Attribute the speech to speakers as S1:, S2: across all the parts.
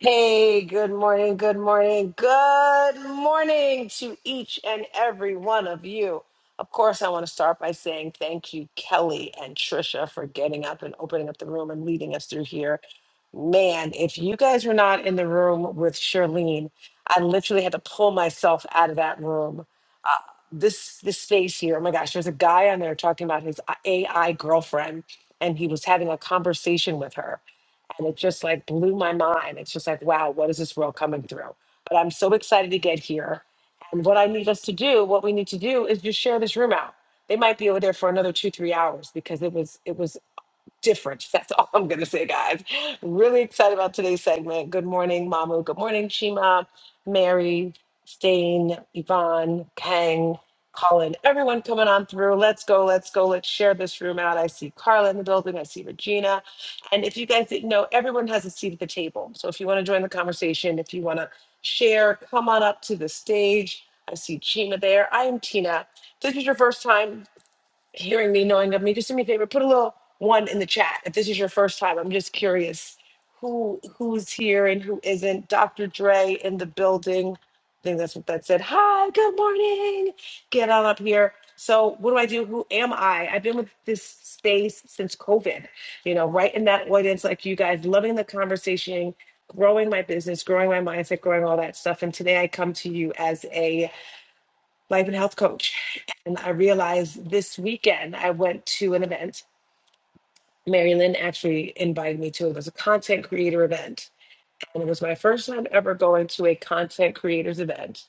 S1: Hey, good morning, good morning, good morning to each and every one of you. Of course, I want to start by saying thank you, Kelly and Trisha, for getting up and opening up the room and leading us through here. Man, if you guys were not in the room with Charlene, I literally had to pull myself out of that room. This this space here, oh my gosh, there's a guy on there talking about his AI girlfriend, and he was having a conversation with her and it just like blew my mind. It's just like, wow, what is this world coming through? But I'm so excited to get here. And what I need us to do, what we need to do is just share this room out. They might be over there for another two, three hours because it was it was different. That's all I'm going to say, guys. Really excited about today's segment. Good morning, Mamu. Good morning, Shima, Mary, Stain, Yvonne, Kang, Colin, everyone coming on through. Let's go, let's go, let's share this room out. I see Carla in the building, I see Regina. And if you guys didn't know, everyone has a seat at the table. So if you want to join the conversation, if you want to share, come on up to the stage. I see Chima there. I am Tina. If this is your first time hearing me, knowing of me, just do me a favor, put a little one in the chat. If this is your first time, I'm just curious who who's here and who isn't. Dr. Dre in the building. I think that's what that said. Hi, good morning. Get on up here. So what do I do? Who am I? I've been with this space since COVID, you know, right in that audience, like you guys, loving the conversation, growing my business, growing my mindset, growing all that stuff. And today I come to you as a life and health coach. And I realized this weekend I went to an event. Mary Lynn actually invited me to. It was a content creator event. And it was my first time ever going to a content creators event.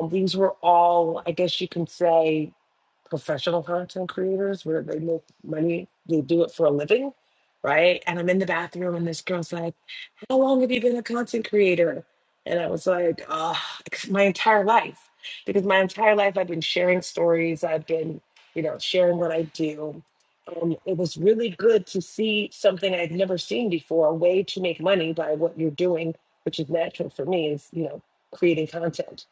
S1: And these were all, I guess you can say, professional content creators where they make money, they do it for a living. Right. And I'm in the bathroom and this girl's like, how long have you been a content creator? And I was like, uh, my entire life. Because my entire life I've been sharing stories, I've been, you know, sharing what I do. Um, it was really good to see something I'd never seen before, a way to make money by what you're doing, which is natural for me, is, you know, creating content.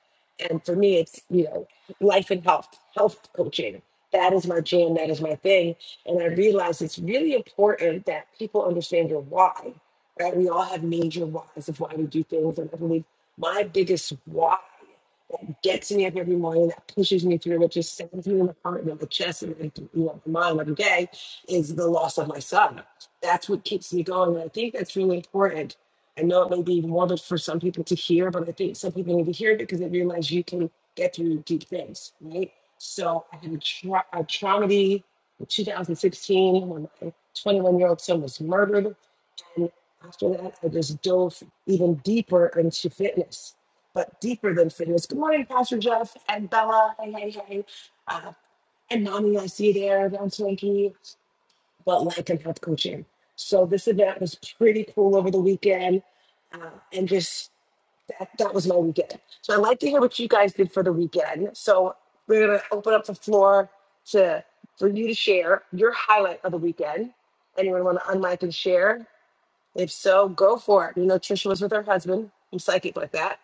S1: And for me, it's, you know, life and health, health coaching. That is my jam, that is my thing. And I realized it's really important that people understand your why right? We all have major whys of why we do things. And I believe my biggest why gets me up every morning, that pushes me through, which just sends me in the heart and in the chest and in the- you know, my mind every day is the loss of my son. That's what keeps me going. And I think that's really important. I know it may be morbid for some people to hear, but I think some people need to hear it because they realize you can get through deep things, right? So I had a, tra- a traumedy in 2016 when my 21 year old son was murdered and after that, I just dove even deeper into fitness, but deeper than fitness. Good morning, Pastor Jeff and Bella. Hey, hey, hey. Uh, and mommy, I see you there down Twinkie, but life and health coaching. So this event was pretty cool over the weekend. Uh, and just that, that was my weekend. So I'd like to hear what you guys did for the weekend. So we're going to open up the floor to for you to share your highlight of the weekend. Anyone want to unmic and share? If so, go for it. You know, Trisha was with her husband. I'm psychic like that.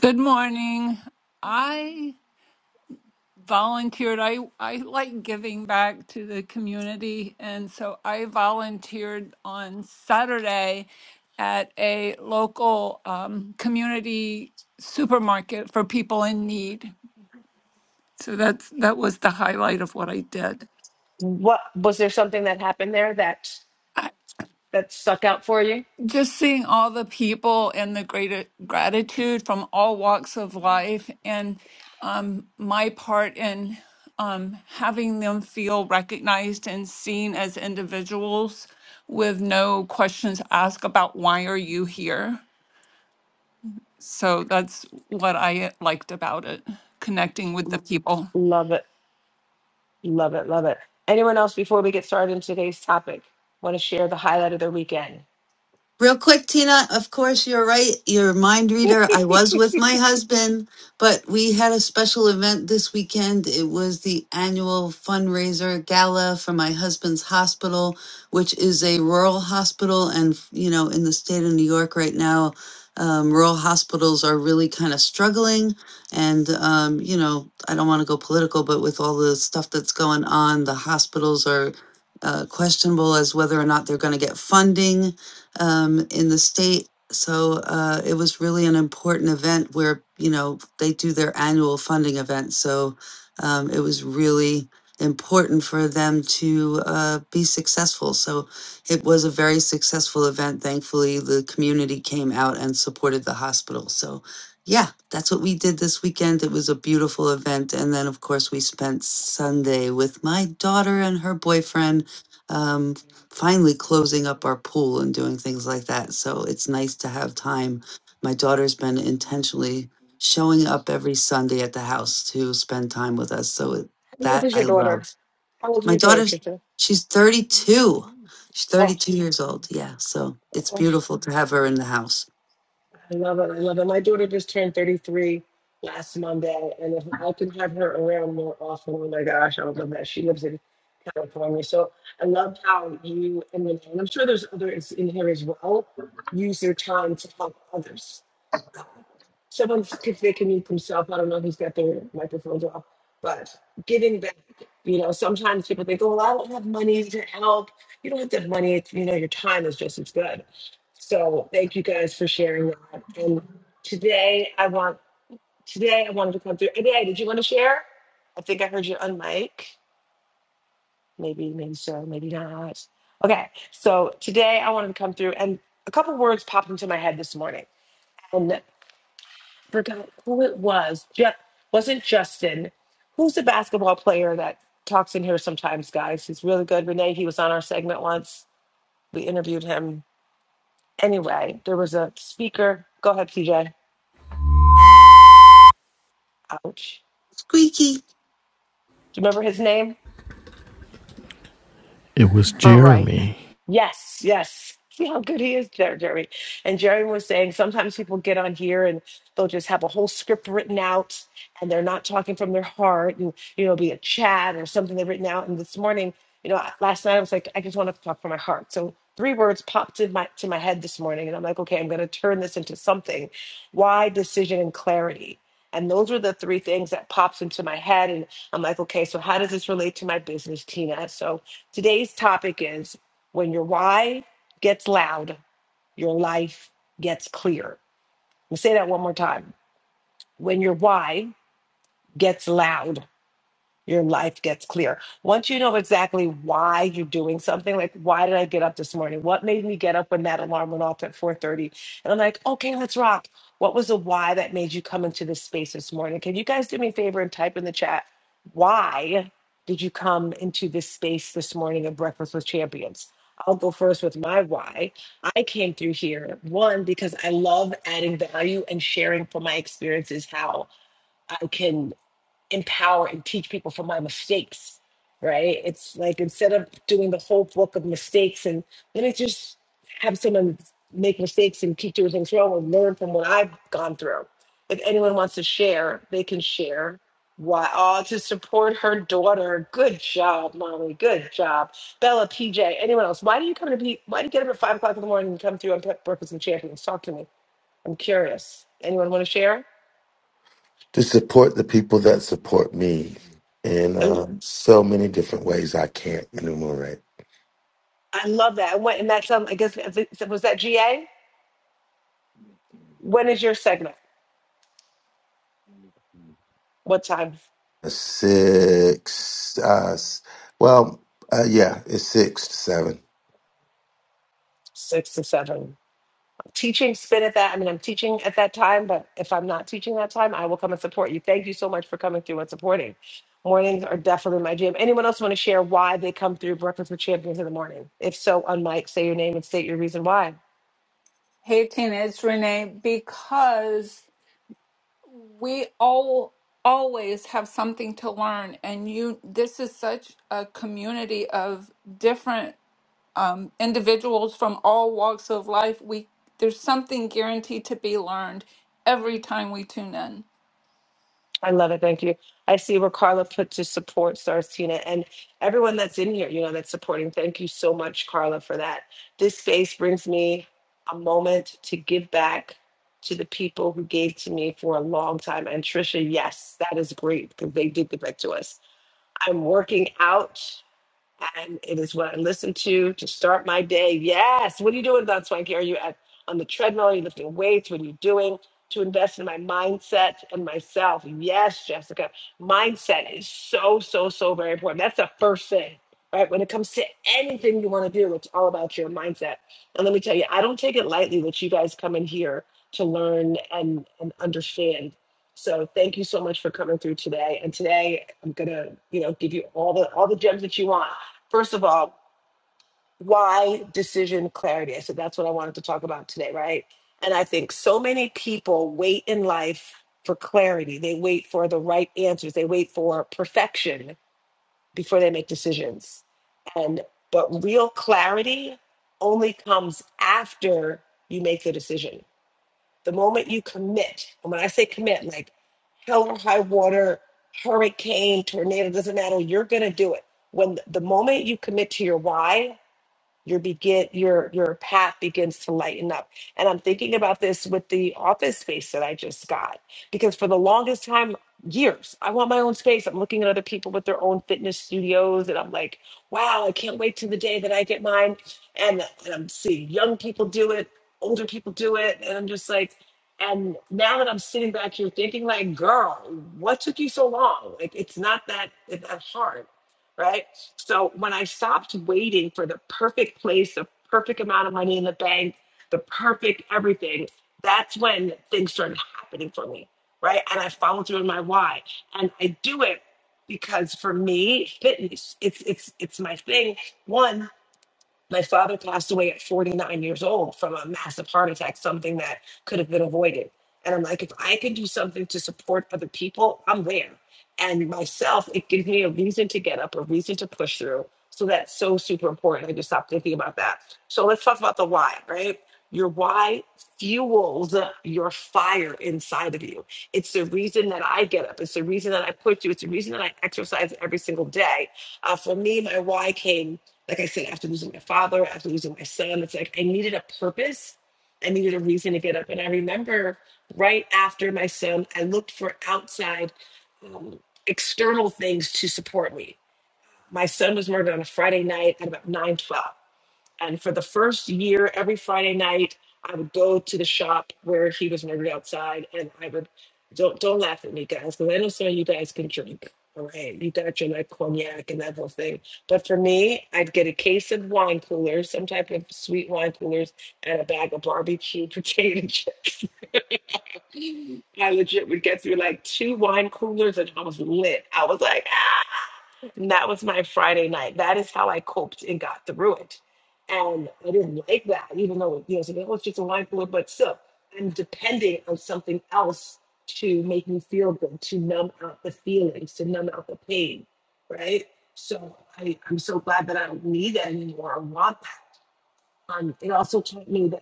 S2: Good morning. I volunteered. I, I like giving back to the community. And so I volunteered on Saturday at a local um, community supermarket for people in need. So that's that was the highlight of what I did.
S1: What was there something that happened there that that stuck out for you?
S2: just seeing all the people and the great gratitude from all walks of life and um, my part in um, having them feel recognized and seen as individuals with no questions asked about why are you here so that's what i liked about it connecting with the people
S1: Love it. Love it. Love it. Anyone else before we get started in today's topic? Want to share the highlight of their weekend?
S3: Real quick, Tina, of course, you're right. You're a mind reader. I was with my husband, but we had a special event this weekend. It was the annual fundraiser gala for my husband's hospital, which is a rural hospital. And, you know, in the state of New York right now, um, rural hospitals are really kind of struggling. And, um, you know, I don't want to go political, but with all the stuff that's going on, the hospitals are uh, questionable as whether or not they're going to get funding um, in the state. So uh, it was really an important event where, you know, they do their annual funding event. So um, it was really important for them to uh, be successful. So it was a very successful event. Thankfully, the community came out and supported the hospital. So, yeah, that's what we did this weekend. It was a beautiful event. And then, of course, we spent Sunday with my daughter and her boyfriend. Um, finally closing up our pool and doing things like that. So it's nice to have time. My daughter's been intentionally showing up every Sunday at the house to spend time with us. So it,
S1: How old
S3: that
S1: is
S3: I
S1: your
S3: Mhm. love.
S1: daughter? How old is
S3: My
S1: your daughter,
S3: daughter's,
S1: Trisha?
S3: she's 32. She's
S1: Oh,
S3: 32 years old. Yeah. So it's
S1: oh.
S3: beautiful to have her in the house.
S1: I love it. I love it. My daughter just turned 33 last Monday, and if I can have her around more often, oh my gosh, I would love that. She lives in California. So I love how you, and, then- and I'm sure there's others in here as well, use your time to help others Someone, if they can mute themselves, I don't know who's got their microphones off, but giving back, you know, sometimes people think, oh, well, I don't have money to help. You don't have to have money. It's, you know, your time is just as good. So thank you guys for sharing that. And today I want, today I wanted to come through. Today, did you want to share? I think I heard you on mic. Maybe, maybe so, maybe not. Okay. So today I wanted to come through and a couple words popped into my head this morning forgot who it was. Jeff wasn't Justin. Who's the basketball player that talks in here sometimes, guys? He's really good. Renee, he was on our segment once. We interviewed him. Anyway, there was a speaker. Go ahead, PJ. Ouch.
S3: Squeaky.
S1: Do you remember his name?
S4: It was
S2: All right.
S4: Jeremy.
S1: Yes, yes. See how good he is, Jer- Jerry. And Jerry was saying sometimes people get on here and they'll just have a whole script written out and they're not talking from their heart and, you know, be a chat or something they've written out. And this morning, you know, I- last night I was like, I just want to talk from my heart. So three words popped in my to my head this morning and I'm like, okay, I'm going to turn this into something. Why decision and clarity? And those were the three things that pops into my head. And I'm like, okay, so how does this relate to my business, Tina? So Today's topic is when your why gets loud, your life gets clear. I'll say that one more time. When your why gets loud, your life gets clear. Once you know exactly why you're doing something, like why did I get up this morning? What made me get up when that alarm went off at 4:30? And I'm like, okay, let's rock. What was the why that made you come into this space this morning? Can you guys do me a favor and type in the chat why did you come into this space this morning at Breakfast with Champions? I'll go first with my why. I came through here, one, because I love adding value and sharing from my experiences how I can empower and teach people from my mistakes, right? It's like instead of doing the whole book of mistakes and let me just have someone make mistakes and keep doing things wrong and learn from what I've gone through. If anyone wants to share, they can share. Why? Oh, to support her daughter. Good job, Molly. Good job, Bella. PJ. Anyone else? Why do you come to? P- Why do you get up at five o'clock in the morning and come through on Pe- Breakfast and Champions? Talk to me. I'm curious. Anyone want to share?
S5: to support the people that support me in uh, so many different ways I can't enumerate.
S1: I love that. And, what, and that's um, I guess if it- was that GA. When is your segment? What time?
S5: Six, uh, s- well, uh, yeah, it's six to seven.
S1: Six to seven. Teaching spin at that. I mean, I'm teaching at that time, but if I'm not teaching that time, I will come and support you. Thank you so much for coming through and supporting. Mornings are definitely my jam. Anyone else want to share why they come through Breakfast with Champions in the morning? If so, on mic, say your name and state your reason why.
S2: Hey, Tina, it's Renee. Because we all always have something to learn and you this is such a community of different um, individuals from all walks of life we there's something guaranteed to be learned every time we tune in
S1: I love it. Thank you. I see where Carla put to support Stars Tina and everyone that's in here, you know, that's supporting. Thank you so much, Carla, for that. This space brings me a moment to give back to the people who gave to me for a long time. And Trisha, yes, that is great because they did give back to us. I'm working out. and it is what I listen to to start my day. Yes. What are you doing, Don Swanky? Are you at, on the treadmill? Are you lifting weights? What are you doing to invest in my mindset and myself? Yes, Jessica. Mindset is so, so, so very important. That's the first thing, right? When it comes to anything you want to do, it's all about your mindset. And let me tell you, I don't take it lightly that you guys come in here to learn and, and understand. So thank you so much for coming through today. And today I'm gonna, you know, give you all the all the gems that you want First of all, why decision clarity? I said that's what I wanted to talk about today, right? And I think so many people wait in life for clarity. They wait for the right answers. They wait for perfection before they make decisions. And but real clarity only comes after you make the decision. The moment you commit, and when I say commit, like hell or high water, hurricane, tornado, doesn't matter, you're gonna do it. When the moment you commit to your why, your begin your your path begins to lighten up and i'm thinking about this with the office space that i just got because for the longest time years i want my own space i'm looking at other people with their own fitness studios and i'm like wow i can't wait to the day that i get mine and, and i'm seeing young people do it older people do it and i'm just like and now that i'm sitting back here thinking like girl what took you so long like it's not that it's that hard right so when I stopped waiting for the perfect place, the perfect amount of money in the bank, the perfect everything, that's when things started happening for me, right? And I followed through in my why. And I do it because for me, fitness, it's it's it's my thing. One, my father passed away at 49 years old from a massive heart attack, something that could have been avoided. And I'm like, if I can do something to support other people, I'm there. And myself, it gives me a reason to get up, a reason to push through. So that's so super important. I just stopped thinking about that. So let's talk about the why, right? Your why fuels your fire inside of you. It's the reason that I get up. It's the reason that I push you. It's the reason that I exercise every single day. Uh, for me, my why came like I said, after losing my father, after losing my son, it's like I needed a purpose. I needed a reason to get up. And I remember right after my son, I looked for outside um, external things to support me. My son was murdered on a Friday night at about 9:12. And for the first year, every Friday night, I would go to the shop where he was murdered outside, and I would don't don't laugh at me, guys, because I know some of you guys can drink. All right, you got your like cognac and that whole thing. But for me, I'd get a case of wine coolers, some type of sweet wine coolers, and a bag of barbecue potato chips. I legit would get through like two wine coolers, and I was lit. I was like, and that was my Friday night. That is how I coped and got through it. And I didn't like that, even though you know, it's like, oh, it's just a wine cooler, but still, I'm depending on something else to make me feel good, to numb out the feelings, to numb out the pain, right? So I, I'm so glad that I don't need that anymore. I want that. Um, it also taught me that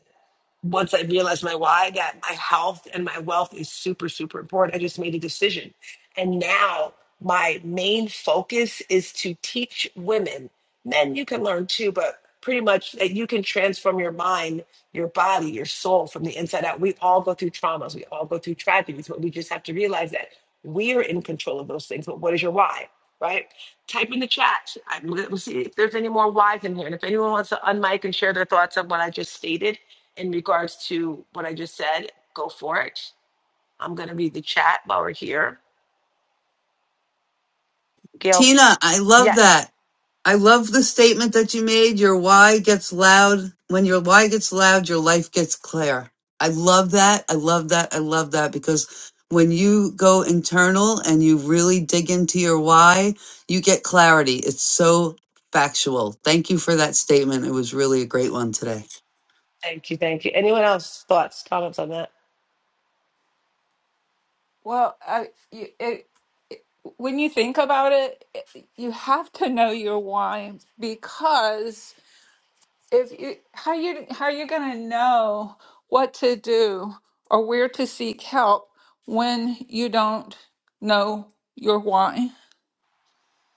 S1: once I realized my why, that my health and my wealth is super, super important, I just made a decision. And now my main focus is to teach women, men, you can learn too, but pretty much that you can transform your mind, your body, your soul from the inside out. We all go through traumas, we all go through tragedies, but we just have to realize that we are in control of those things. But what is your why? right? Type in the chat. I- We'll see if there's any more whys in here. And if anyone wants to unmic and share their thoughts on what I just stated in regards to what I just said, go for it. I'm going to read the chat while we're here. Gail,
S3: Tina, I love
S1: yes.
S3: that. I love the statement that you made. Your why gets loud. When your why gets loud, your life gets clear. I love that. I love that. I love that because when you go internal and you really dig into your why, you get clarity. It's so factual. Thank you for that statement. It was really a great one today.
S1: Thank you. Thank you. Anyone else? Thoughts, comments on that?
S2: well I, you, it, when you think about it it- you have to know your why because if you how you how are you going to know what to do or where to seek help when you don't know your why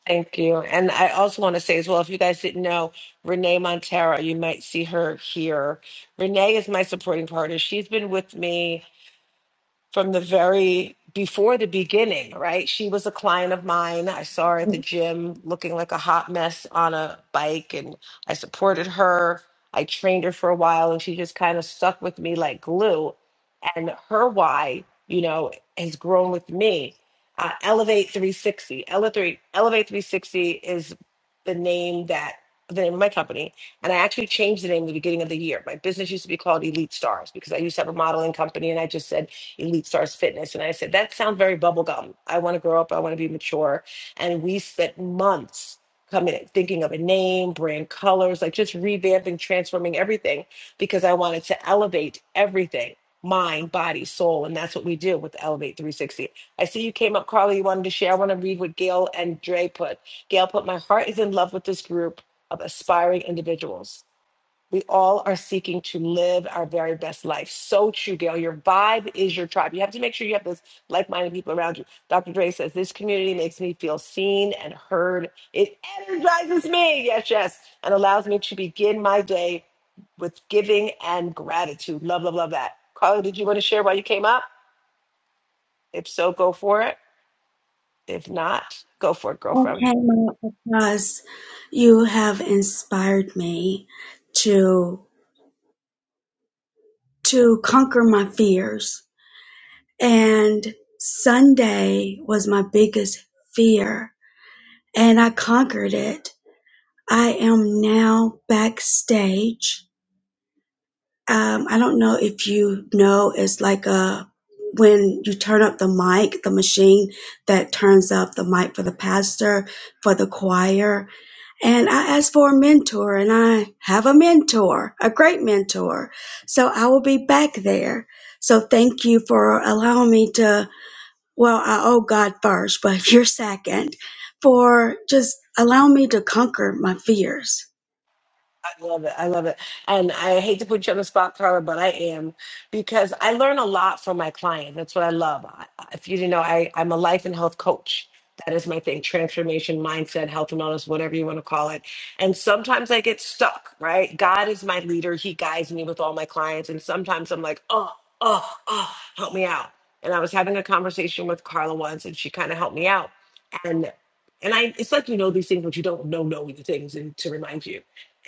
S1: Thank you. And I also want to say as well, if you guys didn't know, Renee Montero, you might see her here. Renee is my supporting partner. She's been with me. from the very before the beginning, right? She was a client of mine. I saw her at the gym looking like a hot mess on a bike, and I supported her. I trained her for a while, and she just kind of stuck with me like glue. And her why, you know, has grown with me. Uh, Elevate 360. Ele- three- Elevate 360 is the name that the name of my company. And I actually changed the name at the beginning of the year. My business used to be called Elite Stars because I used to have a modeling company, and I just said, Elite Stars Fitness. And I said, that sounds very bubblegum. I want to grow up. I want to be mature. And we spent months coming, thinking of a name, brand colors, like just revamping, transforming everything because I wanted to elevate everything mind, body, soul. And that's what we do with Elevate 360. I see you came up, Carly. You wanted to share. I want to read what Gail and Dre put. Gail put, My heart is in love with this group of aspiring individuals. We all are seeking to live our very best life. So true, Gail. Your vibe is your tribe. You have to make sure you have those like minded people around you. Dr. Dre says, This community makes me feel seen and heard. It energizes me, yes, yes, and allows me to begin my day with giving and gratitude. Love, love, love that. Carla, did you want to share why you came up? If so, go for it. If not, go for it, girlfriend.
S6: Okay, Mom, because you have inspired me to to conquer my fears. And Sunday was my biggest fear, and I conquered it. I am now backstage. Um, I don't know if you know, it's like a when you turn up the mic, the machine that turns up the mic for the pastor, for the choir. And I asked for a mentor, and I have a mentor, a great mentor. So I will be back there. So thank you for allowing me to, well, I owe God first, but you're second, for just allowing me to conquer my fears.
S1: I love it. I love it. And I hate to put you on the spot, Carla, but I am because I learn a lot from my clients. That's what I love. I, if you didn't know, I, I'm a life and health coach. That is my thing transformation, mindset, health and wellness, whatever you want to call it. And sometimes I get stuck, right? God is my leader. He guides me with all my clients. And sometimes I'm like, oh, oh, oh, help me out. And I was having a conversation with Carla once and she kind of helped me out. And and I, it's like you know these things, but you don't know know the things, and to remind you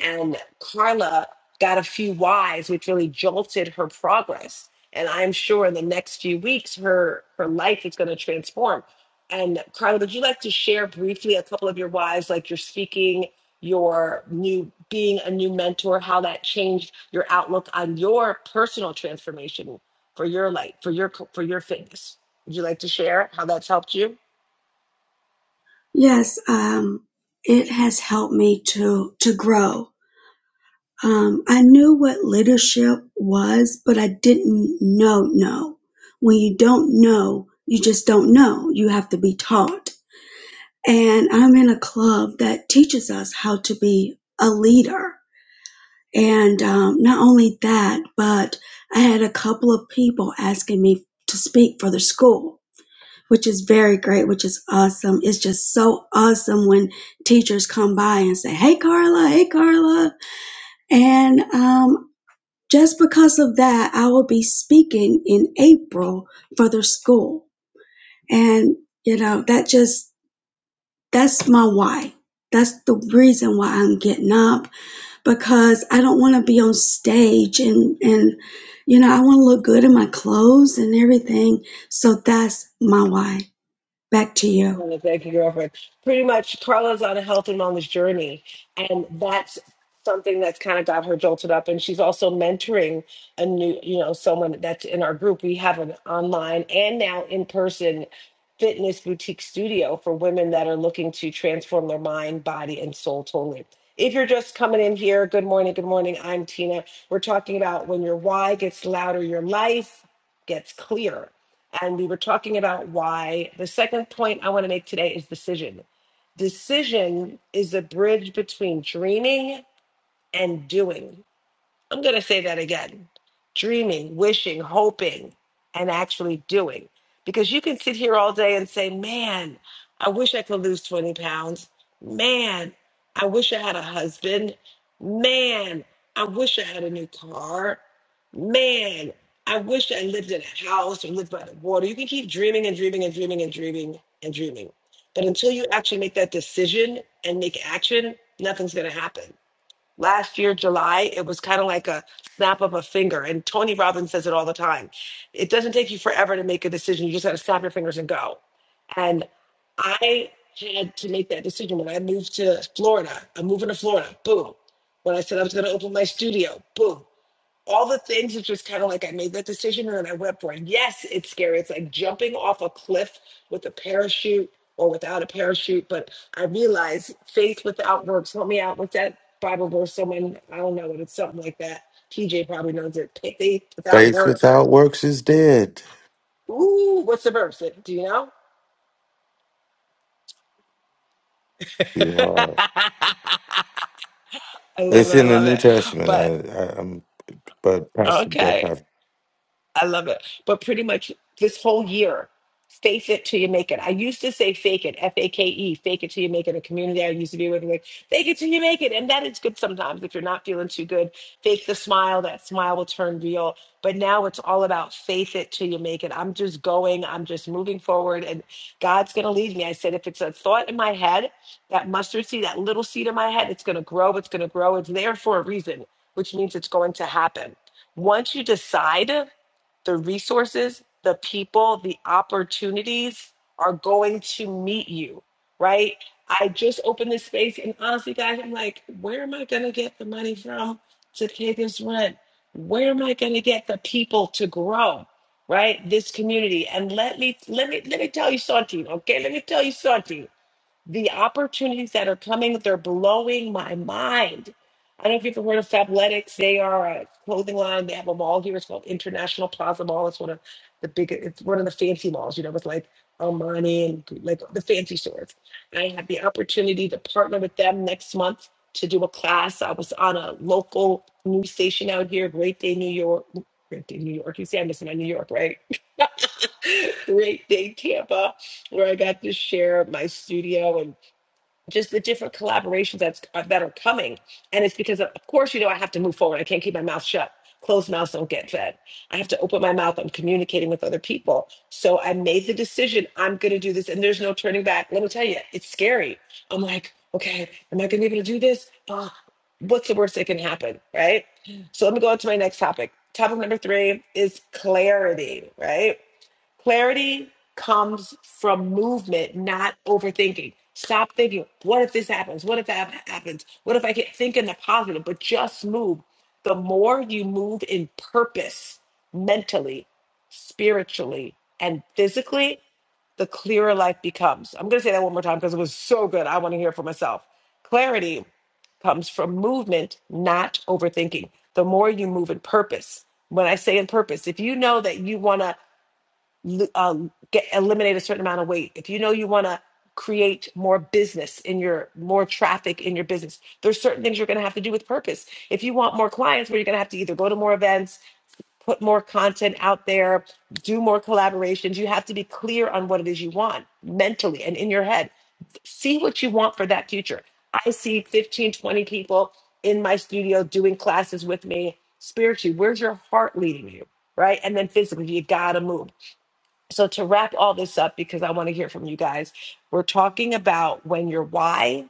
S1: and Carla got a few whys, which really jolted her progress. And I'm sure in the next few weeks, her her life is going to transform. And Carla, would you like to share briefly a couple of your whys, like your speaking, your new being a new mentor, how that changed your outlook on your personal transformation for your life, for your for your fitness? Would you like to share how that's helped you?
S6: Yes, um, it has helped me to, to grow. Um, I knew what leadership was, but I didn't know, no. When you don't know, you just don't know. You have to be taught and I'm in a club that teaches us how to be a leader. And um, not only that, but I had a couple of people asking me to speak for the school, which is very great, which is awesome. It's just so awesome when teachers come by and say, Hey, Carla, hey, Carla. And um, just because of that, I will be speaking in April for the school. And, you know, that just That's my why. That's the reason why I'm getting up because I don't want to be on stage and and you know I want to look good in my clothes and everything. So that's my why. Back to you.
S1: Uh, Thank you, girlfriend. Pretty much, Carla's on a health and wellness journey, and that's something that's kind of got her jolted up. And she's also mentoring a new, you know, someone that's in our group. We have an online and now in person fitness boutique studio for women that are looking to transform their mind, body, and soul totally. If you're just coming in here, good morning, good morning. I'm Tina. We're talking about when your why gets louder, your life gets clear and we were talking about why the second point I want to make today is decision. Decision is a bridge between dreaming and doing. I'm going to say that again dreaming, wishing, hoping, and actually doing. Because you can sit here all day and say, man, I wish I could lose 20 pounds. Man, I wish I had a husband. Man, I wish I had a new car. Man, I wish I lived in a house or lived by the water. You can keep dreaming and dreaming and dreaming and dreaming and dreaming. But until you actually make that decision and make action, nothing's going to happen last year july it was kind of like a snap of a finger and tony robbins says it all the time it doesn't take you forever to make a decision you just got to snap your fingers and go and i had to make that decision when i moved to florida i'm moving to florida boom when i said i was going to open my studio boom all the things it's just kind of like I made that decision and then I went for it. Yes, it's scary. It's like jumping off a cliff with a parachute or without a parachute. But I realize faith without works. Help me out with that Bible verse. Someone I don't know, but it's something like that. TJ probably knows it. Faith without
S5: Faith
S1: works.
S5: without works is dead.
S1: Ooh, what's the verse? Do you know?
S5: You are.
S1: I love
S5: It's
S1: it. I
S5: in the
S1: love
S5: New
S1: it.
S5: Testament.
S1: But
S5: I, I, I'm, but Pastor Jeff,
S1: okay.
S5: i
S1: I love it. But pretty much this whole year, faith it till you make it. I used to say fake it, F A K E, fake it till you make it. A community I used to be with, like, fake it till you make it. And that is good sometimes if you're not feeling too good. Fake the smile, that smile will turn real. But now it's all about faith it till you make it. I'm just going, I'm just moving forward, and God's going to lead me. I said, if it's a thought in my head, that mustard seed, that little seed in my head, it's going to grow, it's going to grow. It's there for a reason, which means it's going to happen. Once you decide, the resources, the people, the opportunities are going to meet you, right? I just opened this space, and honestly, guys, I'm like, where am I going to get the money from to pay this rent? Where am I going to get the people to grow, right? This community, and let me let me let me tell you something, okay? Let me tell you something the opportunities that are coming, they're blowing my mind. I don't know if you've ever heard of Fabletics. They are a clothing line. They have a mall here. It's called International Plaza Mall. It's one of the big, it's one of the fancy malls, you know, with like Armani and like the fancy stores. I had the opportunity to partner with them next month to do a class. I was on a local news station out here, Great Day New York. Great Day New York. You see, I'm missing my New York, right? Great Day Tampa where I got to share my studio. and just the different collaborations that's uh, that are coming and it's because of, of course you know i have to move forward i can't keep my mouth shut closed mouths don't get fed i have to open my mouth i'm communicating with other people so i made the decision i'm going to do this and there's no turning back let me tell you it's scary i'm like okay am i going to be able to do this uh, what's the worst that can happen right so let me go on to my next topic topic number three is clarity right Clarity comes from movement, not overthinking. Stop thinking, what if this happens? What if that happens? What if I get thinking the positive, but just move. The more you move in purpose, mentally, spiritually, and physically, the clearer life becomes. I'm going to say that one more time because it was so good. I want to hear it for myself. Clarity comes from movement, not overthinking. The more you move in purpose. When I say in purpose, if you know that you want to l- um, get eliminate a certain amount of weight if you know you want to create more business in your more traffic in your business there's certain things you're going to have to do with purpose if you want more clients where you're going to have to either go to more events put more content out there do more collaborations you have to be clear on what it is you want mentally and in your head see what you want for that future i see 15 20 people in my studio doing classes with me spiritually where's your heart leading you right and then physically you gotta move so, to wrap all this up, because I want to hear from you guys, we're talking about when your why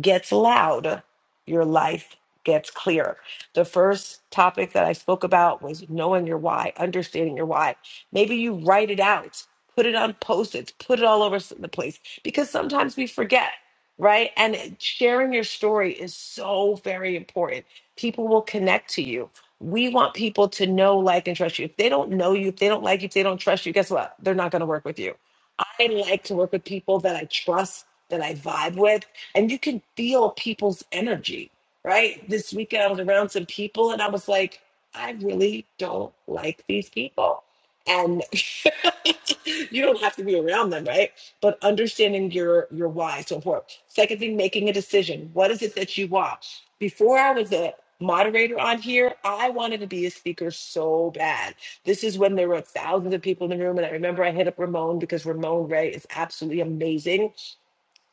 S1: gets loud, your life gets clear. The first topic that I spoke about was knowing your why, understanding your why. Maybe you write it out, put it on post its, put it all over s- the place because sometimes we forget, right? And it- sharing your story is so very important. People will connect to you. We want people to know, like, and trust you. If they don't know you, if they don't like you, if they don't trust you, guess what? They're not going to work with you. I like to work with people that I trust, that I vibe with and you can feel people's energy, right? This weekend I was around some people and I was like, I really don't like these people. And you don't have to be around them, right? But understanding your your why is so important. Second thing, making a decision. What is it that you want? Before I was a moderator on here, I wanted to be a speaker so bad. This is when there were thousands of people in the room. And I remember I hit up Ramon because Ramon Ray is absolutely amazing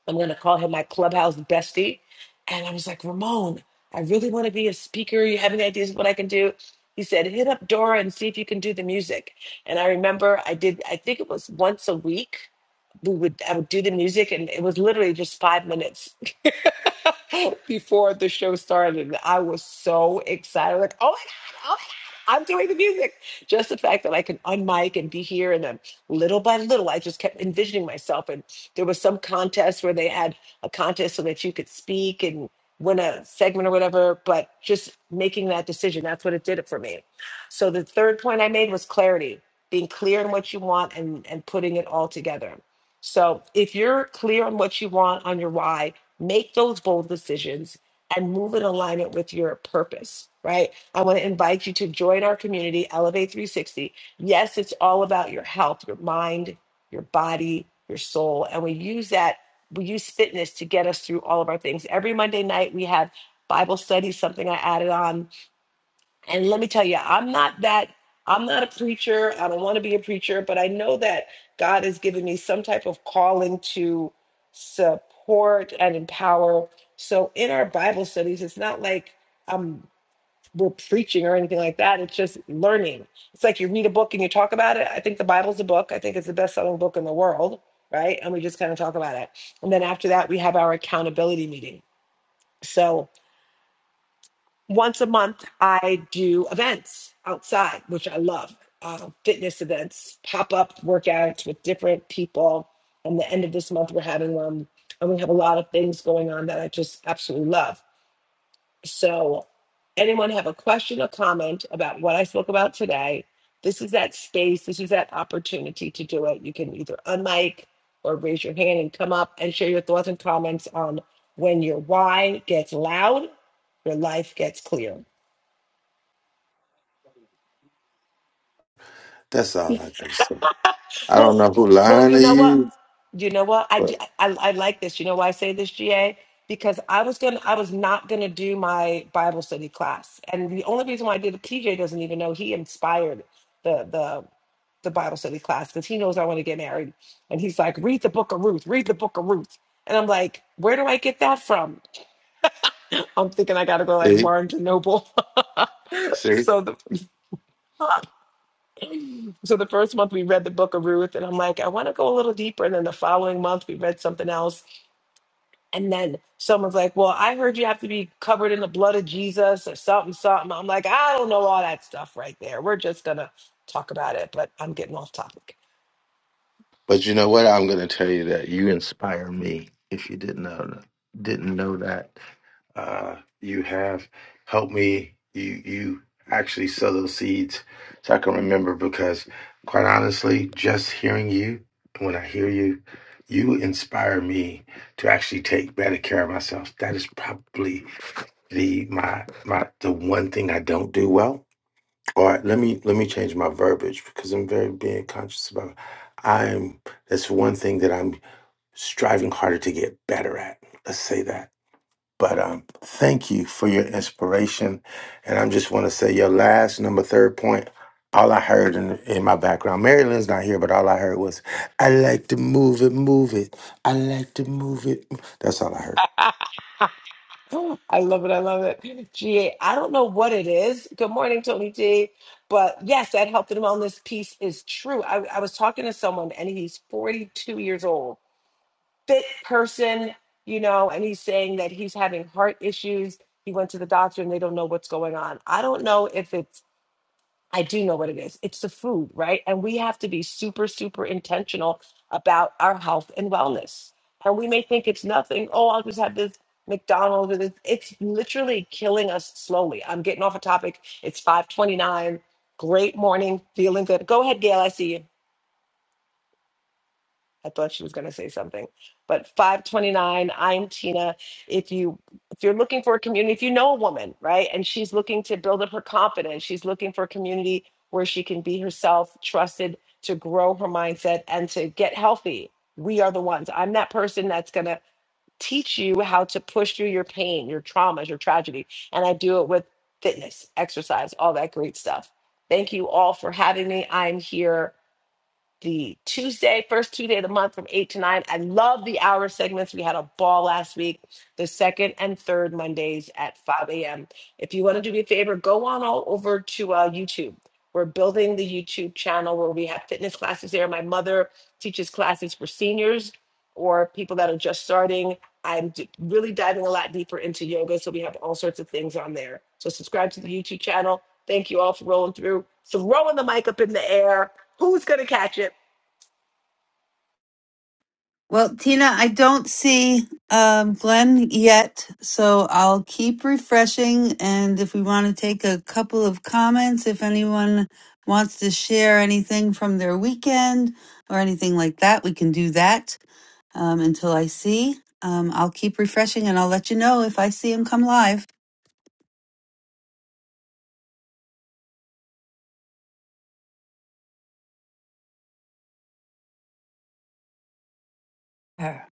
S1: I'm going to call him my clubhouse bestie. And I was like, Ramon, I really want to be a speaker. You have any ideas of what I can do? He said, hit up Dora and see if you can do the music. And I remember I did, I think it was once a week. We would, I would do the music and it was literally just five minutes. before the show started. and I was so excited. Like, oh my God, oh my God, I'm doing the music. Just the fact that I can unmic and be here. And then little by little, I just kept envisioning myself. And there was some contest where they had a contest so that you could speak and win a segment or whatever. But just making that decision, that's what it did it for me. So the third point I made was clarity, being clear on what you want and, and putting it all together. So if you're clear on what you want, on your why, Make those bold decisions and move in alignment with your purpose, right? I want to invite you to join our community, Elevate 360. Yes, it's all about your health, your mind, your body, your soul. And we use that, we use fitness to get us through all of our things. Every Monday night, we have Bible study, something I added on and let me tell you, I'm not that, I'm not a preacher. I don't want to be a preacher, but I know that God has given me some type of calling to support and empower. So in our Bible studies, it's not like um we're preaching or anything like that. It's just learning. It's like you read a book and you talk about it. I think the Bible's a book. I think it's the best selling book in the world, right? And we just kind of talk about it. And then after that, we have our accountability meeting. So once a month i do events outside which i love uh, fitness events pop-up workouts with different people and the end of this month we're having one and we have a lot of things going on that i just absolutely love so anyone have a question or comment about what i spoke about today this is that space this is that opportunity to do it you can either unmic or raise your hand and come up and share your thoughts and comments on when your why gets loud your life gets clear
S5: that's all I can say. I
S1: Well,
S5: don't know who
S1: well,
S5: lying
S1: you
S5: to
S1: know what?
S5: you,
S1: You know what? I,
S5: but
S1: d- I I like this. You know why I say this, GA? Because I was gonna, I was not gonna do my Bible study class, and the only reason why I did it, TJ doesn't even know he inspired the the the Bible study class because he knows I want to get married, and he's like, read the Book of Ruth, read the Book of Ruth, and I'm like, where do I get that from? I'm thinking I gotta go like
S5: see,
S1: Barnes and Noble.
S5: see.
S1: so the so the first month we read the Book of Ruth, and I'm like, I want to go a little deeper, and then the following month we read something else And then someone's like, Well, I heard you have to be covered in the blood of Jesus or something, something. I'm like, I don't know all that stuff right there. We're just going to talk about it, but I'm getting off topic.
S5: But you know what? I'm going to tell you that you inspire me. If you didn't know didn't know that, uh, you have helped me. You you actually sow those seeds, so I can remember. Because quite honestly, just hearing you, when I hear you, you inspire me to actually take better care of myself. That is probably the my my the one thing I don't do well all right, let me let me change my verbiage because I'm very being conscious about. I'm that's one thing that I'm striving harder to get better at. Let's say that. But um, thank you for your inspiration, and i just want to say your last number third point. All I heard in in my background, Mary Lynn's not here, but all I heard was, "I like to move it, move it. I like to move it." That's all I heard.
S1: I love it. I love it. GA, I don't know what it is. Good morning, Tony T. But yes, that health and wellness piece is true. I, I was talking to someone and he's 42 years old, fit person, you know, and he's saying that he's having heart issues. He went to the doctor and they don't know what's going on. I don't know if it's I do know what it is. It's the food, right? And we have to be super, super intentional about our health and wellness. And we may think it's nothing. Oh, I'll just have this McDonald's. Or this. It's literally killing us slowly. I'm getting off a topic. It's 529. Great morning. Feeling good. Go ahead, Gail. I see you. I thought she was going to say something. But 529, I'm Tina. If you if you're looking for a community, if you know a woman, right, and she's looking to build up her confidence, she's looking for a community where she can be herself, trusted to grow her mindset and to get healthy. We are the ones. I'm that person that's going to teach you how to push through your pain, your traumas, your tragedy, and I do it with fitness, exercise, all that great stuff. Thank you all for having me. I'm here the Tuesday, first Tuesday of the month from 8 to 9. I love the hour segments. We had a ball last week, the second and third Mondays at 5 a.m. If you want to do me a favor, go on all over to uh, YouTube. We're building the YouTube channel where we have fitness classes there. My mother teaches classes for seniors or people that are just starting. I'm d- really diving a lot deeper into yoga, so we have all sorts of things on there. So subscribe to the YouTube channel. Thank you all for rolling through, throwing the mic up in the air Who's going to catch it?
S3: Well, Tina, I don't see um, Glenn yet, so I'll keep refreshing. And if we want to take a couple of comments, if anyone wants to share anything from their weekend or anything like that, we can do that um, until I see. Um, I'll keep refreshing and I'll let you know if I see him come live. Arr.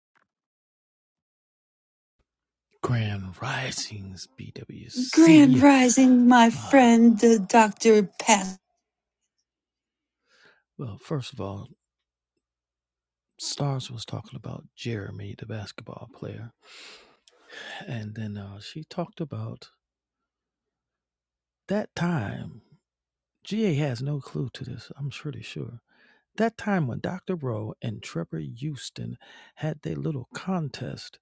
S4: Grand Risings
S3: Grand
S4: BWC.
S3: Rising, my
S4: Uh,
S3: friend, uh, Dr. Pat.
S4: well, first of all, Stars was talking about Jeremy, the basketball player. And then uh, she talked about that time. GA has no clue to this, I'm pretty sure. That time when Dr. Rowe and Trevor Houston had their little contest.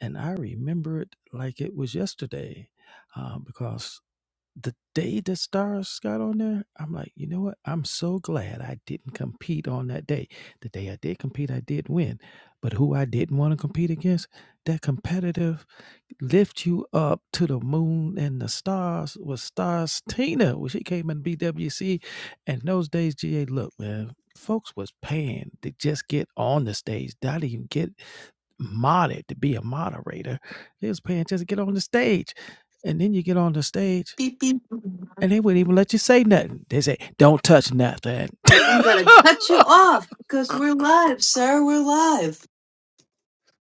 S4: And I remember it like it was yesterday uh, because the day the stars got on there, I'm like, you know what? I'm so glad I didn't compete on that day. The day I did compete, I did win. But who I didn't want to compete against, that competitive lift you up to the moon and the stars was stars Tina when she came in BWC. And those days, GA, look, man, folks was paying to just get on the stage, not even get modded to be a moderator. They was paying just to get on the stage. And then you get on the stage
S3: Beep, beep.
S4: and they wouldn't even let you say nothing. They say, "Don't touch nothing."
S3: And I'm going to cut you off because we're live, sir. We're live.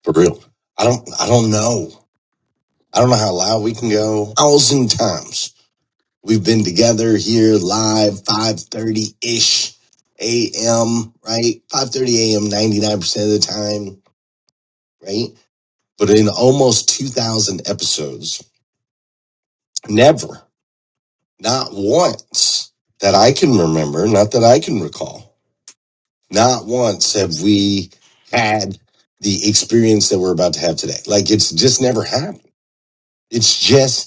S3: For real. I don't I don't know. I don't know how loud we can go. Thousand times. We've been together here live, 5:30 ish AM, right? 5:30 AM 99% of the time, right? But in almost 2000 episodes, never, not once that I can remember, not that I can recall, not once have we had the experience that we're about to have today. Like it's just never happened. It's just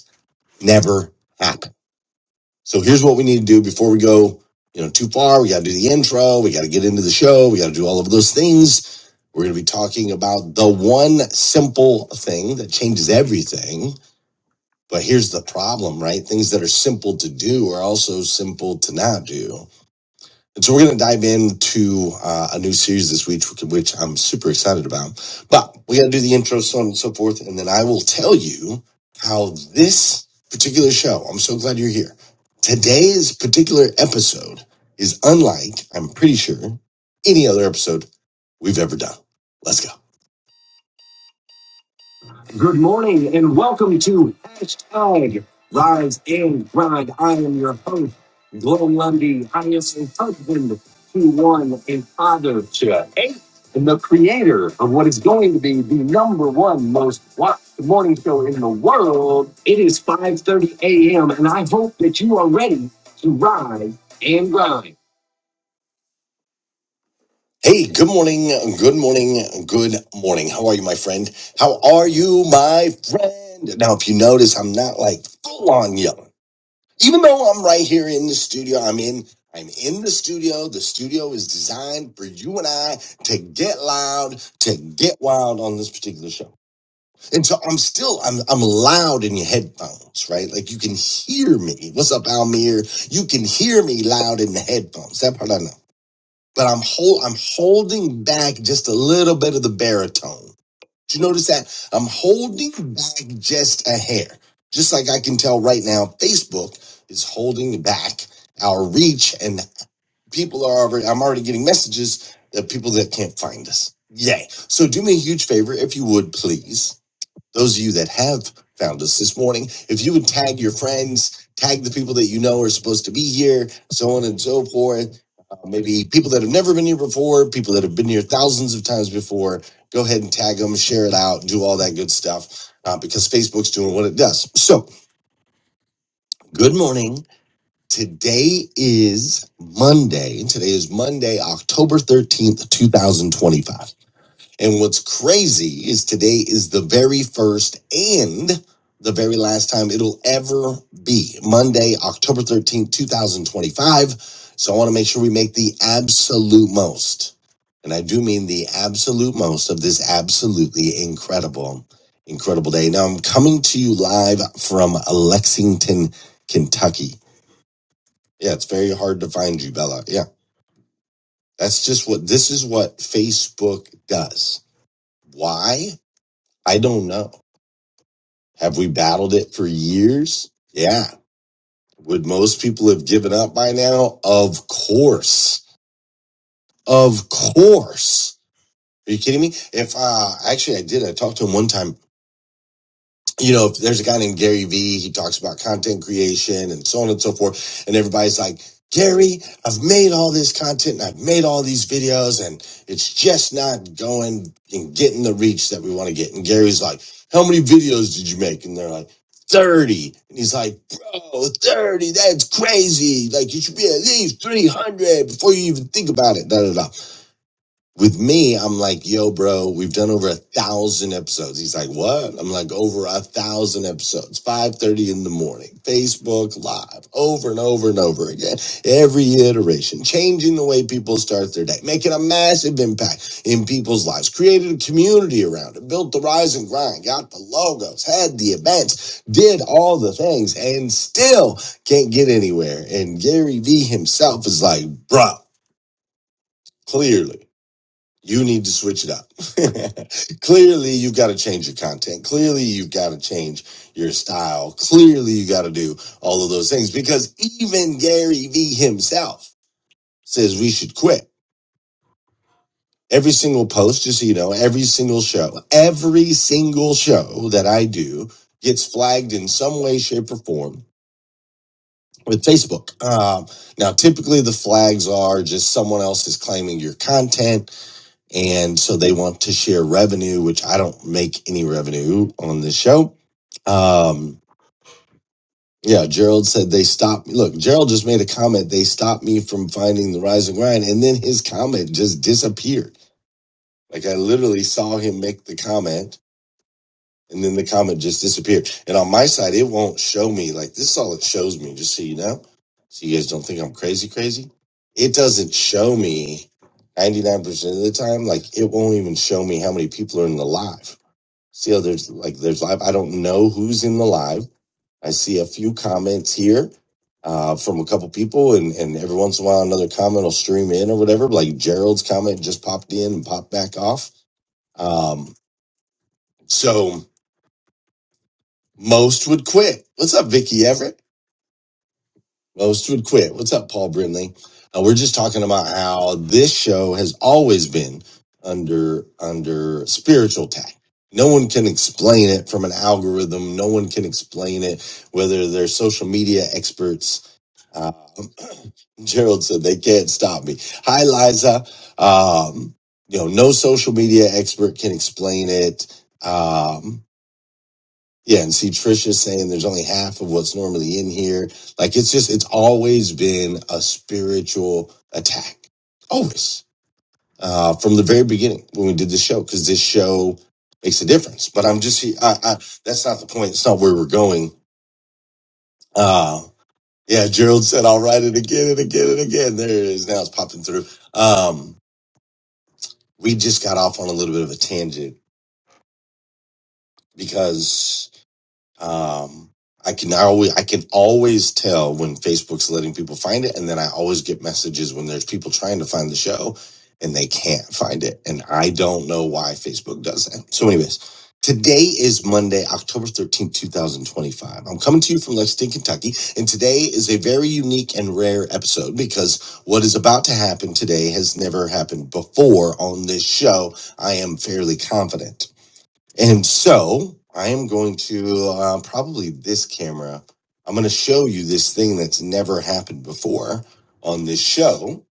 S3: never happen. So here's what we need to do before we go, you know, too far. We got to do the intro. We got to get into the show. We got to do all of those things. We're going to be talking about the one simple thing that changes everything. But here's the problem, right? Things that are simple to do are also simple to not do. And so we're going to dive into uh, a new series this week, which which I'm super excited about. But we got to do the intro, so on and so forth, and then I will tell you how this particular show. I'm so glad you're here. Today's particular episode is unlike, I'm pretty sure, any other episode we've ever done. Let's go. Good morning and welcome to hashtag Rise and Grind. I am your host, Glenn Lundy. I am a husband to one and father to eight and the creator of what is going to be the number one most watched morning show in the world. It is 5.30 a.m. and I hope that you are ready to rise and grind. Hey, good morning, good morning, good morning. How are you, my friend? How are you, my friend? Now, if you notice, I'm not like full on yelling. Even though I'm right here in the studio, I'm in, I'm in the studio. The studio is designed for you and I to get loud, to get wild on this particular show. And so I'm still, I'm, I'm loud in your headphones, right? Like you can hear me. What's up, Almir? You can hear me loud in the headphones. That part I know but I'm hold I'm holding back just a little bit of the baritone. Did you notice that? I'm holding back just a hair. Just like I can tell right now, Facebook is holding back our reach and people are already I'm already getting messages of people that can't find us. Yay. So do me a huge favor if you would please those of you that have found us this morning, if you would tag your friends, tag the people that you know are supposed to be here, so on and so forth. Uh, maybe people that have never been here before, people that have been here thousands of times before, go ahead and tag them, share it out, do all that good stuff uh, because Facebook's doing what it does. So, good morning. Today is Monday. Today is Monday, October 13th, 2025. And what's crazy is today is the very first and the very last time it'll ever be Monday, October 13th, 2025. So I want to make sure we make the absolute most. And I do mean the absolute most of this absolutely incredible, incredible day. Now I'm coming to you live from Lexington, Kentucky. Yeah, it's very hard to find you, Bella. Yeah, that's just what this is what Facebook does. Why? I don't know. Have we battled it for years? Yeah. Would most people have given up by now? Of course. Of course. Are you kidding me? If uh actually I did, I talked to him one time you know, there's a guy named Gary Vee, he talks about content creation and so on and so forth. And everybody's like, Gary, I've made all this content and I've made all these videos and it's just not going and getting the reach that we want to get. And Gary's like, how many videos did you make? And they're like, 30. And he's like, bro, 30, that's crazy. Like you should be at least 300 before you even think about it. Da, da, da. With me, I'm like, yo, bro, we've done over a thousand episodes. He's like, what? I'm like, over a thousand episodes, 5.30 in the morning, Facebook live, over and over and over again, every iteration, changing the way people start their day, making a massive impact in people's lives, created a community around it, built the rise and grind, got the logos, had the events, did all the things, and still can't get anywhere. And Gary Vee himself is like, bro, clearly. You need to switch it up. Clearly, you've got to change your content. Clearly, you've got to change your style. Clearly, you got to do all of those things because even Gary Vee himself says we should quit. Every single post, just so you know, every single show, every single show that I do gets flagged in some way, shape, or form with Facebook. Um, now, typically the flags are just someone else is claiming your content and so they want to share revenue, which I don't make any revenue on the show. Um, yeah, Gerald said they stopped. Look, Gerald just made a comment. They stopped me from finding the rise and grind, and then his comment just disappeared. Like I literally saw him make the comment, and then the comment just disappeared. And on my side, it won't show me. Like this is all it shows me, just so you know. So you guys don't think I'm crazy, crazy. It doesn't show me 99% of the time. Like it won't even show me how many people are in the live. See how there's like there's live. I don't know who's in the live. I see a few comments here uh, from a couple people, and, and every once in a while another comment will stream in or whatever. Like Gerald's comment just popped in and popped back off. Um, so Most would quit. What's up, Vicky Everett? Most would quit. What's up, Paul Brindley? Uh, we're just talking about how this show has always been under under spiritual attack. No one can explain it from an algorithm. No one can explain it, whether they're social media experts. Uh, Gerald said they can't stop me. Hi, Liza. Um, you know, no social media expert can explain it. Um, yeah, and see Trisha saying there's only half of what's normally in here. Like it's just it's always been a spiritual attack. Always. Uh from the very beginning when we did the show, because this show makes a difference. But I'm just I, I that's not the point. It's not where we're going. Uh yeah, Gerald said I'll write it again and again and again. There it is. Now it's popping through. Um we just got off on a little bit of a tangent because Um, I can I always I can always tell when Facebook's letting people find it, and then I always get messages when there's people trying to find the show and they can't find it, and I don't know why Facebook does that. So, anyways, today is Monday, October thirteenth, two thousand twenty-five. I'm coming to you from Lexington, Kentucky, and today is a very unique and rare episode because what is about to happen today has never happened before on this show. I am fairly confident. And so I am going to uh, probably this camera. I'm going to show you this thing that's never happened before on this show.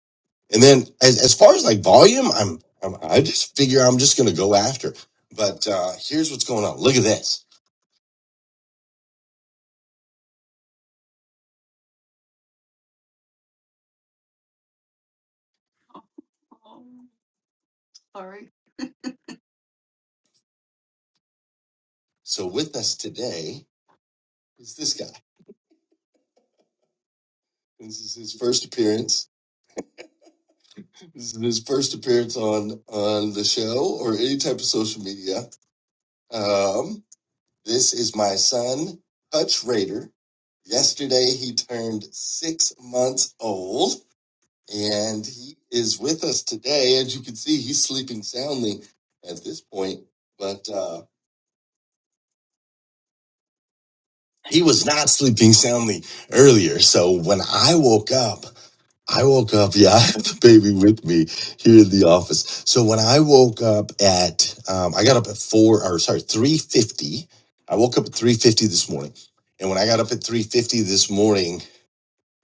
S3: And then as, as far as like volume, I'm, I'm I just figure I'm just going to go after. But uh, here's what's going on. Look at this. All right. So with us today is this guy. This is his first appearance. This is his first appearance on on the show or any type of social media. Um, This is my son, Hutch Raider. Yesterday he turned six months old, and he is with us today. As you can see, he's sleeping soundly at this point, but uh, he was not sleeping soundly earlier. So when I woke up, I woke up. Yeah, I have the baby with me here in the office. So when I woke up at, um, I got up at four or sorry, three fifty. I woke up at three fifty this morning, and when I got up at three fifty this morning.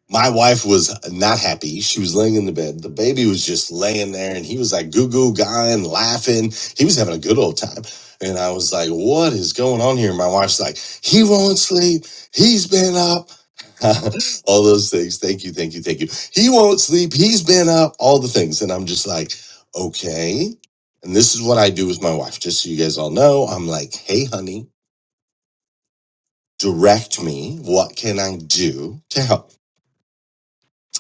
S3: My wife was not happy. She was laying in the bed. The baby was just laying there and he was like goo goo guying, laughing. He was having a good old time. And I was like, what is going on here? My wife's like, he won't sleep. He's been up. all those things. Thank you. Thank you. Thank you. He won't sleep. He's been up. All the things. And I'm just like, okay. And this is what I do with my wife. Just so you guys all know, I'm like, hey, honey, direct me. What can I do to help?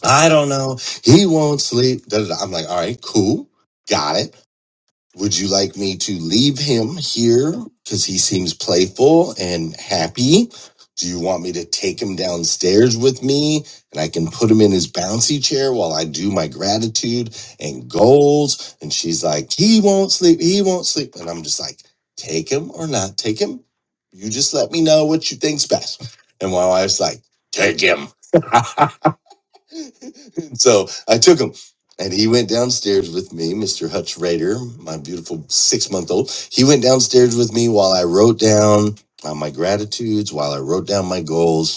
S3: I don't know. He won't sleep. Da, da, da. I'm like, all right, cool. Got it. Would you like me to leave him here? Because he seems playful and happy. Do you want me to take him downstairs with me and I can put him in his bouncy chair while I do my gratitude and goals? And she's like, he won't sleep. He won't sleep. And I'm just like, take him or not take him. You just let me know what you think's best. And my wife's like, take him so I took him. And he went downstairs with me, Mr. Hutch Rader, my beautiful six month old. He went downstairs with me while I wrote down uh, my gratitudes, while I wrote down my goals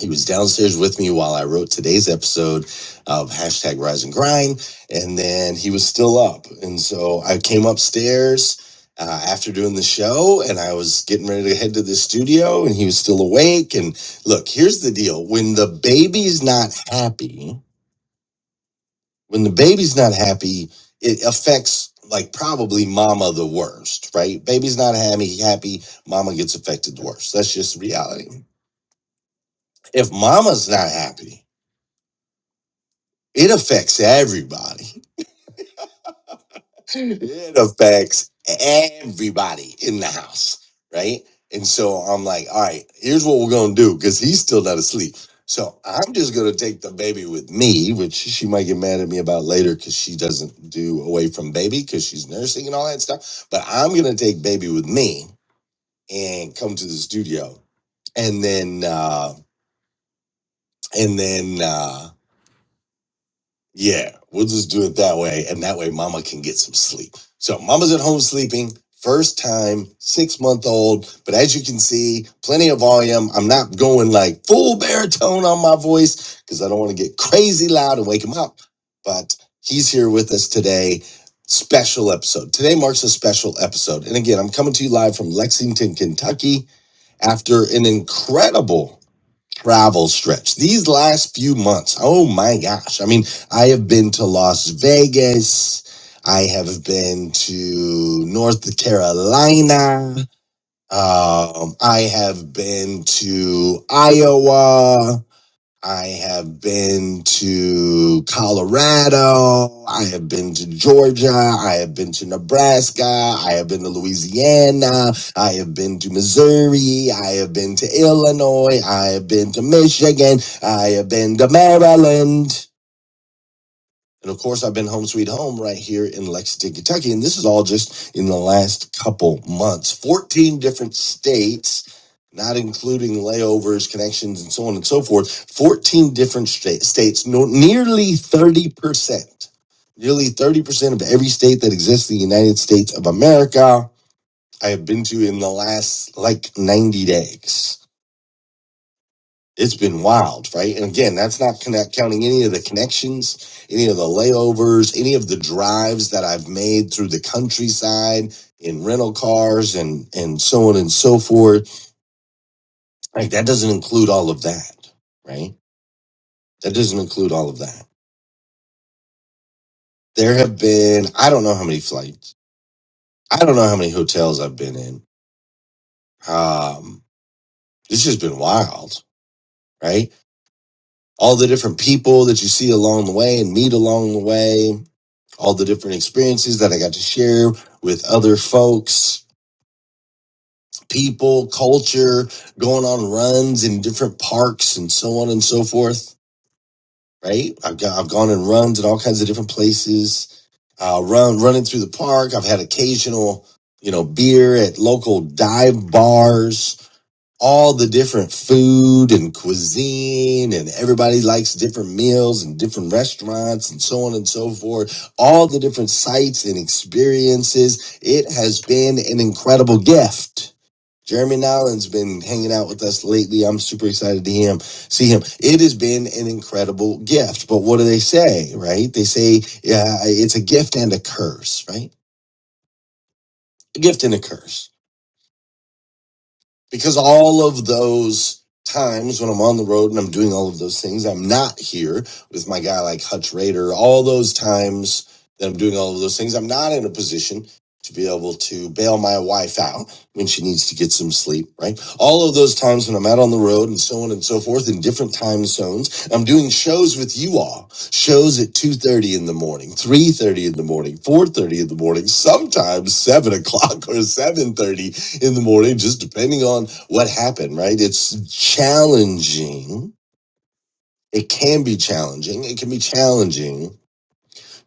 S3: he was downstairs with me while I wrote today's episode of hashtag Rise and Grind, and then he was still up, and so I came upstairs uh, after doing the show, and I was getting ready to head to the studio, and he was still awake. And look, here's the deal: when the baby's not happy, when the baby's not happy, it affects like probably mama the worst, right? Baby's not happy, happy, mama gets affected the worst. That's just reality. If mama's not happy It affects everybody. It affects everybody in the house, right? And so I'm like, all right, here's what we're gonna do because he's still not asleep. So I'm just gonna take the baby with me, which she might get mad at me about later because she doesn't do away from baby because she's nursing and all that stuff. But I'm gonna take baby with me and come to the studio, and then uh, and then. Uh, Yeah, we'll just do it that way. And that way, mama can get some sleep. So, mama's at home sleeping, first time, six month old. But as you can see, plenty of volume. I'm not going like full baritone on my voice because I don't want to get crazy loud and wake him up. But he's here with us today. Special episode. Today marks a special episode. And again, I'm coming to you live from Lexington, Kentucky after an incredible travel stretch. These last few months, oh my gosh. I mean, I have been to Las Vegas. I have been to North Carolina. Um, I have been to Iowa. I have been to Colorado. I have been to Georgia. I have been to Nebraska. I have been to Louisiana. I have been to Missouri. I have been to Illinois. I have been to Michigan. I have been to Maryland. And of course, I've been home sweet home right here in Lexington, Kentucky. And this is all just in the last couple months 14 different states, not including layovers, connections, and so on and so forth. 14 different sta- states, no, nearly 30%. Nearly 30% of every state that exists in the United States of America, I have been to in the last like 90 days it's been wild, right? And again, that's not connect, counting any of the connections, any of the layovers, any of the drives that I've made through the countryside in rental cars and and so on and so forth. Like that doesn't include all of that, right? That doesn't include all of that. There have been I don't know how many flights, I don't know how many hotels I've been in. Um, this has been wild, right? All the different people that you see along the way and meet along the way all the different experiences that I got to share with other folks, people, culture, going on runs in different parks and so on and so forth. Right. I've got, I've gone and runs in all kinds of different places, uh, run, running through the park. I've had occasional, you know, beer at local dive bars all the different food and cuisine and everybody likes different meals and different restaurants and so on and so forth all the different sights and experiences it has been an incredible gift jeremy nolan's been hanging out with us lately i'm super excited to him see him it has been an incredible gift but what do they say right they say yeah it's a gift and a curse right a gift and a curse because all of those times when I'm on the road and I'm doing all of those things, I'm not here with my guy like Hutch Raider. All those times that I'm doing all of those things, I'm not in a position to be able to bail my wife out when she needs to get some sleep, right? All of those times when I'm out on the road and so on and so forth in different time zones, I'm doing shows with you all. Shows at 2.30 in the morning, 3.30 in the morning, 4.30 in the morning, sometimes 7 o'clock or 7.30 in the morning, just depending on what happened, right? It's challenging. It can be challenging. It can be challenging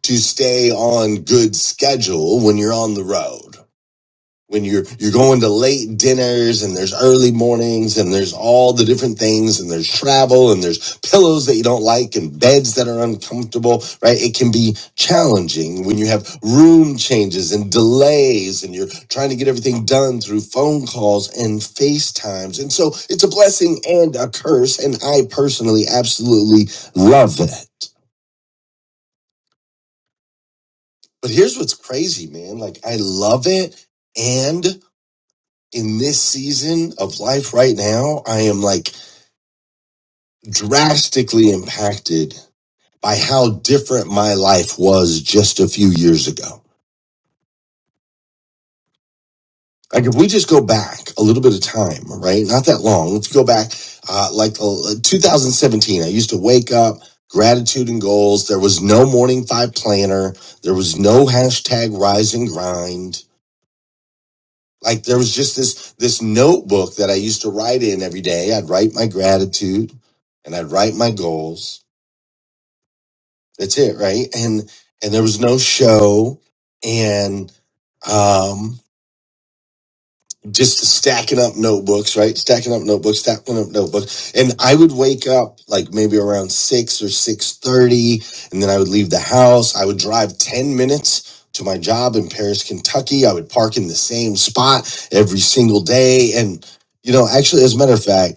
S3: to stay on good schedule when you're on the road when you're you're going to late dinners and there's early mornings and there's all the different things and there's travel and there's pillows that you don't like and beds that are uncomfortable right it can be challenging when you have room changes and delays and you're trying to get everything done through phone calls and FaceTimes and so it's a blessing and a curse and I personally absolutely love it but here's what's crazy man like I love it and. in this season of life right now, I am like drastically impacted by how different my life was just a few years ago. Like if we just go back a little bit of time, right? Not that long. Let's go back, uh, like uh, 2017. I used to wake up, gratitude and goals. There was no morning five planner. There was no hashtag rise and grind like there was just this this notebook that I used to write in every day. I'd write my gratitude and I'd write my goals. That's it, right? And and there was no show and um just stacking up notebooks, right? Stacking up notebooks, stacking up notebooks. And I would wake up like maybe around six or six thirty, and then I would leave the house. I would drive ten minutes to my job in Paris, Kentucky. I would park in the same spot every single day. And you know, actually, as a matter of fact,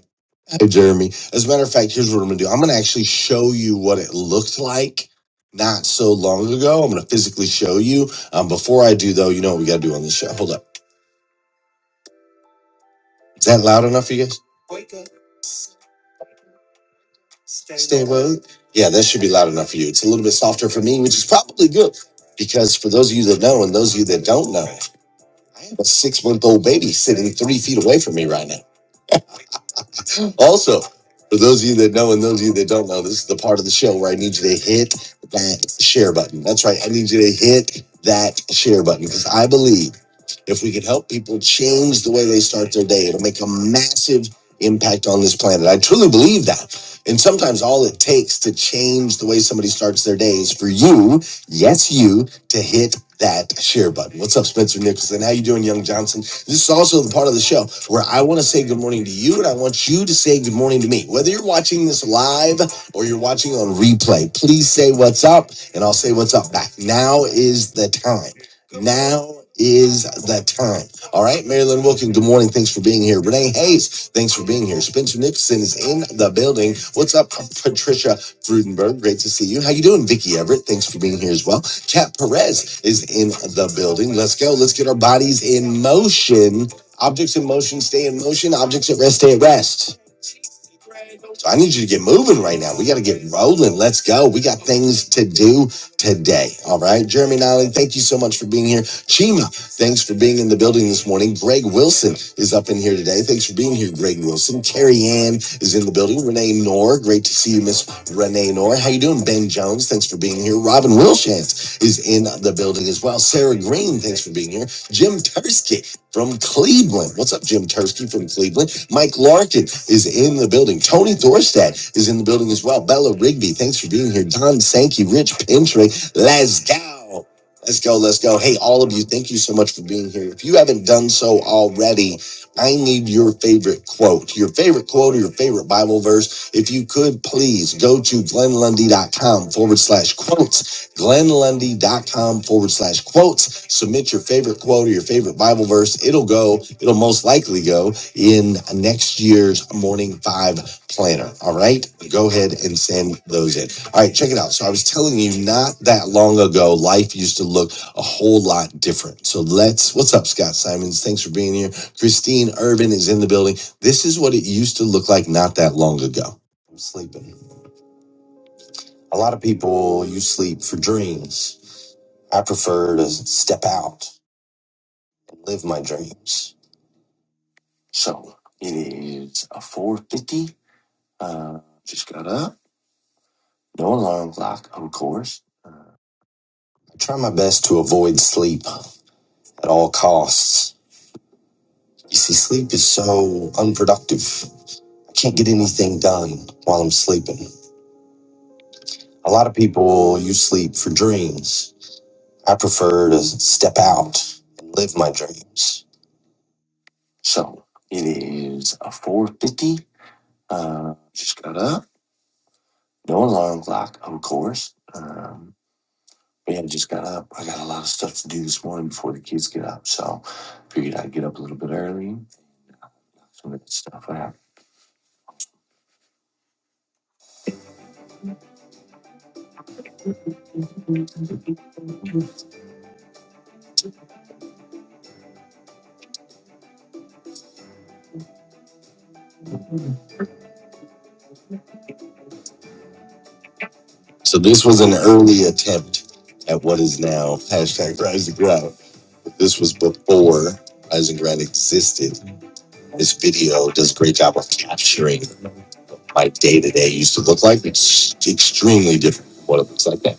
S3: hi Jeremy. As a matter of fact, here's what I'm gonna do. I'm gonna actually show you what it looked like not so long ago. I'm gonna physically show you. Um, before I do though, you know what we gotta do on this show. Hold up. Is that loud enough for you guys? Stay well. Yeah, that should be loud enough for you. It's a little bit softer for me, which is probably good because for those of you that know and those of you that don't know, I have a six month old baby sitting three feet away from me right now. Also, for those of you that know and those of you that don't know, this is the part of the show where I need you to hit that share button. That's right. I need you to hit that share button because I believe if we could help people change the way they start their day, it'll make a massive impact on this planet. I truly believe that. And sometimes all it takes to change the way somebody starts their day is for you, yes, you, to hit that share button. What's up, Spencer Nicholson? How you doing, Young Johnson? This is also the part of the show where I want to say good morning to you, and I want you to say good morning to me. Whether you're watching this live or you're watching on replay, please say what's up, and I'll say what's up back. Now is the time. Now is the time. All right, Marilyn Wilkin, good morning. Thanks for being here. Renee Hayes, thanks for being here. Spencer Nicholson is in the building. What's up, Patricia Frudenberg? Great to see you. How you doing, Vicky Everett? Thanks for being here as well. Cat Perez is in the building. Let's go. Let's get our bodies in motion. Objects in motion stay in motion. Objects at rest stay at rest. So I need you to get moving right now. We got to get rolling. Let's go. We got things to do today. All right. Jeremy Nolan, thank you so much for being here. Chima, thanks for being in the building this morning. Greg Wilson is up in here today. Thanks for being here, Greg Wilson. Carrie Ann is in the building. Renee Knorr, great to see you, Miss Renee Knorr. How you doing? Ben Jones, thanks for being here. Robin Wilshantz is in the building as well. Sarah Green, thanks for being here. Jim Tursky from Cleveland. What's up, Jim Tursky from Cleveland? Mike Larkin is in the building. Tony Thorstad is in the building as well. Bella Rigby, thanks for being here. Don Sankey, Rich Pintry, let's go. Let's go, let's go. Hey, all of you, thank you so much for being here. If you haven't done so already, I need your favorite quote, your favorite quote or your favorite Bible verse. If you could please go to glenlundy.com forward slash quotes glennlundy.com forward slash quotes. Submit your favorite quote or your favorite Bible verse. It'll go, it'll most likely go in next year's Morning Five Planner. All right. Go ahead and send those in. All right. Check it out. So I was telling you not that long ago, life used to look a whole lot different. So let's, what's up, Scott Simons? Thanks for being here. Christine Irvin is in the building. This is what it used to look like not that long ago. I'm sleeping. A lot of people, you sleep for dreams. I prefer to step out, live my dreams. So it is a four fifty. Uh, just got up. No alarm clock, of course. I try my best to avoid sleep at all costs. You see, sleep is so unproductive. I can't get anything done while I'm sleeping. A lot of people use sleep for dreams. I prefer to step out and live my dreams. So this was an early attempt at what is now hashtag Rise and Ground. This was before Rise and Ground existed. This video does a great job of capturing my day to day used to look like. It's extremely different from what it looks like now.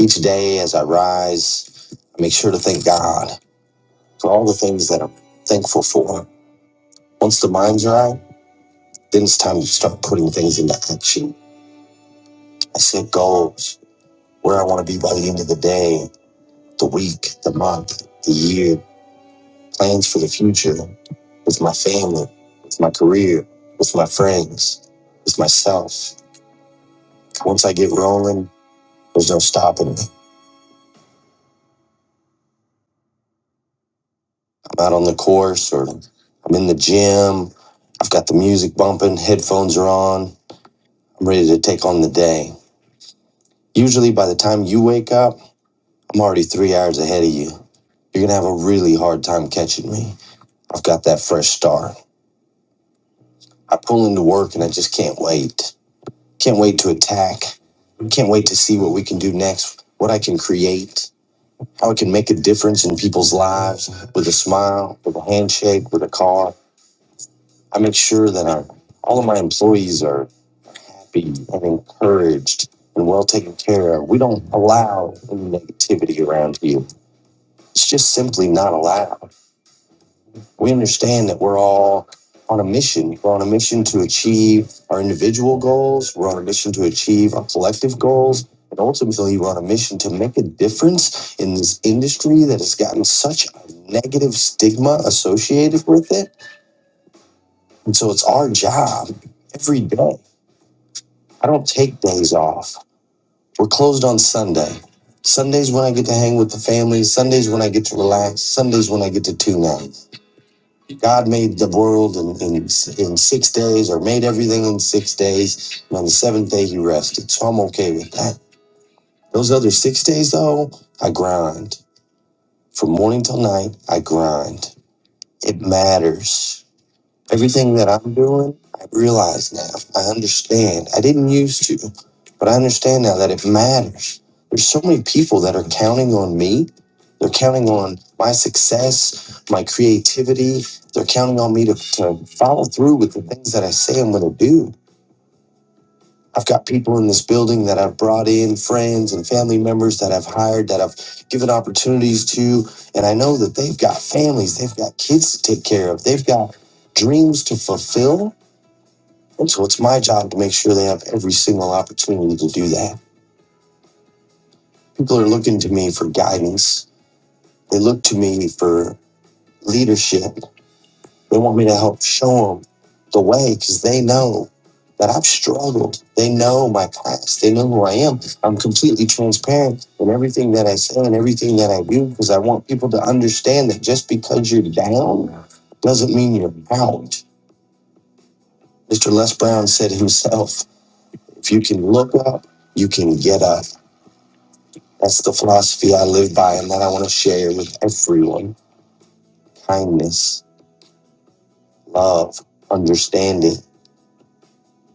S3: Each day as I rise, I make sure to thank God for all the things that I'm thankful for. Once the mind's right, then it's time to start putting things into action. I set goals, where I want to be by the end of the day, the week, the month, the year, plans for the future, with my family, with my career, with my friends, with myself. Once I get rolling, there's no stopping me. I'm out on the course or I'm in the gym. I've got the music bumping, headphones are on. I'm ready to take on the day. Usually, by the time you wake up, I'm already three hours ahead of you. You're gonna have a really hard time catching me. I've got that fresh start. I pull into work and I just can't wait. Can't wait to attack. Can't wait to see what we can do next, what I can create, how I can make a difference in people's lives with a smile, with a handshake, with a call. I make sure that our, all of my employees are happy and encouraged and well taken care of. We don't allow any negativity around here. It's just simply not allowed. we understand that we're all on a mission. We're on a mission to achieve our individual goals. We're on a mission to achieve our collective goals. And ultimately, we're on a mission to make a difference in this industry that has gotten such a negative stigma associated with it. And so it's our job every day. I don't take days off. We're closed on Sunday. Sundays when I get to hang with the family. Sundays when I get to relax. Sundays when I get to tune out. God made the world in, in, in six days or made everything in six days. And on the seventh day, he rested. So I'm okay with that. Those other six days, though, I grind. From morning till night, I grind. It matters. Everything that I'm doing, I realize now. I understand. I didn't used to, but I understand now that it matters. There's so many people that are counting on me. They're counting on my success, my creativity. They're counting on me to, to follow through with the things that I say I'm going to do. I've got people in this building that I've brought in, friends and family members that I've hired, that I've given opportunities to. And I know that they've got families, they've got kids to take care of, they've got dreams to fulfill and so it's my job to make sure they have every single opportunity to do that. People are looking to me for guidance. They look to me for leadership. They want me to help show them the way because they know that I've struggled. They know my past. They know who I am. I'm completely transparent in everything that I say and everything that I do because I want people to understand that just because you're down doesn't mean you're out. Mr. Les Brown said himself, if you can look up, you can get up. That's the philosophy I live by and that I want to share with everyone. Kindness, love, understanding.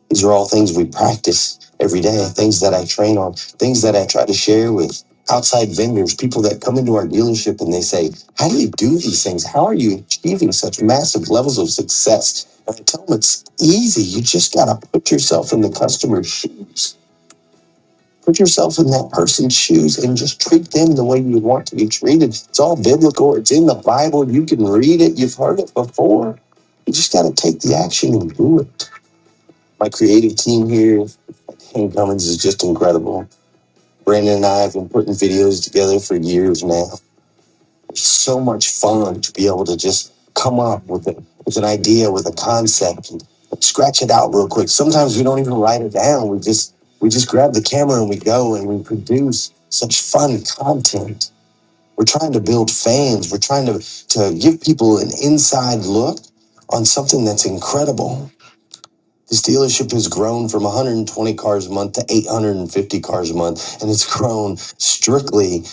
S3: These are all things we practice every day, things that I train on, things that I try to share with outside vendors, people that come into our dealership and they say, How do you do these things? How are you achieving such massive levels of success? And I tell them it's easy. You just got to put yourself in the customer's shoes. Put yourself in that person's shoes and just treat them the way you want to be treated. It's all biblical, it's in the Bible. You can read it, you've heard it before. You just got to take the action and do it. My creative team here, Hank Cummins, is just incredible. Brandon and I have been putting videos together for years now. It's so much fun to be able to just come up with a, with an idea, with a concept, and scratch it out real quick. Sometimes we don't even write it down. We just we just grab the camera and we go and we produce such fun content. We're trying to build fans. We're trying to to give people an inside look on something that's incredible. This dealership has grown from 120 cars a month to 850 cars a month, and it's grown strictly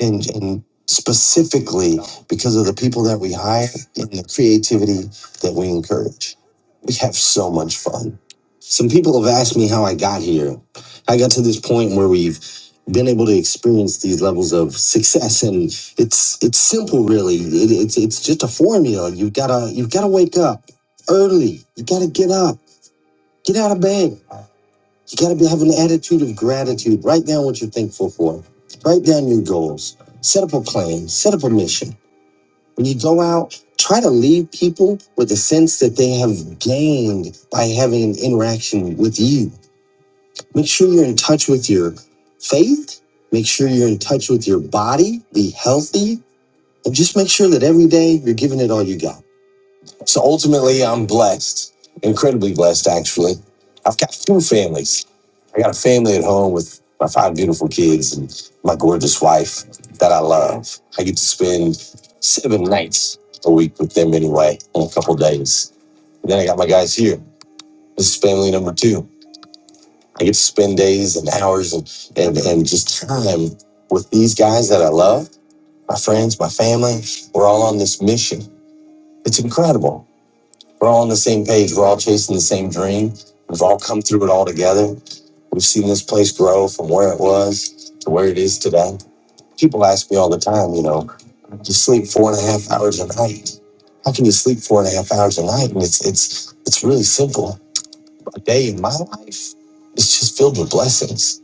S3: and, and specifically because of the people that we hire and the creativity that we encourage. We have so much fun. Some people have asked me how I got here. I got to this point where we've been able to experience these levels of success and it's it's simple really it, it's it's just a formula you've got to you've got to wake up early you got to get up Get out of bed. You got to be having an attitude of gratitude. Write down what you're thankful for. Write down your goals. Set up a plan. Set up a mission. When you go out, try to leave people with a sense that they have gained by having an interaction with you. Make sure you're in touch with your faith. Make sure you're in touch with your body. Be healthy. And just make sure that every day you're giving it all you got. So ultimately, I'm blessed, incredibly blessed, actually. I've got two families. I got a family at home with my five beautiful kids and my gorgeous wife that I love. I get to spend seven nights a week with them anyway, in a couple days. And then I got my guys here. This is family number two. I get to spend days and hours and, and, and just time with these guys that I love, my friends, my family. We're all on this mission. It's incredible. We're all on the same page. We're all chasing the same dream. We've all come through it all together. We've seen this place grow from where it was to where it is today. People ask me all the time, you know, you sleep four and a half hours a night. How can you sleep four and a half hours a night? And it's it's it's really simple. A day in my life is just filled with blessings.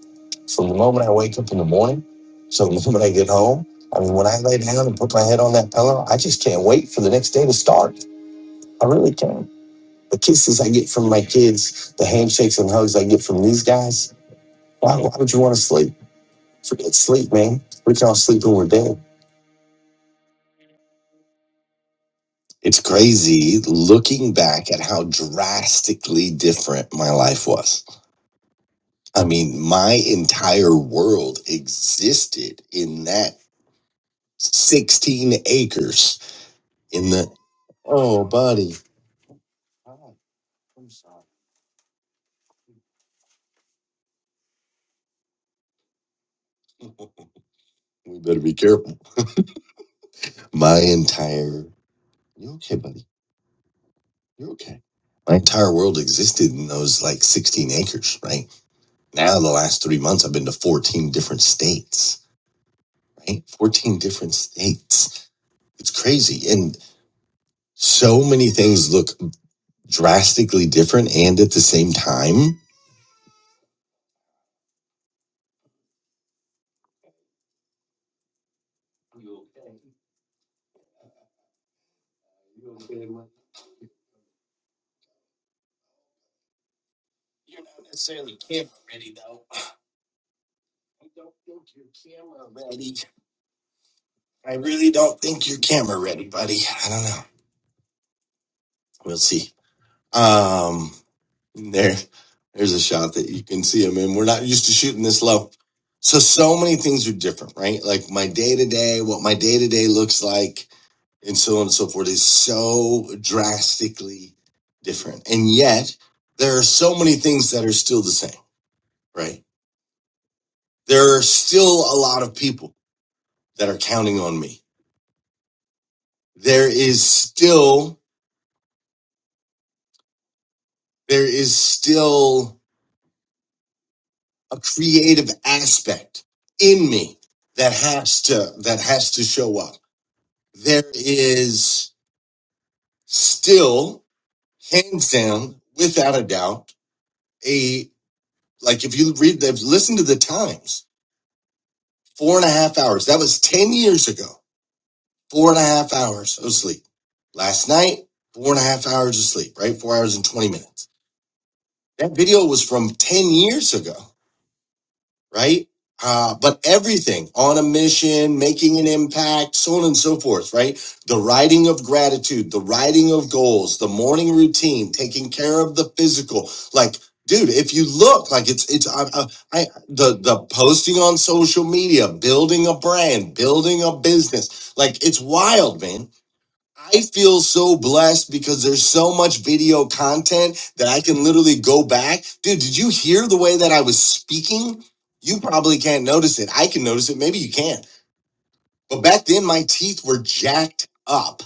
S3: From the moment I wake up in the morning, so the moment I get home, I mean, when I lay down and put my head on that pillow, I just can't wait for the next day to start. I really can't. The kisses I get from my kids, the handshakes and hugs I get from these guys. Why, why would you want to sleep? Forget sleep, man. We can all sleep when we're dead. It's crazy looking back at how drastically different my life was. I mean, my entire world existed in that 16 acres in the. Oh, buddy. Oh, I'm sorry. We better be careful. My entire. You okay, buddy? Okay. My entire world existed in those like 16 acres, right? Now, the last three months, I've been to 14 different states, right? 14 different states. It's crazy. And so many things look drastically different and at the same time. You're not necessarily camera ready, though. I don't know, ready. I really don't think you're camera ready, buddy. I don't know. We'll see. Um, there, there's a shot that you can see him in. We're not used to shooting this low. So, so many things are different, right? Like my day to day, what my day to day looks like, and so on and so forth is so drastically different. And yet, there are so many things that are still the same, right? There are still a lot of people that are counting on me. There is still, there is still a creative aspect in me that has to that has to show up. There is still, hands down, without a doubt, a like if you read they've listened to the times, four and a half hours. That was ten years ago. Four and a half hours of sleep. Last night, four and a half hours of sleep, right? Four hours and twenty minutes. That video was from ten years ago. right? Uh, but everything on a mission, making an impact, so on and so forth, right? The writing of gratitude, the writing of goals, the morning routine, taking care of the physical. Like, dude, if you look, like it's it's I, I, I the the posting on social media, building a brand, building a business, like it's wild, man I feel so blessed because there's so much video content that I can literally go back. Dude, did you hear the way that I was speaking? You probably can't notice it. I can notice it. Maybe you can but back then, my teeth were jacked up.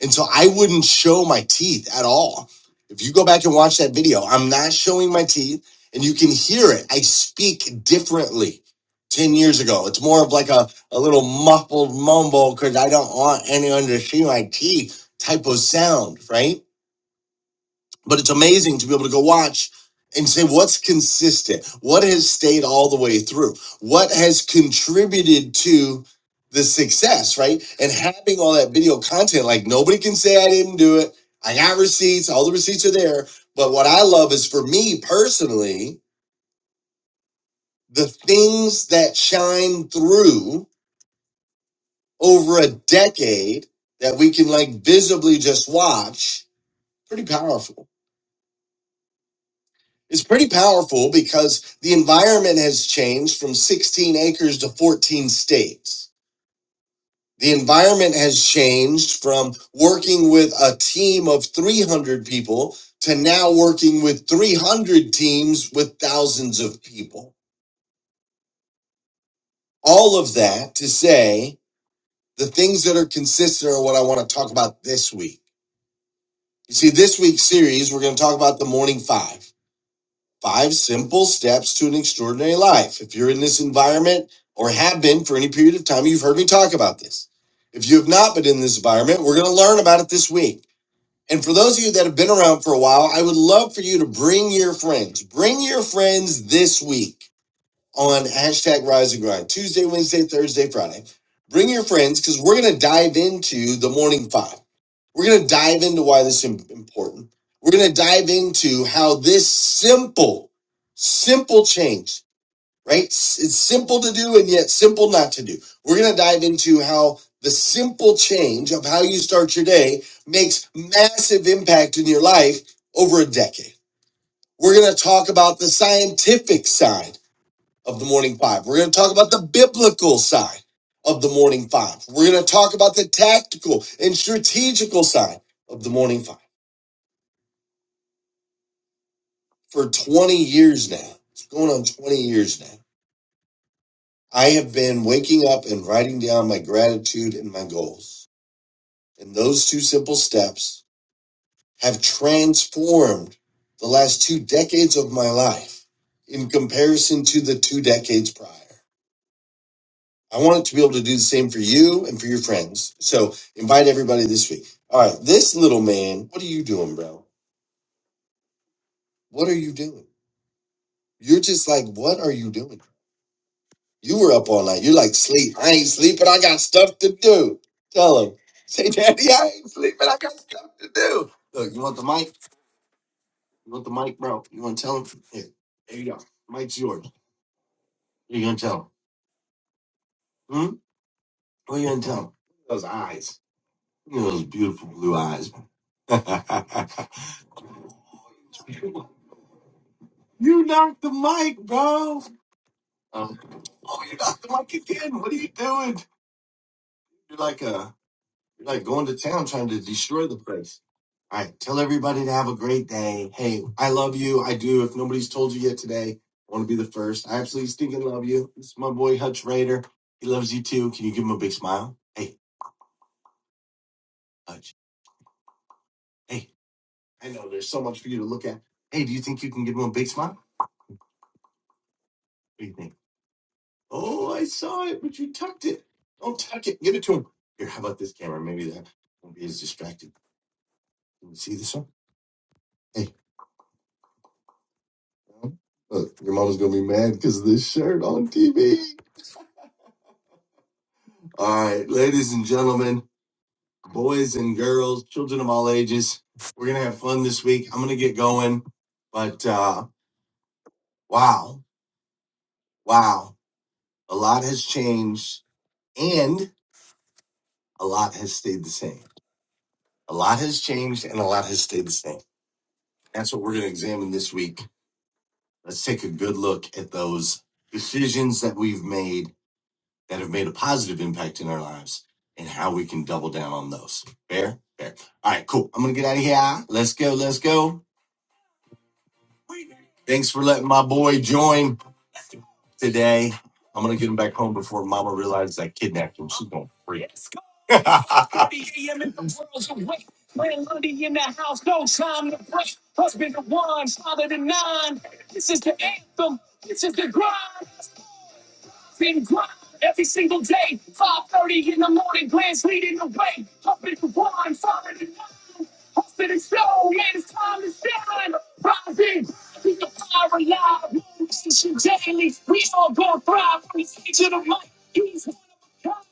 S3: And so I wouldn't show my teeth at all. If you go back and watch that video, I'm not showing my teeth and you can hear it. I speak differently 10 years ago. It's more of like a, a little muffled mumble because I don't want anyone to see my teeth type of sound, right? but it's amazing to be able to go watch and say what's consistent what has stayed all the way through what has contributed to the success right and having all that video content like nobody can say i didn't do it i got receipts all the receipts are there but what i love is for me personally the things that shine through over a decade that we can like visibly just watch pretty powerful It's pretty powerful because the environment has changed from 16 acres to 14 states. The environment has changed from working with a team of 300 people to now working with 300 teams with thousands of people. All of that to say the things that are consistent are what I want to talk about this week. You see, this week's series, we're going to talk about the morning five. Five simple steps to an extraordinary life. If you're in this environment or have been for any period of time, you've heard me talk about this. If you have not been in this environment, we're going to learn about it this week. And for those of you that have been around for a while, I would love for you to bring your friends. Bring your friends this week on hashtag Rise and Grind, Tuesday, Wednesday, Thursday, Friday. Bring your friends because we're going to dive into the morning five. We're going to dive into why this is important. We're going to dive into how this simple, simple change, right? S- It's simple to do and yet simple not to do. We're going to dive into how the simple change of how you start your day makes massive impact in your life over a decade. We're going to talk about the scientific side of the morning five. We're going to talk about the biblical side of the morning five. We're going to talk about the tactical and strategical side of the morning five for 20 years now. It's going on 20 years now. I have been waking up and writing down my gratitude and my goals. And those two simple steps have transformed the last two decades of my life in comparison to the two decades prior. I want to be able to do the same for you and for your friends. So invite everybody this week. All right, this little man, what are you doing, bro? What are you doing? You're just like, what are you doing? You were up all night. You're like, sleep. I ain't sleeping. I got stuff to do. Tell him. Say, daddy, I ain't sleeping. I got stuff to do. Look, you want the mic? to destroy the place. All right. Tell everybody to have a great day. Hey, I love you. I do. If nobody's told you yet today, I want to be the first. I absolutely stinking love you. This is my boy Hutch Raider. He loves you too. Can you give him a big smile? Hey, Hutch. Hey, I know there's so much for you to look at. Hey, do you think you can give him a big smile? What do you think? Oh, I saw it, but you tucked it. Don't tuck it. Give it to him. Here, how about this camera? Maybe that won't be as distracted. Can you see this one? Hey, well, look, your mama's gonna be mad because of this shirt on TV. All right, ladies and gentlemen, boys and girls, children of all ages, we're gonna have fun this week. I'm gonna get going, but uh, wow, wow, a lot has changed and a lot has stayed the same. A lot has changed and a lot has stayed the same. That's what we're gonna examine this week. Let's take a good look at those decisions that we've made that have made a positive impact in our lives and how we can double down on those. Fair, fair. All right, cool. I'm gonna get out of here. Let's go. Let's go. Thanks for letting my boy join today. I'm gonna get him back home before Mama realizes I kidnapped him. She's going. three a m in the world's awake. Landlady in the house, no time to brush. Husband to one, father to nine. This is the anthem. This is the grind. Been grind every single day. five thirty in the morning, Glenn's leading the way. Husband to one, father to nine. I'm finna show, man, it's time to shine. Rising, I the power alive. Motivation daily, we all gonna thrive. When it's to the mic, he's one of a kind.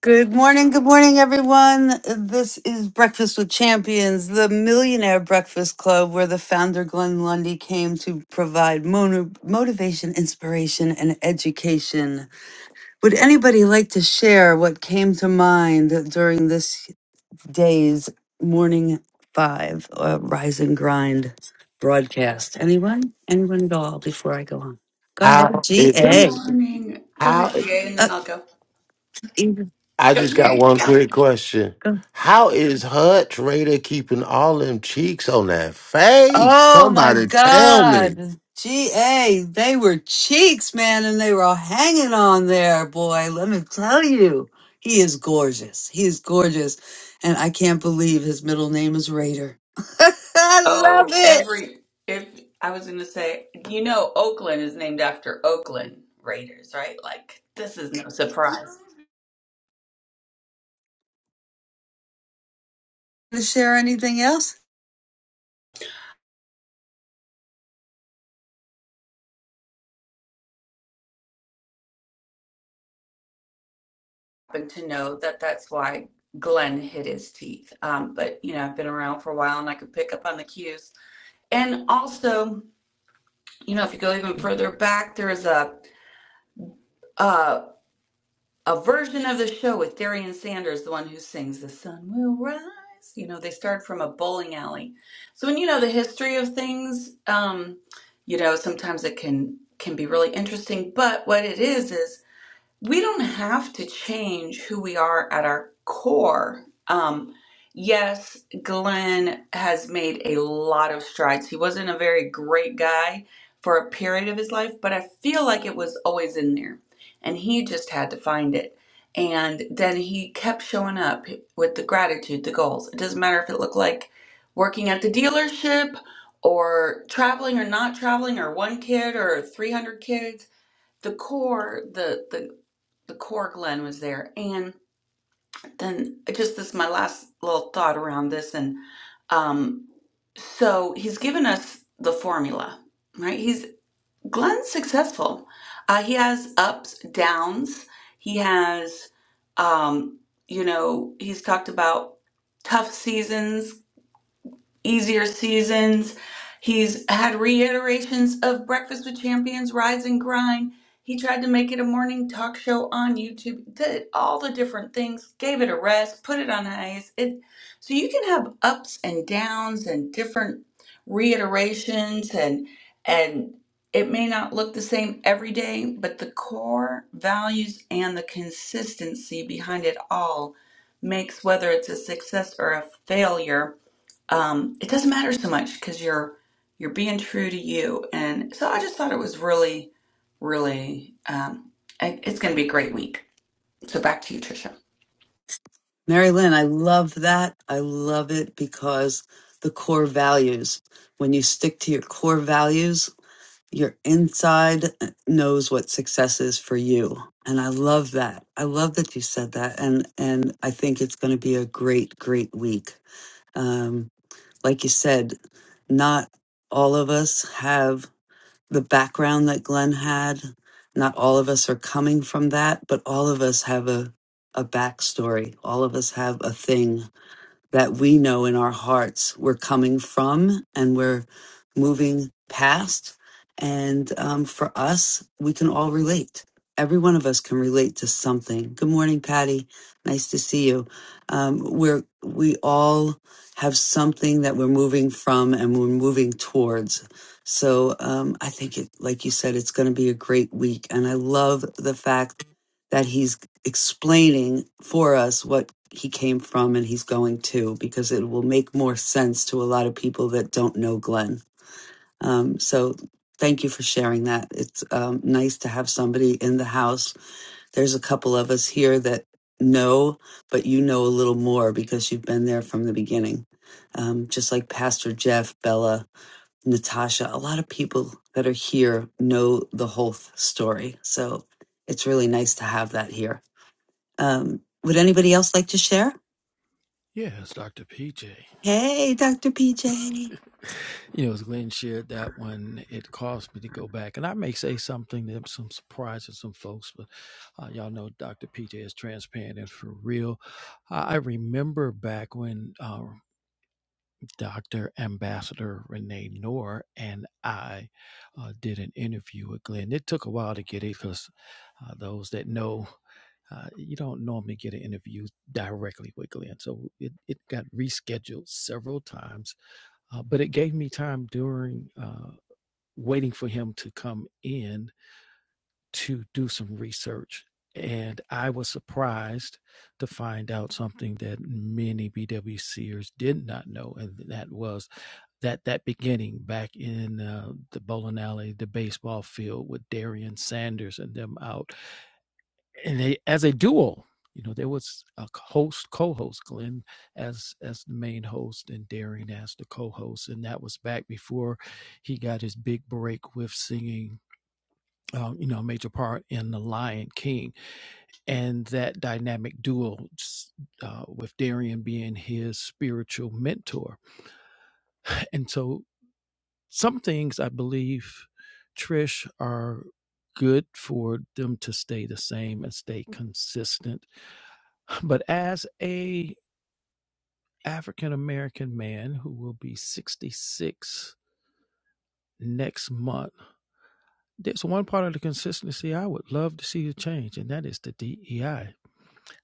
S3: Good morning, good morning, everyone. This is Breakfast with Champions, the Millionaire Breakfast Club, where the founder Glenn Lundy came to provide mono- motivation, inspiration, and education. Would anybody like to share what came to mind during this? day's morning five uh, rise and grind broadcast. Anyone? Anyone at all before I go on? Go ahead.
S5: How is
S7: Good
S3: GA.
S7: morning. Go
S5: how
S7: ahead,
S5: is
S7: GA, and then
S3: Uh,
S7: I'll go.
S3: Ingrid,
S5: I
S7: Go,
S5: just got
S7: GA,
S5: one
S7: go.
S5: quick question.
S3: go.
S5: How is Hud Trader keeping all them cheeks on that face?
S3: Oh my
S5: Somebody tell me.
S3: God. GA. They were cheeks, man, and they were all hanging on there, boy. Let me tell you. He is gorgeous. He is gorgeous. And I can't believe his middle name is Raider. I
S7: Oh,
S3: love it.
S7: every. If I was going to say, you know, Oakland is named after Oakland Raiders, right? Like, this is no surprise.
S3: To share anything else?
S7: Happen to know that that's why Glenn hit his teeth. Um, but, you know, I've been around for a while and I could pick up on the cues. And also, you know, if you go even further back, there's a. uh a version of the show with Darian Sanders, the one who sings "The Sun Will Rise." You know, they started from a bowling alley. So when you know the history of things, um, you know sometimes it can can be really interesting. But what it is is we don't have to change who we are at our core. Um, yes, Glenn has made a lot of strides. He wasn't a very great guy for a period of his life, but I feel like it was always in there. And he just had to find it. And then he kept showing up with the gratitude, the goals. It doesn't matter if it looked like working at the dealership or traveling or not traveling or one kid or 300 kids the core the the the core Glenn was there. And then just this my last little thought around this and um so he's given us the formula, right? He's Glenn's successful. Uh he has ups, downs. He has um you know, he's talked about tough seasons, easier seasons. He's had reiterations of Breakfast with Champions, Rise and Grind. He tried to make it a morning talk show on YouTube, did all the different things, gave it a rest, put it on ice. It, so you can have ups and downs and different reiterations and and it may not look the same every day, but the core values and the consistency behind it all makes whether it's a success or a failure um, it doesn't matter so much because you're you're being true to you. And so I just thought it was really, really. Um, it- it's going to be a great week. So back to you, Tricia.
S3: Mary Lynn, I love that. I love it because the core values, when you stick to your core values, your inside knows what success is for you. And I love that. I love that you said that. And, and I think it's going to be a great, great week. Um, like you said, not all of us have the background that Glenn had. Not all of us are coming from that, but all of us have a, a backstory. All of us have a thing that we know in our hearts we're coming from and we're moving past. And um, for us, we can all relate. Every one of us can relate to something. Good morning, Patty. Nice to see you. Um, we're we all have something that we're moving from and we're moving towards. So um, I think it, like you said, it's going to be a great week. And I love the fact that he's explaining for us what he came from and he's going to, because it will make more sense to a lot of people that don't know Glenn. Um, so thank you for sharing that. It's um, nice to have somebody in the house. There's a couple of us here that know, but you know a little more because you've been there from the beginning. Um, just like Pastor Jeff, Bella, Natasha, a lot of people that are here know the whole th- story. So it's really nice to have that here. Um, would anybody else like to share?
S4: Yeah, it's Doctor PJ.
S3: Hey, Dr. PJ.
S4: You know, as Glenn shared that one, it caused me to go back, and I may say something that some surprise to some folks, but uh, y'all know Doctor PJ is transparent and for real. I I remember back when. Uh, Dr. Ambassador Renee Noor and I uh, did an interview with Glenn. It took a while to get it because uh, those that know, uh, you don't normally get an interview directly with Glenn. So it, it got rescheduled several times, uh, but it gave me time during uh, waiting for him to come in to do some research. And I was surprised to find out something that many BWCers did not know, and that was that that beginning back in uh, the bowling alley, the baseball field with Darian Sanders and them out, and they as a duo. You know, there was a host, co-host, Glenn as as the main host and Darian as the co-host, and that was back before he got his big break with singing. Um, you know, a major part in The Lion King, and that dynamic duo uh, with Darian being his spiritual mentor, and so some things I believe, Trish, are good for them to stay the same and stay consistent. But as a African American man who will be 66 next month, there's one part of the consistency I would love to see a change, and that is the DEI. I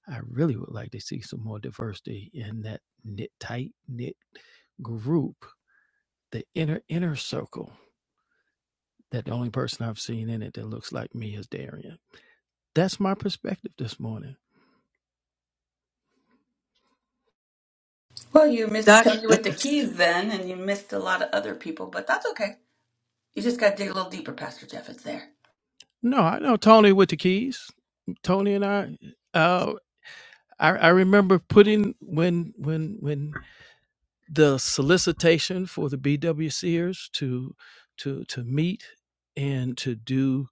S4: I really would like to see some more diversity in that knit tight knit group, the inner inner circle. That the only person I've seen in it that looks like me is Darian That's my perspective this morning.
S7: Well, you missed
S3: Doc,
S7: Tony
S3: oh,
S7: with the keys then, and you missed a lot of other people, but that's okay. You just got to dig a little deeper, Pastor Jeff. It's there.
S4: No, I know Tony with the keys. Tony and I, uh, I, I remember putting when when when the solicitation for the BW Sears to to to meet and to do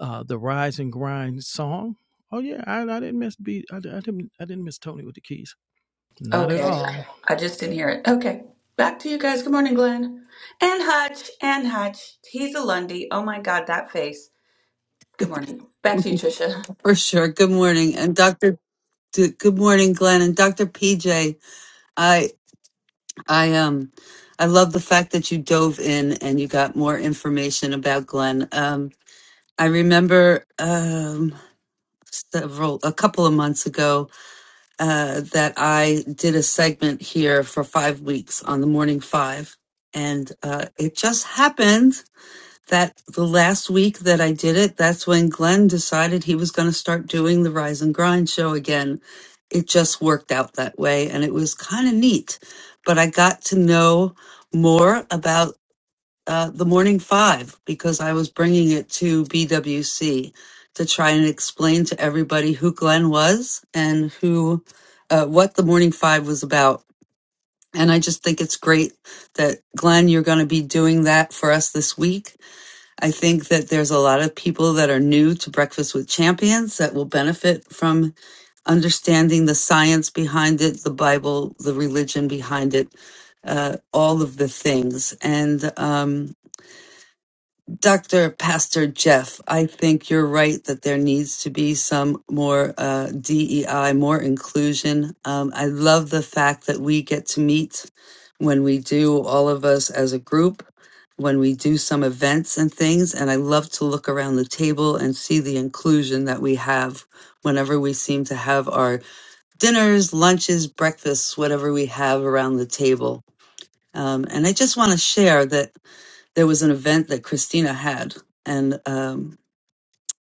S4: uh, the Rise and Grind song. Oh yeah, I, I didn't miss B. I, I didn't I didn't miss Tony with the keys. Not at
S7: Okay,
S4: all.
S7: I just didn't hear it. Okay, back to you guys. Good morning, Glenn and Hutch and Hutch. He's a Lundy. Oh my God, that face. Good morning. Back to you, Tricia.
S3: for sure. Good morning, and Dr. D- Good morning, Glenn and Dr. PJ. I I um I love the fact that you dove in and you got more information about Glenn. Um, I remember um several a couple of months ago uh, that I did a segment here for five weeks on the Morning Five, and uh, it just happened that the last week that I did it, that's when Glenn decided he was going to start doing the Rise and Grind show again. It just worked out that way and it was kind of neat. But I got to know more about uh, the Morning Five because I was bringing it to BWC to try and explain to everybody who Glenn was and who, uh, what the Morning Five was about. And I just think it's great that Glenn, you're going to be doing that for us this week I think that there's a lot of people that are new to Breakfast with Champions that will benefit from understanding the science behind it, the Bible, the religion behind it, uh, all of the things. And um, Dr. Pastor Jeff, I think you're right that there needs to be some more uh, DEI, more inclusion. Um, I love the fact that we get to meet when we do, all of us as a group, when we do some events and things. And I love to look around the table and see the inclusion that we have whenever we seem to have our dinners, lunches, breakfasts, whatever we have around the table. Um, and I just want to share that there was an event that Christina had, and um,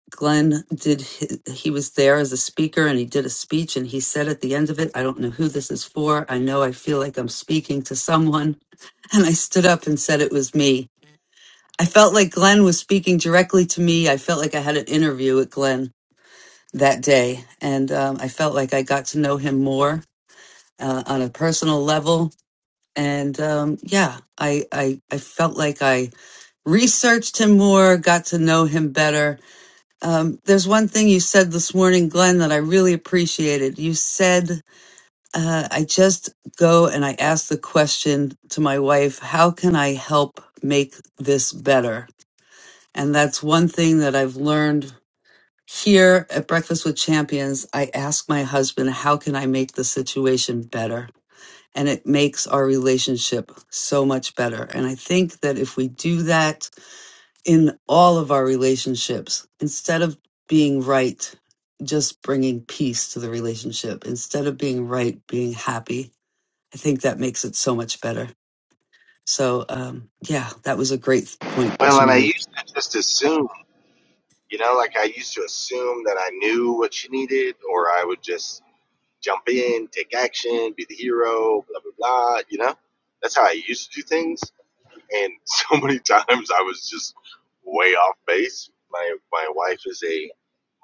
S3: Glenn did. His, he was there as a speaker, and he did a speech, and he said at the end of it, "I don't know who this is for. I know I feel like I'm speaking to someone." And I stood up and said it was me. I felt like Glenn was speaking directly to me. I felt like I had an interview with Glenn that day, and um, I felt like I got to know him more uh, on a personal level. And um, yeah, I, I I felt like I researched him more, got to know him better. Um, there's one thing you said this morning, Glenn, that I really appreciated. You said, uh, I just go and I ask the question to my wife, how can I help make this better? And that's one thing that I've learned here at Breakfast with Champions. I ask my husband, how can I make the situation better? And it makes our relationship so much better. And I think that if we do that, in all of our relationships instead of being right just bringing peace to the relationship instead of being right being happy i think that makes it so much better so um yeah that was a great point that
S8: Well, and
S3: you
S8: I
S3: made
S8: used to just assume, you know, like I used to assume that I knew what she needed, or I would just jump in, take action, be the hero, blah, blah, blah, you know? That's how I used to do things. And so many times I was just way off base. My, my wife is a,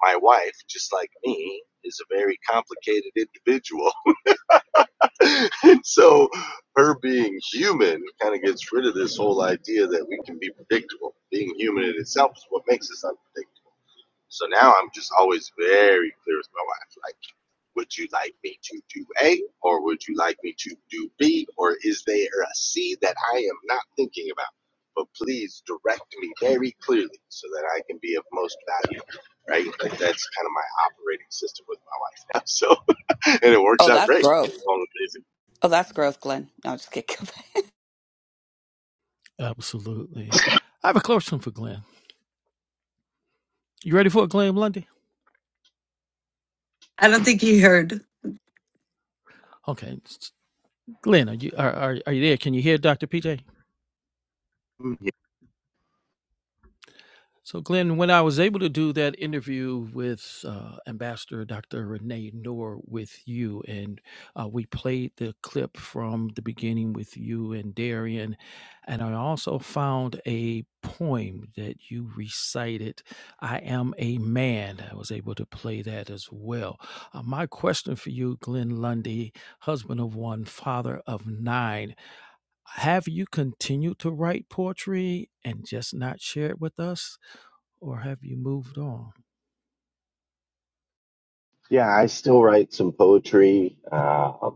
S8: my wife, just like me, is a very complicated individual. and so her being human kind of gets rid of this whole idea that we can be predictable. Being human in itself is what makes us unpredictable. So now I'm just always very clear with my wife. Like, would you like me to do A or would you like me to do B or is there a C that I am not thinking about? But please direct me very clearly so that I can be of most value. Right? Like that's kind of my operating system with my wife now. So and it works
S7: Oh,
S8: out
S7: that's
S8: great.
S7: gross.
S8: It's all
S7: Oh, that's gross, Glenn. No, I'm just kidding.
S4: Absolutely. I have a question for Glenn. You ready for it, Glenn Lundy?
S3: i don't think you heard
S4: Okay, Glenn, are you are, are, are you there? Can you hear Dr. PJ?
S8: amazing.
S4: So, Glenn, when I was able to do that interview with uh, Ambassador Dr. Renee Noor with you, and uh, we played the clip from the beginning with you and Darian, and I also found a poem that you recited, I Am a Man. I was able to play that as well. Uh, my question for you, Glenn Lundy, husband of one, father of nine, have you continued to write poetry and just not share it with us? or have you moved on?
S8: Yeah, I still write some poetry. Uh,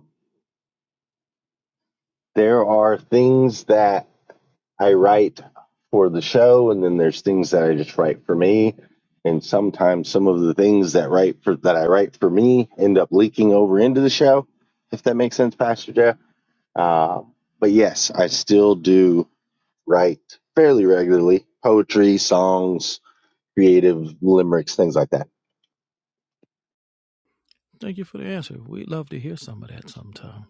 S8: there are things that I write for the show, and then there's things that I just write for me. And sometimes some of the things that write for that I write for me end up leaking over into the show, if that makes sense, Pastor Jeff. Uh, but yes, I still do write fairly regularly poetry, songs, creative limericks, things like that.
S4: Thank you for the answer. We'd love to hear some of that sometime.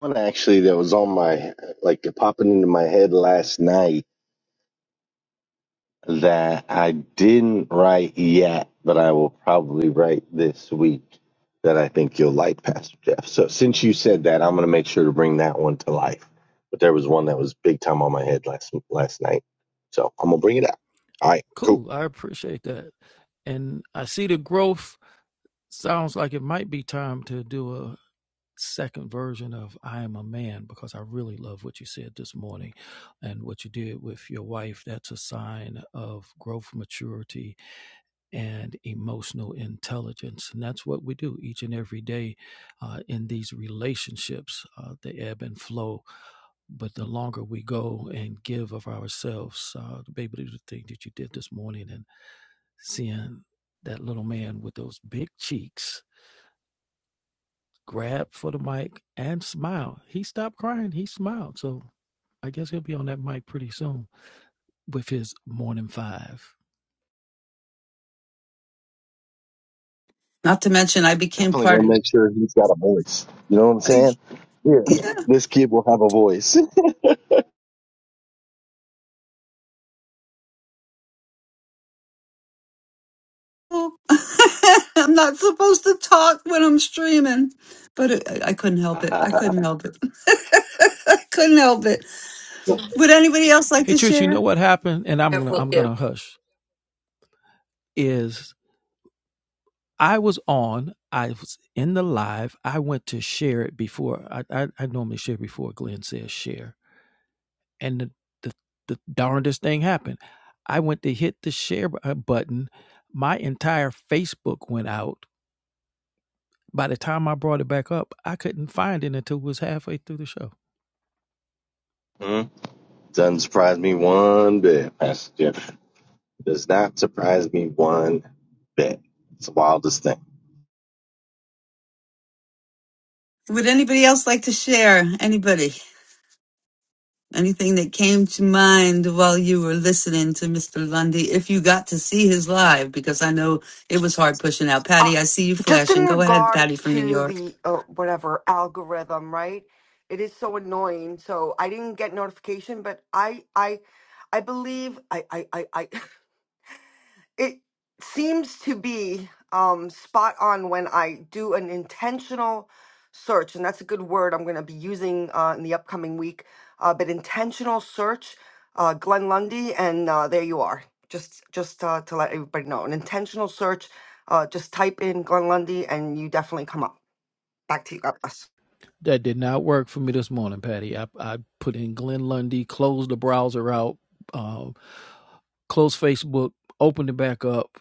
S8: One actually that was on my like popping into my head last night that I didn't write yet, but I will probably write this week that I think you'll like, Pastor Jeff. So since you said that, I'm going to make sure to bring that one to life. But there was one that was big time on my head last last night, so I'm gonna bring it out. All right, cool.
S4: Cool. I appreciate that. And I see the growth. Sounds like it might be time to do a second version of I Am a Man because I really love what you said this morning and what you did with your wife. That's a sign of growth, maturity, and emotional intelligence. And that's what we do each and every day uh, in these relationships. Uh, they ebb and flow But the longer we go and give of ourselves, uh, to be able to do the thing that you did this morning and seeing that little man with those big cheeks grab for the mic and smile. He stopped crying. He smiled. So I guess he'll be on that mic pretty soon with his morning five.
S3: not to mention i became
S8: Definitely
S3: part
S8: gonna
S3: of
S8: make sure he's got a voice. You know what I'm
S3: I,
S8: saying? Yeah,
S3: yeah
S8: this kid will have a voice.
S3: well, i'm not supposed to talk when i'm streaming but it, i I couldn't help it i couldn't help it i couldn't help it would anybody else like
S4: Hey,
S3: to
S4: church, you know
S3: share
S4: what happened? And I'm gonna
S7: Careful.
S4: I'm gonna
S7: Yeah.
S4: hush. Is I was on, I was in the live. I went to share it before. I I, I normally share before Glenn says share And the the the darndest thing happened. I went to hit the share bu- uh, button. My entire Facebook went out. By the time I brought it back up, I couldn't find it until it was halfway through the show.
S8: mm Doesn't surprise me one bit, Pastor Jeff. Does not surprise me one bit. It's the wildest thing.
S3: Would anybody else like to share? Anybody? Anything that came to mind while you were listening to Mr. Lundy, if you got to see his live, because I know it was hard pushing out.
S9: Uh,
S3: Patty, I see you
S9: just in
S3: flashing. Go ahead, Patty
S9: regards
S3: from New
S9: to
S3: York.
S9: the uh, whatever algorithm, right? It is so annoying. So I didn't get notification, but I I I believe I I I I it seems to be um, spot on when I do an intentional search, and that's a good word I'm going to be using uh, in the upcoming week. Uh, but intentional search, uh, Glenn Lundy, and uh, there you are. Just just uh, to let everybody know, an intentional search. Uh, just type in Glenn Lundy, and you definitely come up. Back to you. God bless.
S4: That did not work for me this morning, Patty. I, I put in Glenn Lundy, closed the browser out, um, closed Facebook, opened it back up,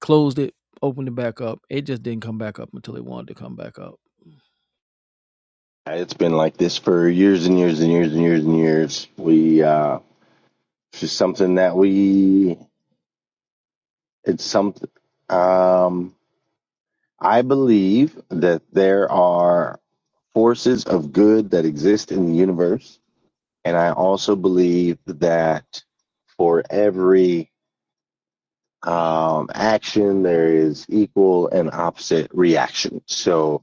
S4: closed it, opened it back up. It just didn't come back up until it wanted to come back up.
S8: It's been like this for years and years and years and years and years. We uh it's just something that we it's something um I believe that there are forces of good that exist in the universe and I also believe that for every um action there is equal and opposite reaction. So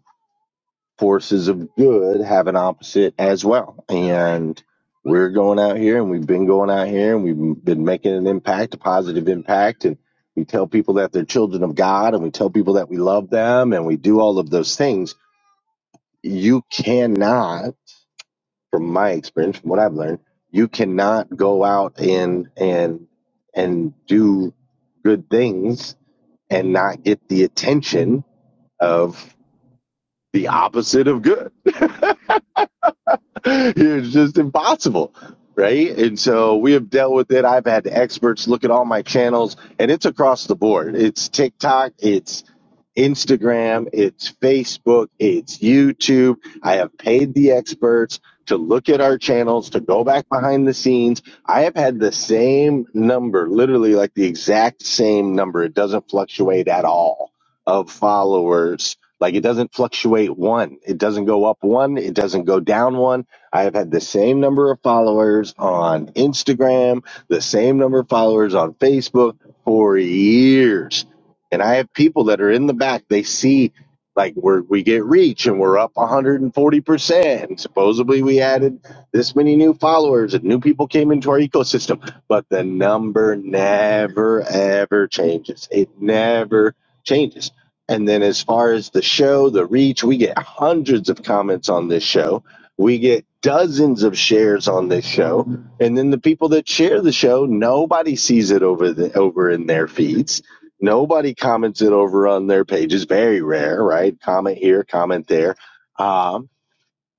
S8: forces of good have an opposite as well. And we're going out here and we've been going out here and we've been making an impact, a positive impact. And we tell people that they're children of God and we tell people that we love them and we do all of those things. You cannot, from my experience, from what I've learned, you cannot go out and, and, and do good things and not get the attention of the opposite of good it's just impossible right and so we have dealt with it i've had experts look at all my channels and it's across the board it's tiktok it's Instagram, it's Facebook, it's YouTube. I have paid the experts to look at our channels, to go back behind the scenes. I have had the same number, literally like the exact same number. It doesn't fluctuate at all of followers. Like it doesn't fluctuate one. It doesn't go up one. It doesn't go down one. I have had the same number of followers on Instagram, the same number of followers on Facebook for years and I have people that are in the back, they see like where we get reach and we're up 140%. And supposedly we added this many new followers and new people came into our ecosystem. But the number never, ever changes. It never changes. And then as far as the show, the reach, we get hundreds of comments on this show. We get dozens of shares on this show. And then the people that share the show, nobody sees it over the over in their feeds Nobody commented over on their pages. Very rare, right? Comment here, comment there. Um,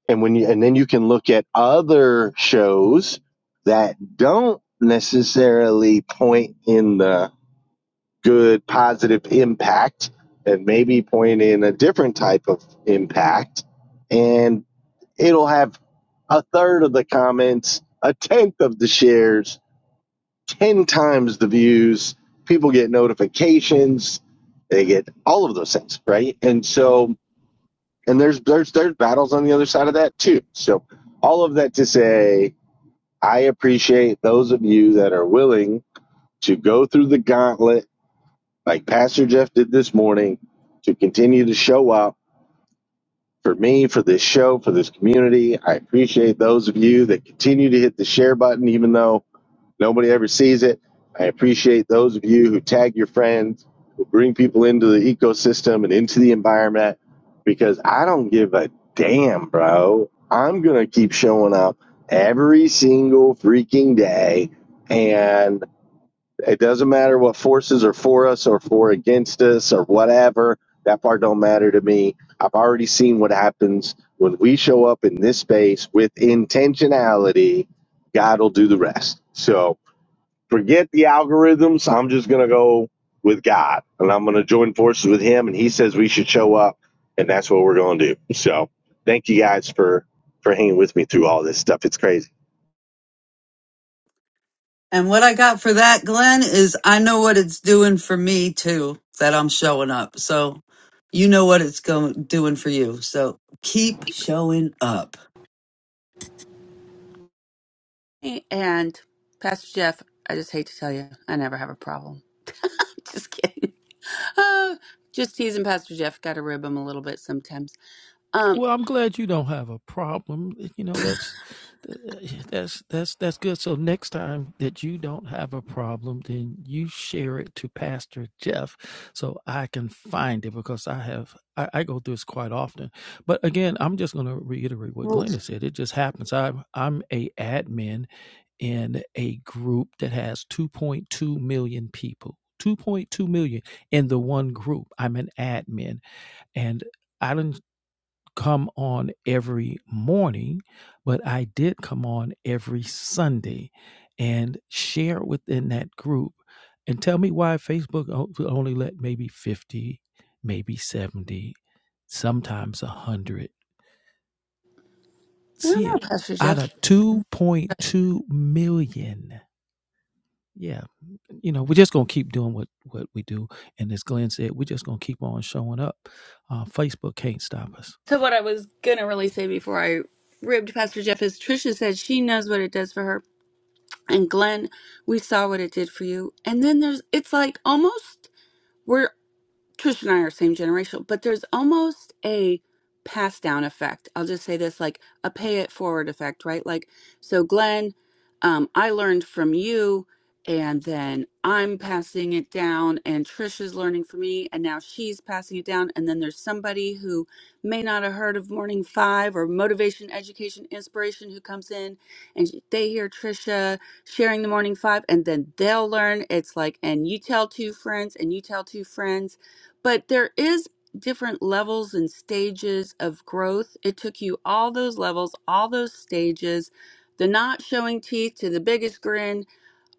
S8: and when you, and then you can look at other shows that don't necessarily point in the good, positive impact and maybe point in a different type of impact. And it'll have a third of the comments, a tenth of the shares, 10 times the views. People get notifications. They get all of those things, right? And so, and there's there's there's battles on the other side of that too. So, all of that to say, I appreciate those of you that are willing to go through the gauntlet, like Pastor Jeff did this morning, to continue to show up for me, for this show, for this community. I appreciate those of you that continue to hit the share button, even though Nobody ever sees it. I appreciate those of you who tag your friends, who bring people into the ecosystem and into the environment because I don't give a damn, bro. I'm going to keep showing up every single freaking day. And it doesn't matter what forces are for us or for against us or whatever. That part don't matter to me. I've already seen what happens when we show up in this space with intentionality. God will do the rest. So, forget the algorithms. I'm just going to go with God and I'm going to join forces with him. And he says we should show up and that's what we're going to do. So thank you guys for, for hanging with me through all this stuff. It's crazy.
S3: And what I got for that, Glenn, is I know what it's doing for me too, that I'm showing up. So you know what it's going doing for you. So keep showing up.
S7: and Pastor Jeff, I just hate to tell you, I never have a problem. just kidding. Oh, just teasing Pastor Jeff. Got to rib him a little bit sometimes. Um,
S4: Well, I'm glad you don't have a problem. You know, that's that's that's that's good. So next time that you don't have a problem, then you share it to Pastor Jeff so I can find it because I have I, I go through this quite often. But again, I'm just gonna reiterate what
S7: well,
S4: Glenn has said. It just happens. I'm I'm a admin in a group that has 2.2 million people. 2.2 million in the one group. I'm an admin and I done come on every morning, but I did come on every Sunday and share within that group. And tell me why Facebook o- only let maybe 50, maybe 70, sometimes 100
S7: I
S4: see
S7: don't
S4: it
S7: know, Pastor
S4: out of
S7: Jeff.
S4: 2.2 million. Yeah, you know, we're just going to keep doing what, what we do. And as Glenn said, we're just going to keep on showing up. Uh, Facebook can't stop us.
S7: So what I was gonna really say before I ribbed Pastor Jeff is Trisha said she knows what it does for her, and Glenn, we saw what it did for you. And then there's it's like almost. Trish and I are same generation, but there's almost a pass down effect. I'll just say this like a pay it forward effect, right? Like, so Glenn, um, I learned from you, and then I'm passing it down, and Trish is learning from me, and now she's passing it down. And then there's somebody who may not have heard of Morning Five or Motivation, Education, Inspiration who comes in and they hear Trisha sharing the Morning Five, and then they'll learn. It's like, and you tell two friends, and you tell two friends but there is different levels and stages of growth it took you all those levels all those stages the not showing teeth to the biggest grin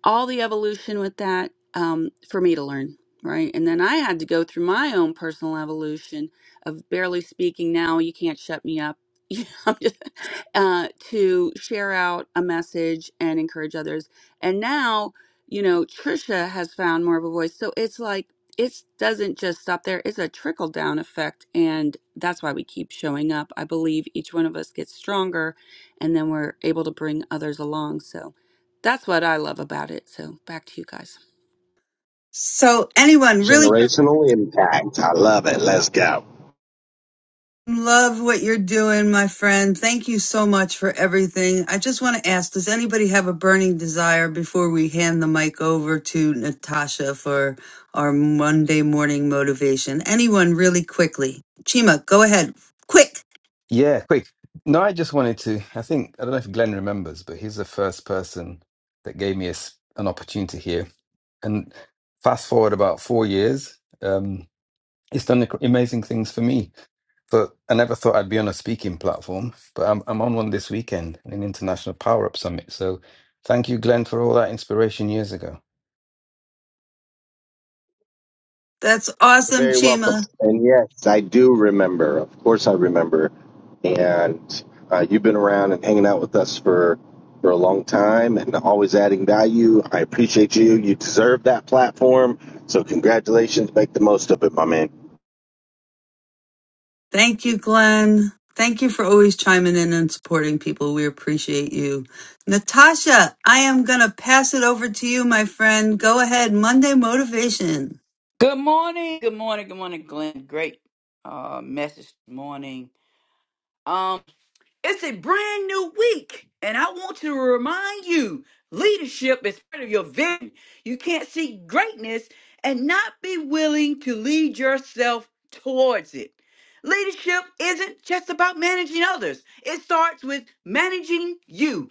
S7: all the evolution with that um, for me to learn, right? And then I had to go through my own personal evolution of barely speaking now, you can't shut me up. you know, I'm just- uh, to share out a message and encourage others. And now, you know, Trisha has found more of a voice. So it's like, it doesn't just stop there. It's a trickle down effect. And that's why we keep showing up. I believe each one of us gets stronger and then we're able to bring others along. So that's what I love about it. So back to you guys.
S3: So anyone really?
S8: Generational impact. I love it. Let's go.
S3: Love what you're doing, my friend. Thank you so much for everything. I just want to ask Does anybody have a burning desire before we hand the mic over to Natasha for our Monday morning motivation? Anyone, really quickly? Chima, go ahead. Quick.
S10: Yeah, quick. No, I just wanted to. I think I don't know if Glenn remembers, but he's the first person that gave me a s an opportunity here. And fast forward about four years, um, he's done ac- amazing things for me. But I never thought I'd be on a speaking platform, but I'm I'm on one this weekend, an international power up summit. So thank you, Glenn, for all that inspiration years ago.
S3: That's
S8: You're
S3: awesome,
S8: very welcome.
S3: Chima.
S8: And yes, I do remember. Of course, I remember. And uh, you've been around and hanging out with us for for a long time, and always adding value. I appreciate you. You deserve that platform. So congratulations. Make the most of it, my man.
S3: Thank you, Glenn. Thank you for always chiming in and supporting people. We appreciate you. Natasha, I am going to pass it over to you, my friend. Go ahead. Monday motivation.
S11: Good morning. Good morning. Good morning, Glenn. Great uh message this morning. Um, it's a brand new week, and I want to remind you leadership is part of your vision. You can't see greatness and not be willing to lead yourself towards it. Leadership isn't just about managing others, it starts with managing you.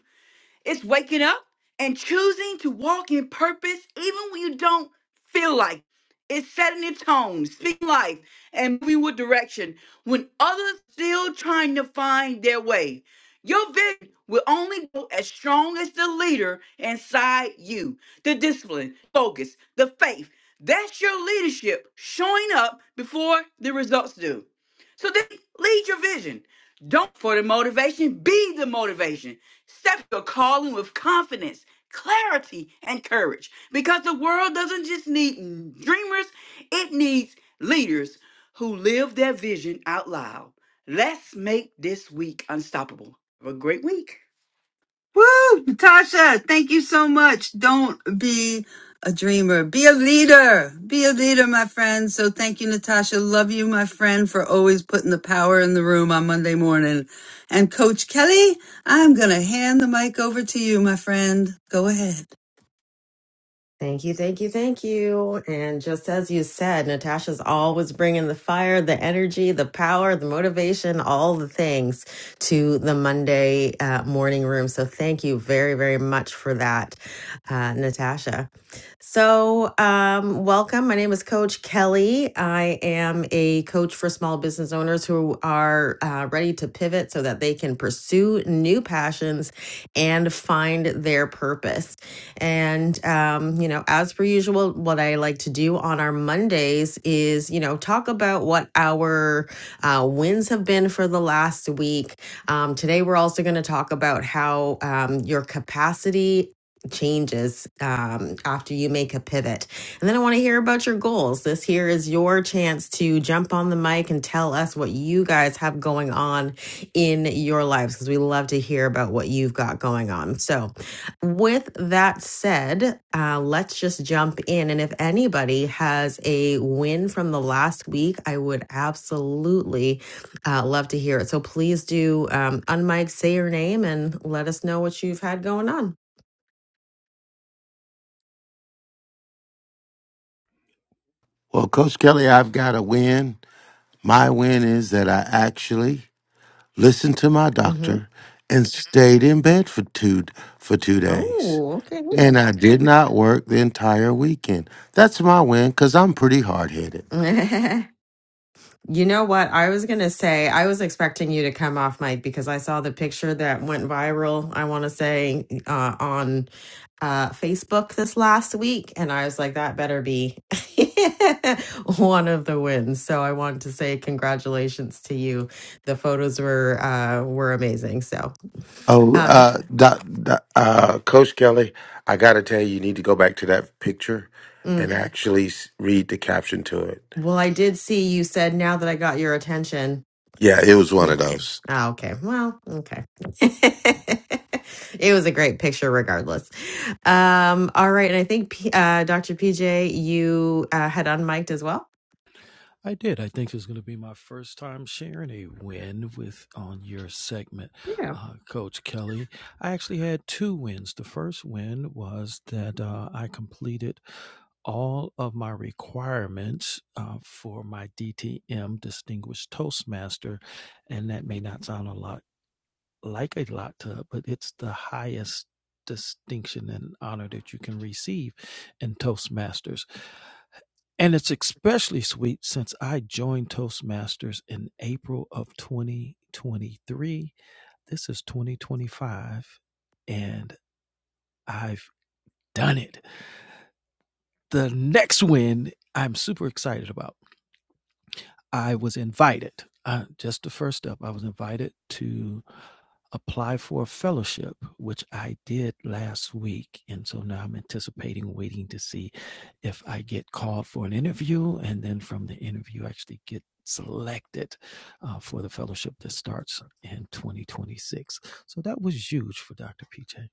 S11: It's waking up and choosing to walk in purpose even when you don't feel like it. It's setting a tone, speaking life, and moving with direction when others still trying to find their way. Your vision will only go as strong as the leader inside you. The discipline, focus, the faith. That's your leadership showing up before the results do. So then lead your vision. Don't for the motivation, be the motivation. Step your calling with confidence, clarity, and courage because the world doesn't just need dreamers, it needs leaders who live their vision out loud. Let's make this week unstoppable. Have a great week.
S3: Woo! Natasha, thank you so much. Don't be a dreamer. Be a leader. Be a leader, my friend. So thank you, Natasha. Love you, my friend, for always putting the power in the room on Monday morning. And Coach Kelly, I'm going to hand the mic over to you, my friend. Go ahead.
S12: Thank you, thank you, thank you. And just as you said, Natasha's always bringing the fire, the energy, the power, the motivation, all the things to the Monday uh, morning room. So thank you very, very much for that, uh, Natasha. So, um, welcome. My name is Coach Kelly. I am a coach for small business owners who are uh, ready to pivot so that they can pursue new passions and find their purpose. And, um, you know, as per usual, what I like to do on our Mondays is, you know, talk about what our uh, wins have been for the last week. Um, today, we're also going to talk about how um, your capacity changes um, after you make a pivot. And then I want to hear about your goals. This here is your chance to jump on the mic and tell us what you guys have going on in your lives because we love to hear about what you've got going on. So, with that said, uh, let's just jump in. And if anybody has a win from the last week, I would absolutely uh, love to hear it. So please do um, unmic, say your name, and let us know what you've had going on.
S5: Well, Coach Kelly, I've got a win. My win is that I actually listened to my
S12: Mm-hmm.
S5: doctor and stayed in bed for two for two days.
S12: Oh, okay.
S5: And I did not work the entire weekend. That's my win because I'm pretty hard headed.
S12: You know what? I was going to say, I was expecting you to come off mic because I saw the picture that went viral, I want to say, uh, on uh, Facebook this last week. And I was like, that better be one of the wins. So I want to say congratulations to you. The photos were uh, were amazing. So,
S5: Oh,
S12: uh,
S5: uh, doc, doc, uh, Coach Kelly, I got to tell you, you need to go back to that picture
S12: mm.
S5: and actually s- read the caption to it.
S12: well, I did see you said now that I got your attention.
S5: Yeah, it was one of those.
S12: Oh, okay. Well, okay. it was a great picture, regardless. Um, all right, and I think P- uh, Dr. PJ, you uh, had unmiked as well.
S4: I did. I think it's going to be my first time sharing a win with on your segment,
S12: Yeah.
S4: uh, Coach Kelly. I actually had two wins. The first win was that uh, I completed all of my requirements uh, for my DTM Distinguished Toastmaster, and that may not sound a lot like a lot to, but it's the highest distinction and honor that you can receive in Toastmasters. And it's especially sweet since I joined Toastmasters in April of 2023. This is 2025, and I've done it. The next win I'm super excited about. I was invited, uh, just the first step, I was invited to apply for a fellowship, which I did last week. And so now I'm anticipating waiting to see if I get called for an interview and then from the interview actually get selected uh, for the fellowship that starts in 2026. So that was huge for Dr. PJ.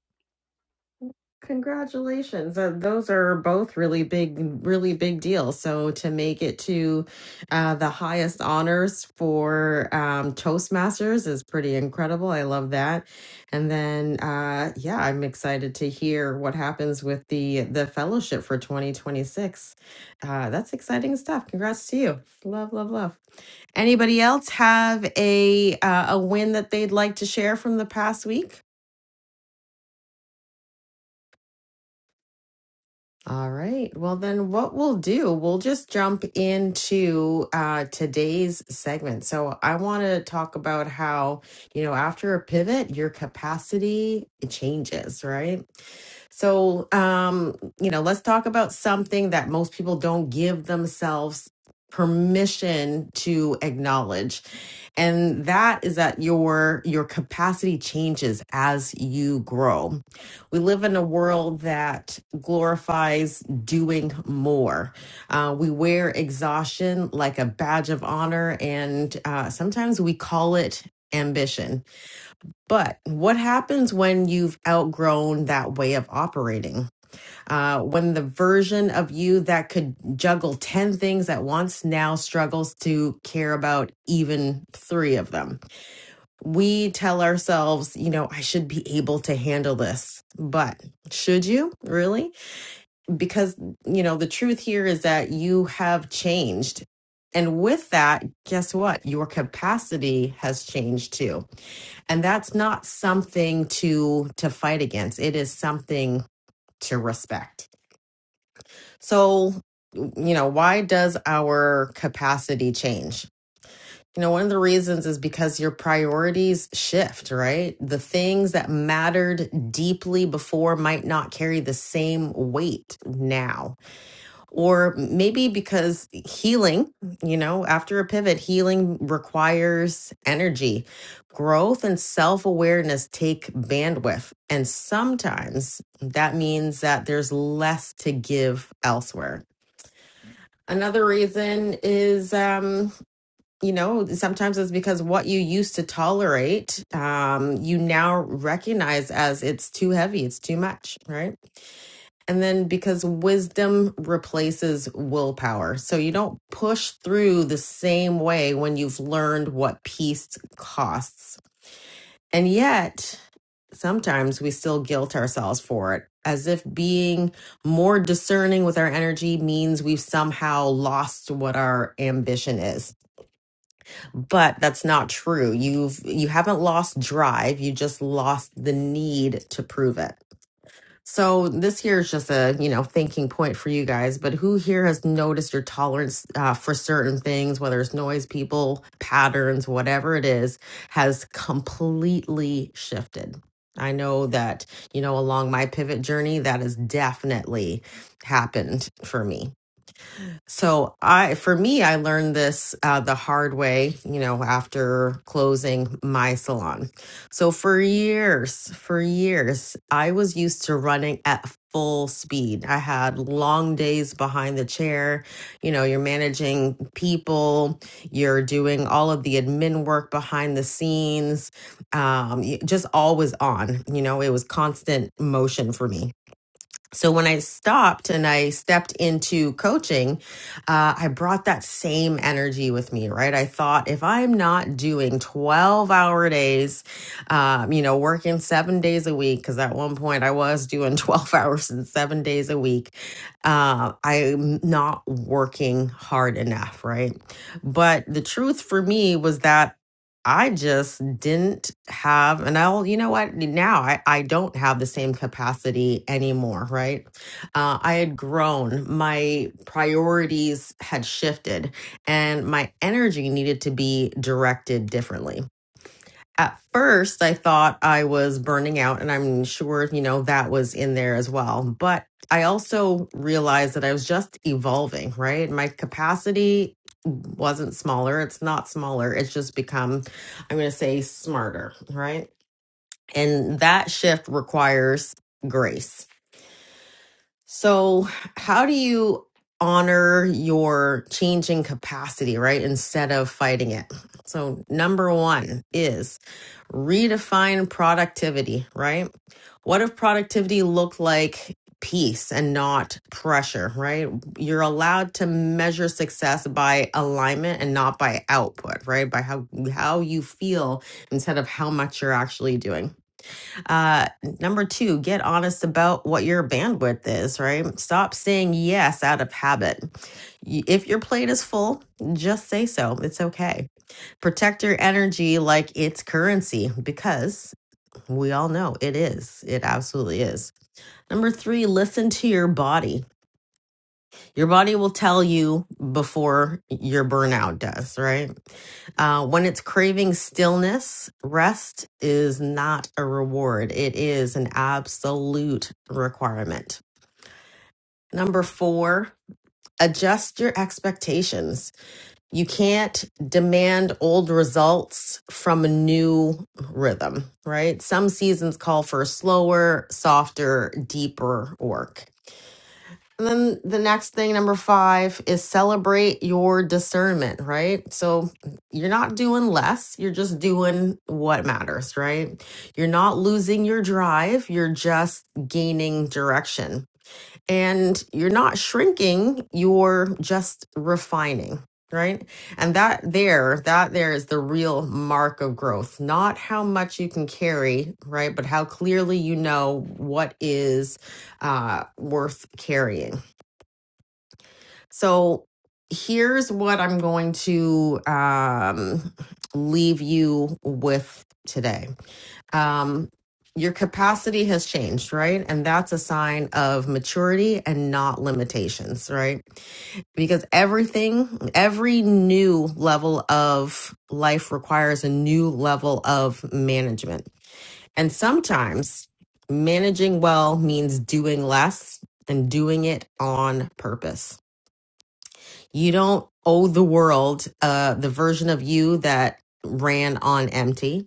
S12: Congratulations. Uh, those are both really big, really big deals. So to make it to uh, the highest honors for um, Toastmasters is pretty incredible. I love that. And then, uh, yeah, I'm excited to hear what happens with the the fellowship for 2026. Uh, that's exciting stuff. Congrats to you. Love, love, love. Anybody else have a uh, a win that they'd like to share from the past week? All right. Well, then what we'll do, we'll just jump into uh, today's segment. So I want to talk about how, you know, after a pivot, your capacity it changes, right? So, um, you know, let's talk about something that most people don't give themselves permission to acknowledge and that is that your your capacity changes as you grow we live in a world that glorifies doing more. Uh, we wear exhaustion like a badge of honor, and uh, sometimes we call it ambition. But what happens when you've outgrown that way of operating? Uh, when the version of you that could juggle 10 things at once now struggles to care about even three of them? we tell ourselves, you know, I should be able to handle this. But should you really? Because, you know, the truth here is that you have changed. And with that, guess what? Your capacity has changed too. And that's not something to to fight against. It is something to respect. So, you know, why does our capacity change? You know, one of the reasons is because your priorities shift, right? The things that mattered deeply before might not carry the same weight now. Or maybe because healing, you know, after a pivot, healing requires energy. Growth and self awareness take bandwidth. And sometimes that means that there's less to give elsewhere. Another reason is, um, you know sometimes it's because what you used to tolerate um you now recognize as it's too heavy it's too much right and then because wisdom replaces willpower so you don't push through the same way when you've learned what peace costs and yet sometimes we still guilt ourselves for it as if being more discerning with our energy means we've somehow lost what our ambition is but that's not true you've you haven't lost drive you just lost the need to prove it so this here is just a you know thinking point for you guys but who here has noticed your tolerance uh, for certain things whether it's noise people patterns whatever it is has completely shifted i know that you know along my pivot journey that has definitely happened for me so I, for me, I learned this uh, the hard way, you know, after closing my salon. So for years, for years, I was used to running at full speed. I had long days behind the chair. You know, you're managing people, you're doing all of the admin work behind the scenes, um, y- just always on. You know, it was constant motion for me. So when I stopped and I stepped into coaching, uh, I brought that same energy with me, right? I thought if I'm not doing 12 hour days, um, you know, working seven days a week, because at one point I was doing 12 hours and seven days a week, uh, I'm not working hard enough, right? But the truth for me was that. I just didn't have, and I'll, you know what? Now I, I don't have the same capacity anymore, right? Uh, I had grown, my priorities had shifted, and my energy needed to be directed differently at first I thought I was burning out and I'm sure, you know, that was in there as well. But I also realized that I was just evolving, right? My capacity wasn't smaller. It's not smaller. It's just become, I'm going to say smarter, right? And that shift requires grace so, how do you honor your changing capacity, right? Instead of fighting it. So, number one is redefine productivity, right? What if productivity looked like peace and not pressure, right? You're allowed to measure success by alignment and not by output, right? By how how you feel instead of how much you're actually doing. Uh, number two, get honest about what your bandwidth is, right? Stop saying yes out of habit. Y- If your plate is full, just say so. It's okay. Protect your energy like it's currency because we all know it is. It absolutely is. Number three, listen to your body your body will tell you before your burnout does, right? Uh, when it's craving stillness, rest is not a reward, it is an absolute requirement. Number four, adjust your expectations. You can't demand old results from a new rhythm, right? Some seasons call for slower, softer, deeper work and then the next thing, number five, is celebrate your discernment, right? So you're not doing less, you're just doing what matters, right? You're not losing your drive, you're just gaining direction. And you're not shrinking, you're just refining. Right. And that there, that there is the real mark of growth, not how much you can carry, right? But how clearly you know what is uh, worth carrying so here's what I'm going to um, leave you with today. Um, your capacity has changed, right? And that's a sign of maturity and not limitations, right? Because everything, every new level of life requires a new level of management. And sometimes managing well means doing less and doing it on purpose you don't owe the world uh, the version of you that ran on empty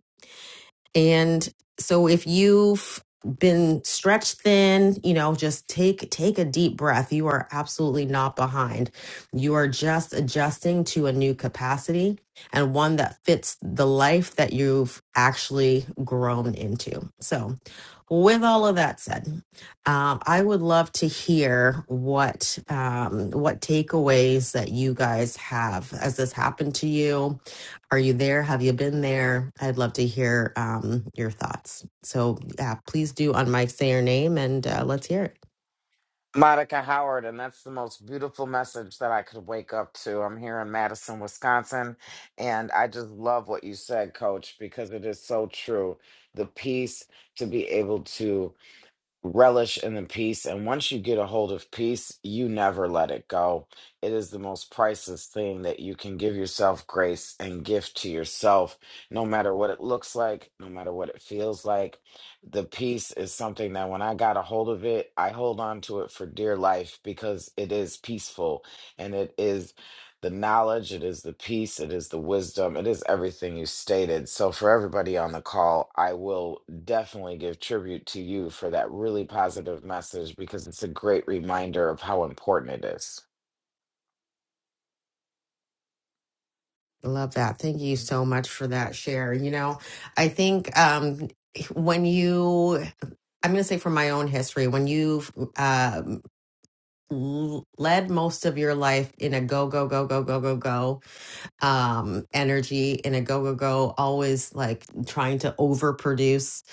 S12: and so if you've been stretched thin, you know, just take take a deep breath. You are absolutely not behind. You are just adjusting to a new capacity and one that fits the life that you've actually grown into. So, with all of that said, um, I would love to hear what um, what takeaways that you guys have. Has this happened to you? Are you there? Have you been there? I'd love to hear um, your thoughts. So, yeah, please do unmic, say your name, and uh, let's hear it.
S13: Monica Howard, and that's the most beautiful message that I could wake up to. I'm here in Madison, Wisconsin, and I just love what you said, Coach, because it is so true. The peace to be able to relish in the peace. And once you get a hold of peace, you never let it go. It is the most priceless thing that you can give yourself grace and gift to yourself, no matter what it looks like, no matter what it feels like. The peace is something that when I got a hold of it, I hold on to it for dear life because it is peaceful and it is the knowledge, it is the peace, it is the wisdom, it is everything you stated. So, for everybody on the call, I will definitely give tribute to you for that really positive message because it's a great reminder of how important it is.
S12: Love that. Thank you so much for that share. You know, I think um, when you, I'm going to say from my own history, when you've um, l- led most of your life in a go, go, go, go, go, go, go, um, energy and a go go go, always like trying to overproduce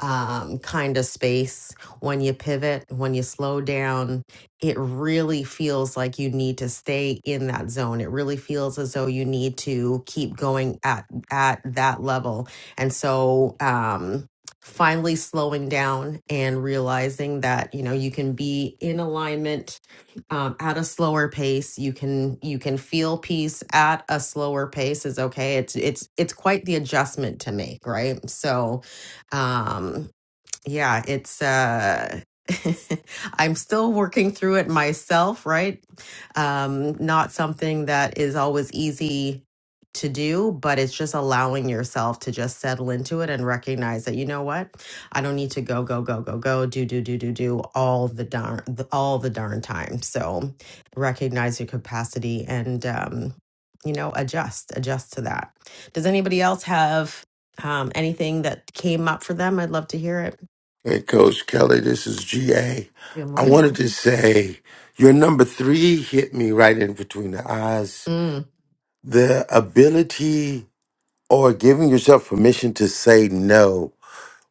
S12: um, kind of space. When you pivot, when you slow down, it really feels like you need to stay in that zone. It really feels as though you need to keep going at at that level. And so, um, finally slowing down and realizing that you know you can be in alignment um, at a slower pace. You can you can feel peace at a slower pace is okay. It's it's it's quite the adjustment to make, right? So, um, yeah, it's uh I'm still working through it myself, right? Um not something that is always easy to do, but it's just allowing yourself to just settle into it and recognize that you know what? I don't need to go go go go go do do do do do all the darn all the darn time. So, recognize your capacity and um you know, adjust, adjust to that. Does anybody else have um, anything that came up for them? I'd love to hear it.
S5: Hey, Coach Kelly, this is GA.
S12: Good
S5: I
S12: morning.
S5: wanted to say your number three hit me right in between the eyes.
S12: Mm,
S5: The ability or giving yourself permission to say no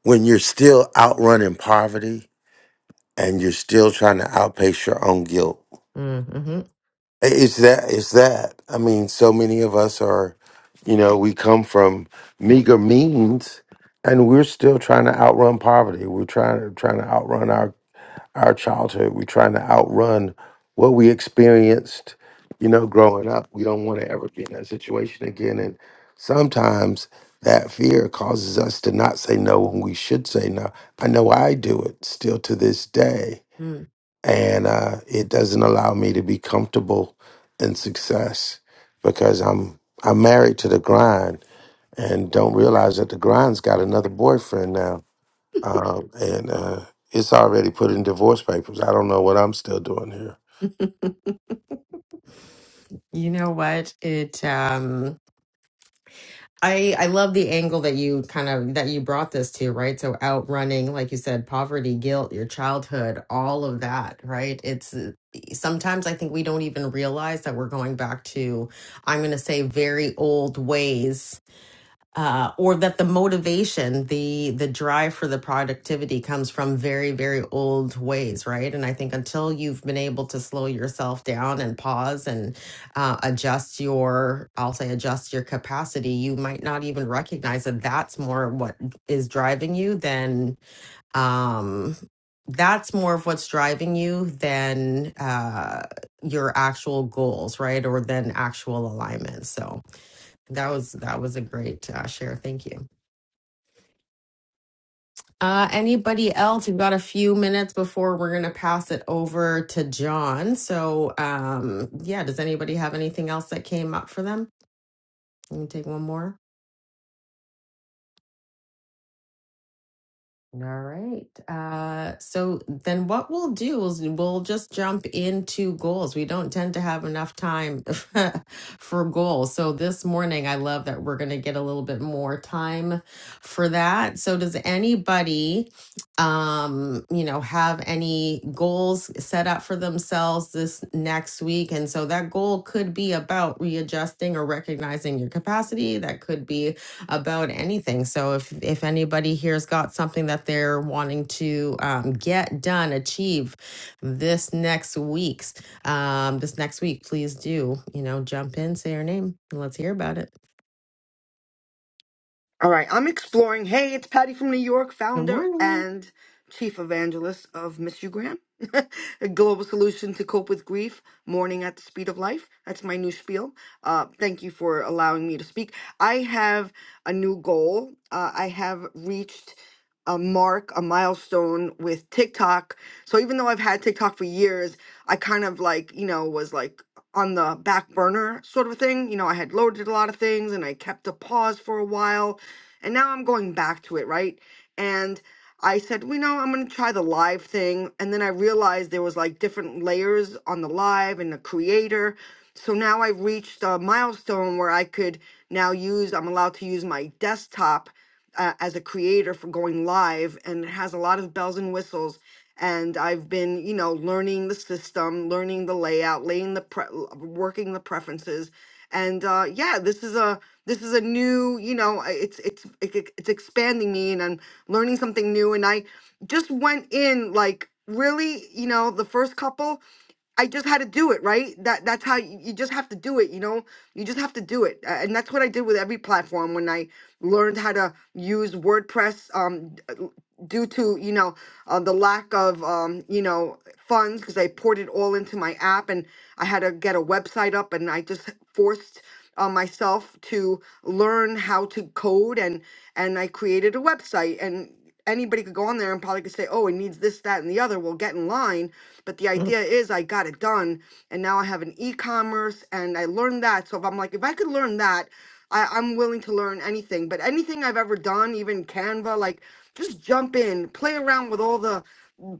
S5: when you're still outrunning poverty and you're still trying to outpace your own guilt.
S12: mm, mm
S5: It's that, it's that. I mean, so many of us are, you know, we come from meager means and we're still trying to outrun poverty. We're trying to trying to outrun our, our childhood. We're trying to outrun what we experienced, you know, growing up. We don't want to ever be in that situation again. And sometimes that fear causes us to not say no when we should say no. I know I do it still to this day
S12: mm.
S5: and uh, it doesn't allow me to be comfortable in success because I'm I'm married to the grind and don't realize that the grind's got another boyfriend now, um, and uh, it's already put in divorce papers. I don't know what I'm still doing here.
S12: you know what? It um I I love the angle that you kind of that you brought this to, right? So outrunning, like you said, poverty, guilt, your childhood, all of that, right? It's uh, sometimes I think we don't even realize that we're going back to, I'm going to say, very old ways uh, or that the motivation, the the drive for the productivity comes from very very old ways, right? And I think until you've been able to slow yourself down and pause and uh, adjust your, I'll say adjust your capacity, you might not even recognize that that's more what is driving you than um, that's more of what's driving you than uh, your actual goals, right? Or than actual alignment. So. That was that was a great uh, share. Thank you. Uh, anybody else? We've got a few minutes before we're going to pass it over to John. So, um, yeah, does anybody have anything else that came up for them? Let me take one more. All right. Uh, so then what we'll do is we'll just jump into goals. We don't tend to have enough time for goals. So this morning, I love that we're going to get a little bit more time for that. So does anybody, um, you know, have any goals set up for themselves this next week? And so that goal could be about readjusting or recognizing your capacity. That could be about anything. So if if anybody here's got something that they're wanting to um, get done, achieve this next week's um, this next week, please do you know jump in, say your name, and let's hear about it.
S9: All right, I'm exploring. Hey, it's Patty from New York,
S12: Good
S9: founder
S12: morning.
S9: and chief evangelist of Miss You Graham, a global solution to cope with grief, mourning at the speed of life. That's my new spiel. Uh, thank you for allowing me to speak. I have a new goal. Uh, I have reached a mark, a milestone with TikTok. So even though I've had TikTok for years, I kind of like, you know, was like on the back burner sort of a thing. You know, I had loaded a lot of things and I kept a pause for a while and now I'm going back to it, right? And I said, well, you know, I'm going to try the live thing. And then I realized there was like different layers on the live and the creator. So now I reached a milestone where I could now use, I'm allowed to use my desktop uh, as a creator for going live. And it has a lot of bells and whistles. And I've been, you know, learning the system, learning the layout, laying the pre- working the preferences. And uh, yeah, this is a this is a new you know I- it's it's it- it- it's expanding me and i'm learning something new and i just went in like really you know the first couple i just had to do it right that that's how you, you just have to do it you know you just have to do it a- and that's what i did with every platform when i learned how to use wordpress um due to you know uh, the lack of um, you know funds because I poured it all into my app and I had to get a website up and I just forced uh, myself to learn how to code and and I created a website and anybody could go on there and probably could say oh it needs this that and the other well get in line but the
S12: Mm.
S9: idea is I got it done and now I have an e-commerce and I learned that so if I'm like if I could learn that I, I'm willing to learn anything but anything I've ever done even Canva like just jump in, play around with all the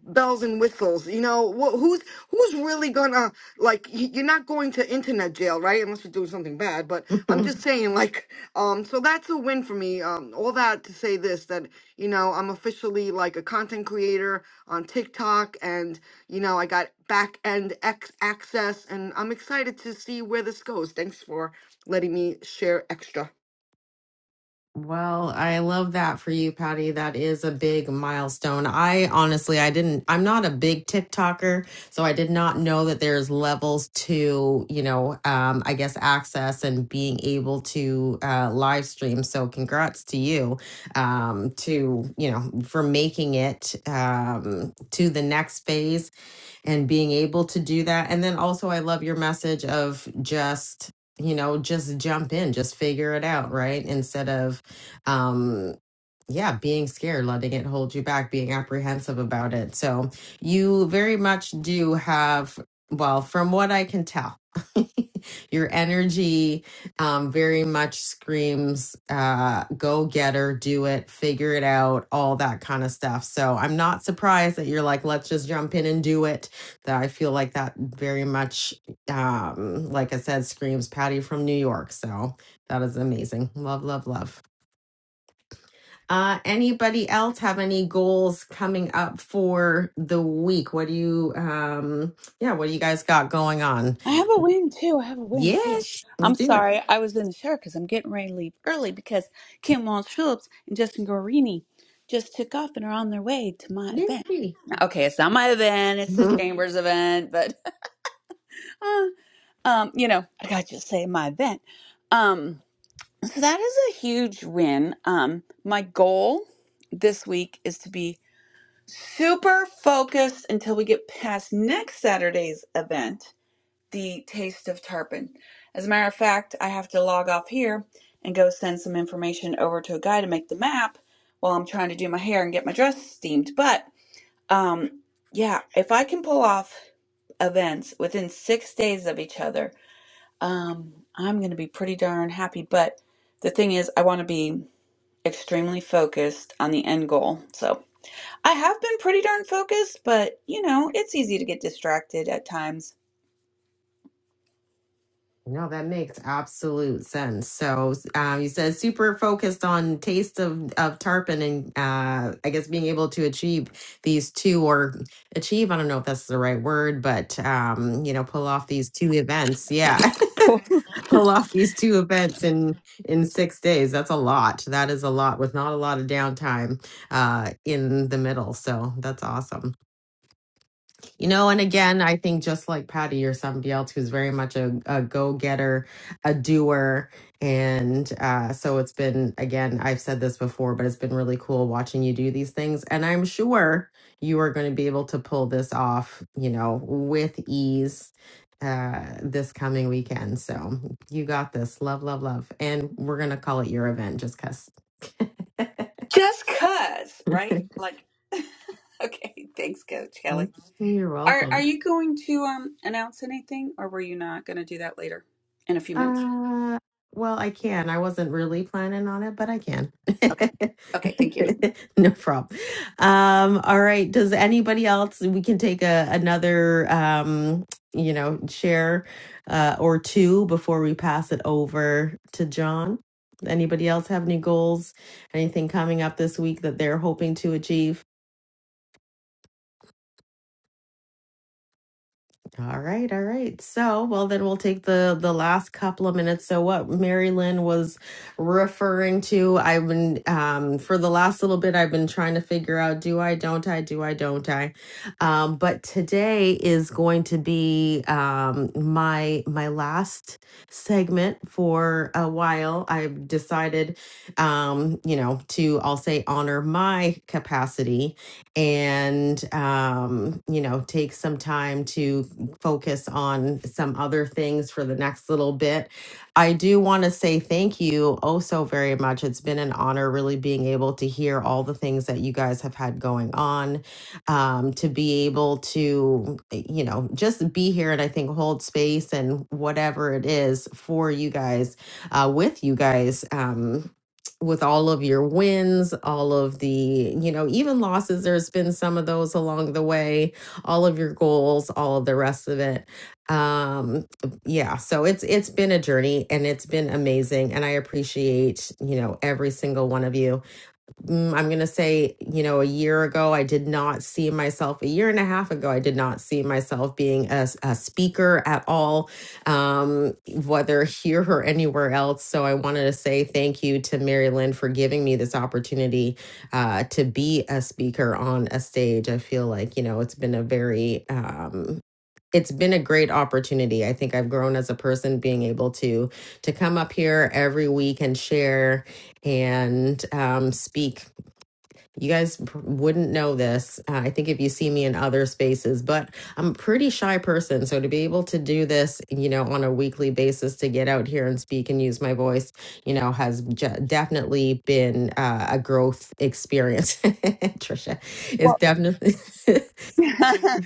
S9: bells and whistles. You know, wh- who's who's really gonna like? y- You're not going to internet jail, right? Unless you're doing something bad. But I'm just saying, like, um, so that's a win for me. Um, all that to say this that you know I'm officially like a content creator on TikTok, and you know I got back end ex- access, and I'm excited to see where this goes. Thanks for letting me share extra.
S12: Well, I love that for you, Patty. That is a big milestone. I honestly, I didn't, I'm not a big TikToker, so I did not know that there's levels to, you know, um, I guess access and being able to uh, live stream. So congrats to you um, to, you know, for making it um, to the next phase and being able to do that. And then also, I love your message of just, you know, just jump in, just figure it out, right? Instead of, um, yeah, being scared, letting it hold you back, being apprehensive about it. So you very much do have, well, from what I can tell, your energy um, very much screams uh, go getter, do it, figure it out, all that kind of stuff. So I'm not surprised that you're like, let's just jump in and do it. That I feel like that very much, um, like I said, screams Patty from New York. So that is amazing. Love, love, love. Uh, anybody else have any goals coming up for the week? What do you, um, yeah, what do you guys got going on?
S7: I have a win too. I have a win too.
S12: Yes, let's
S7: I'm
S12: do it.
S7: sorry, I was in the shower because I'm getting ready to leave early because Kim Walsh Phillips and Justin Guarini just took off and are on their way to my event.
S12: Yay.
S7: Okay, it's not my event; it's the
S12: Mhm.
S7: Chambers event, but uh, um, you know, I gotta just say my event. Um, so that is a huge win. Um, my goal this week is to be super focused until we get past next Saturday's event, the Taste of Tarpon. As a matter of fact, I have to log off here and go send some information over to a guy to make the map while I'm trying to do my hair and get my dress steamed. But um, yeah, if I can pull off events within six days of each other, um, I'm going to be pretty darn happy. But the thing is, I want to be extremely focused on the end goal. So I have been pretty darn focused, but you know, it's easy to get distracted at times.
S12: No, that makes absolute sense. So, um, you said super focused on taste of, of tarpon and, uh, I guess being able to achieve these two or achieve, I don't know if that's the right word, but, um, you know, pull off these two events. Yeah. pull off these two events in in six days that's a lot that is a lot with not a lot of downtime uh in the middle so that's awesome you know, and again, I think just like Patty or somebody else who's very much a, a go getter, a doer. And uh, so it's been, again, I've said this before, but it's been really cool watching you do these things. And I'm sure you are going to be able to pull this off, you know, with ease uh, this coming weekend. So you got this. Love, love, love. And we're going to call it your event just because.
S7: Just cuz, right? Like, okay, thanks, Coach Kelly.
S12: You're
S7: Are
S12: welcome.
S7: are you going to um announce anything, or were you not going to do that later in a few minutes?
S12: Uh, well, I can. I wasn't really planning on it, but I can.
S7: Okay, okay, thank you.
S12: No problem. Um, all right. Does anybody else, we can take a another um, you know, share uh or two before we pass it over to John. Anybody else have any goals? Anything coming up this week that they're hoping to achieve? All right, all right. So, well, then we'll take the the last couple of minutes. So, what Mary Lynn was referring to, I've been um, for the last little bit, I've been trying to figure out: do I, don't I, do I, don't I? Um, but today is going to be um, my my last segment for a while. I've decided, um, you know, to I'll say honor my capacity and um, you know take some time to can focus on some other things for the next little bit. I do want to say thank you oh so very much. It's been an honor really being able to hear all the things that you guys have had going on, um, to be able to, eh, you know, just be here and I think hold space and whatever it is for you guys, uh, with you guys. Um, with all of your wins, all of the, you know, even losses, there's been some of those along the way all of your goals, all of the rest of it. Um, yeah, so it's it's been a journey and it's been amazing, and I appreciate you know every single one of you mm, I'm going to say, you know, a year ago, I did not see myself, a year and a half ago, I did not see myself being a, a speaker at all, um, whether here or anywhere else. So I wanted to say thank you to Mary Lynn for giving me this opportunity uh, to be a speaker on a stage. I feel like, you know, it's been a very, um, it's been a great opportunity. I think I've grown as a person being able to to come up here every week and share and um, speak you guys wouldn't know this, uh, I think, if you see me in other spaces, but I'm a pretty shy person. So to be able to do this, you know, on a weekly basis, to get out here and speak and use my voice, you know, has j- definitely been uh, a growth experience. Trisha, it's
S7: Well,
S12: definitely.
S7: I'm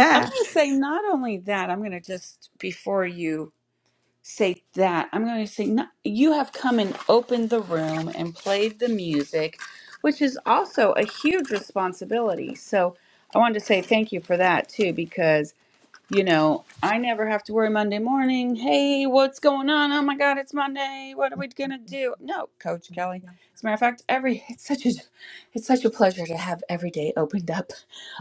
S7: going to say not only that. I'm going to just before you. say that. I'm going to say, no, you have come and opened the room and played the music, which is also a huge responsibility. So I wanted to say thank you for that too, because, you know, I never have to worry Monday morning. Hey, what's going on? Oh my God, it's Monday. What are we going to do? No, Coach Kelly. As a matter of fact, every it's such a it's such a pleasure to have every day opened up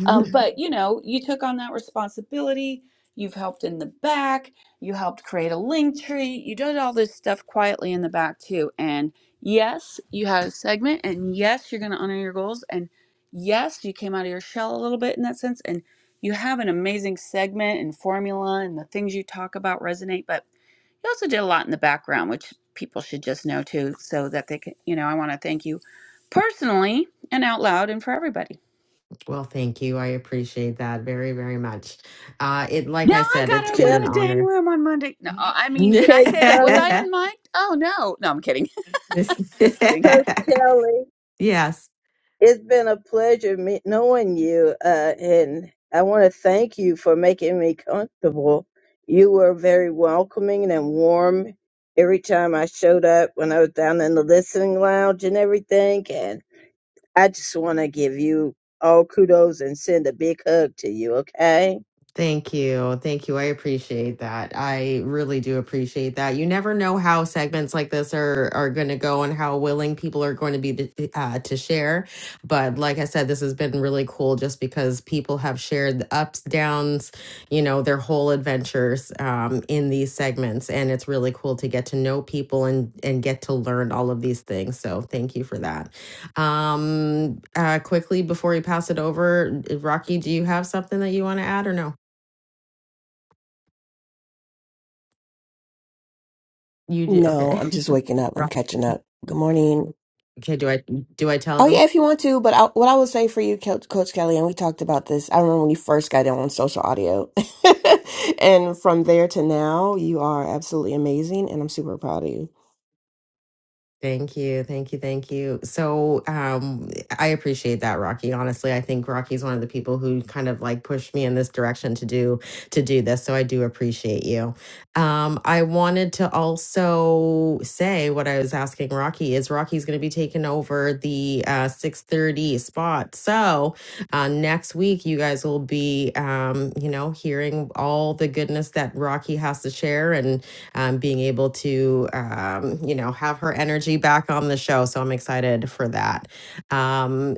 S7: um, Mhm. but you know, you took on that responsibility. You've helped in the back. You helped create a link tree. You did all this stuff quietly in the back too. And yes, you had a segment. And yes, you're going to honor your goals. And yes, you came out of your shell a little bit in that sense. And you have an amazing segment and formula, and the things you talk about resonate. But you also did a lot in the background, which people should just know too, so that they can. You know, I want to thank you personally and out loud and for everybody.
S12: well, thank you. I appreciate that very, very much. Uh, it, like
S7: Now
S12: I
S7: I
S12: said,
S7: gotta
S12: it's been
S7: open
S14: Kel-
S12: an
S7: the dang
S12: honor.
S7: room on Monday. No, I mean, did I
S14: Coach
S7: say that? Was I
S14: Cone-
S7: on mic? Oh no, no, I'm kidding. Just kidding.
S14: Coach Kelly,
S12: Yeah,
S14: it's been a pleasure me- knowing you, uh, and I want to thank you for making me comfortable. You were very welcoming and warm every time I showed up when I was down in the listening lounge and everything, and I just want to give you all kudos and send a big hug to you, okay?
S12: Thank you. Thank you. I appreciate that. I really do appreciate that. You never know how segments like this are are going to go and how willing people are going to be to, uh, to share. But like I said, this has been really cool just because people have shared the ups, downs, you know, their whole adventures um, in these segments. And it's really cool to get to know people and, and get to learn all of these things. So thank you for that. Um, uh, quickly, before we pass it over, Rocky, do you have something that you want to add or no? You do
S15: No,
S12: okay.
S15: I'm just waking up. I'm
S12: Rock.
S15: catching up. Good morning.
S12: Okay, do I do I tell
S15: Oh
S12: them?
S15: yeah, if you want to, but I, what I would say for you, Coach, Coach Kelly, and we talked about this. I remember when you first got in on social audio, and from there to now, you are absolutely amazing, and I'm super proud of you.
S12: Thank you. Thank you. Thank you. So um I appreciate that, Rocky. Honestly, I think Rocky's one of the people who kind of like pushed me in this direction to do to do this. So I do appreciate you. Um I wanted to also say what I was asking Rocky is Rocky's gonna be taking over the uh 630 spot. So uh next week you guys will be um, you know, hearing all the goodness that Rocky has to share and um, being able to, um, you know, have her energy back on the show. So I'm excited for that. Um,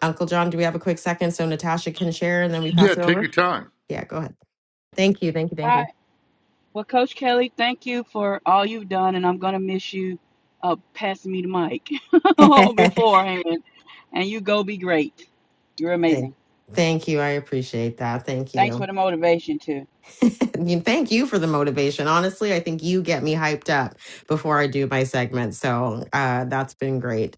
S12: Uncle John, do we have a quick second so Natasha can share and then we
S16: Yeah,
S12: pass it
S16: take
S12: over?
S16: your time.
S12: Yeah, go ahead. Thank you. Thank you. Thank you.
S11: Well, Coach Kelly, thank you for all you've done, and I'm gonna miss you uh, passing me the mic beforehand. And you go be great. You're
S12: Thank
S11: amazing.
S12: thank you. I appreciate that. Thank
S11: Thanks for
S12: you.
S11: the motivation too.
S12: I mean, thank you for the motivation. Honestly, I think you get me hyped up before I do my segment. So uh, that's been great.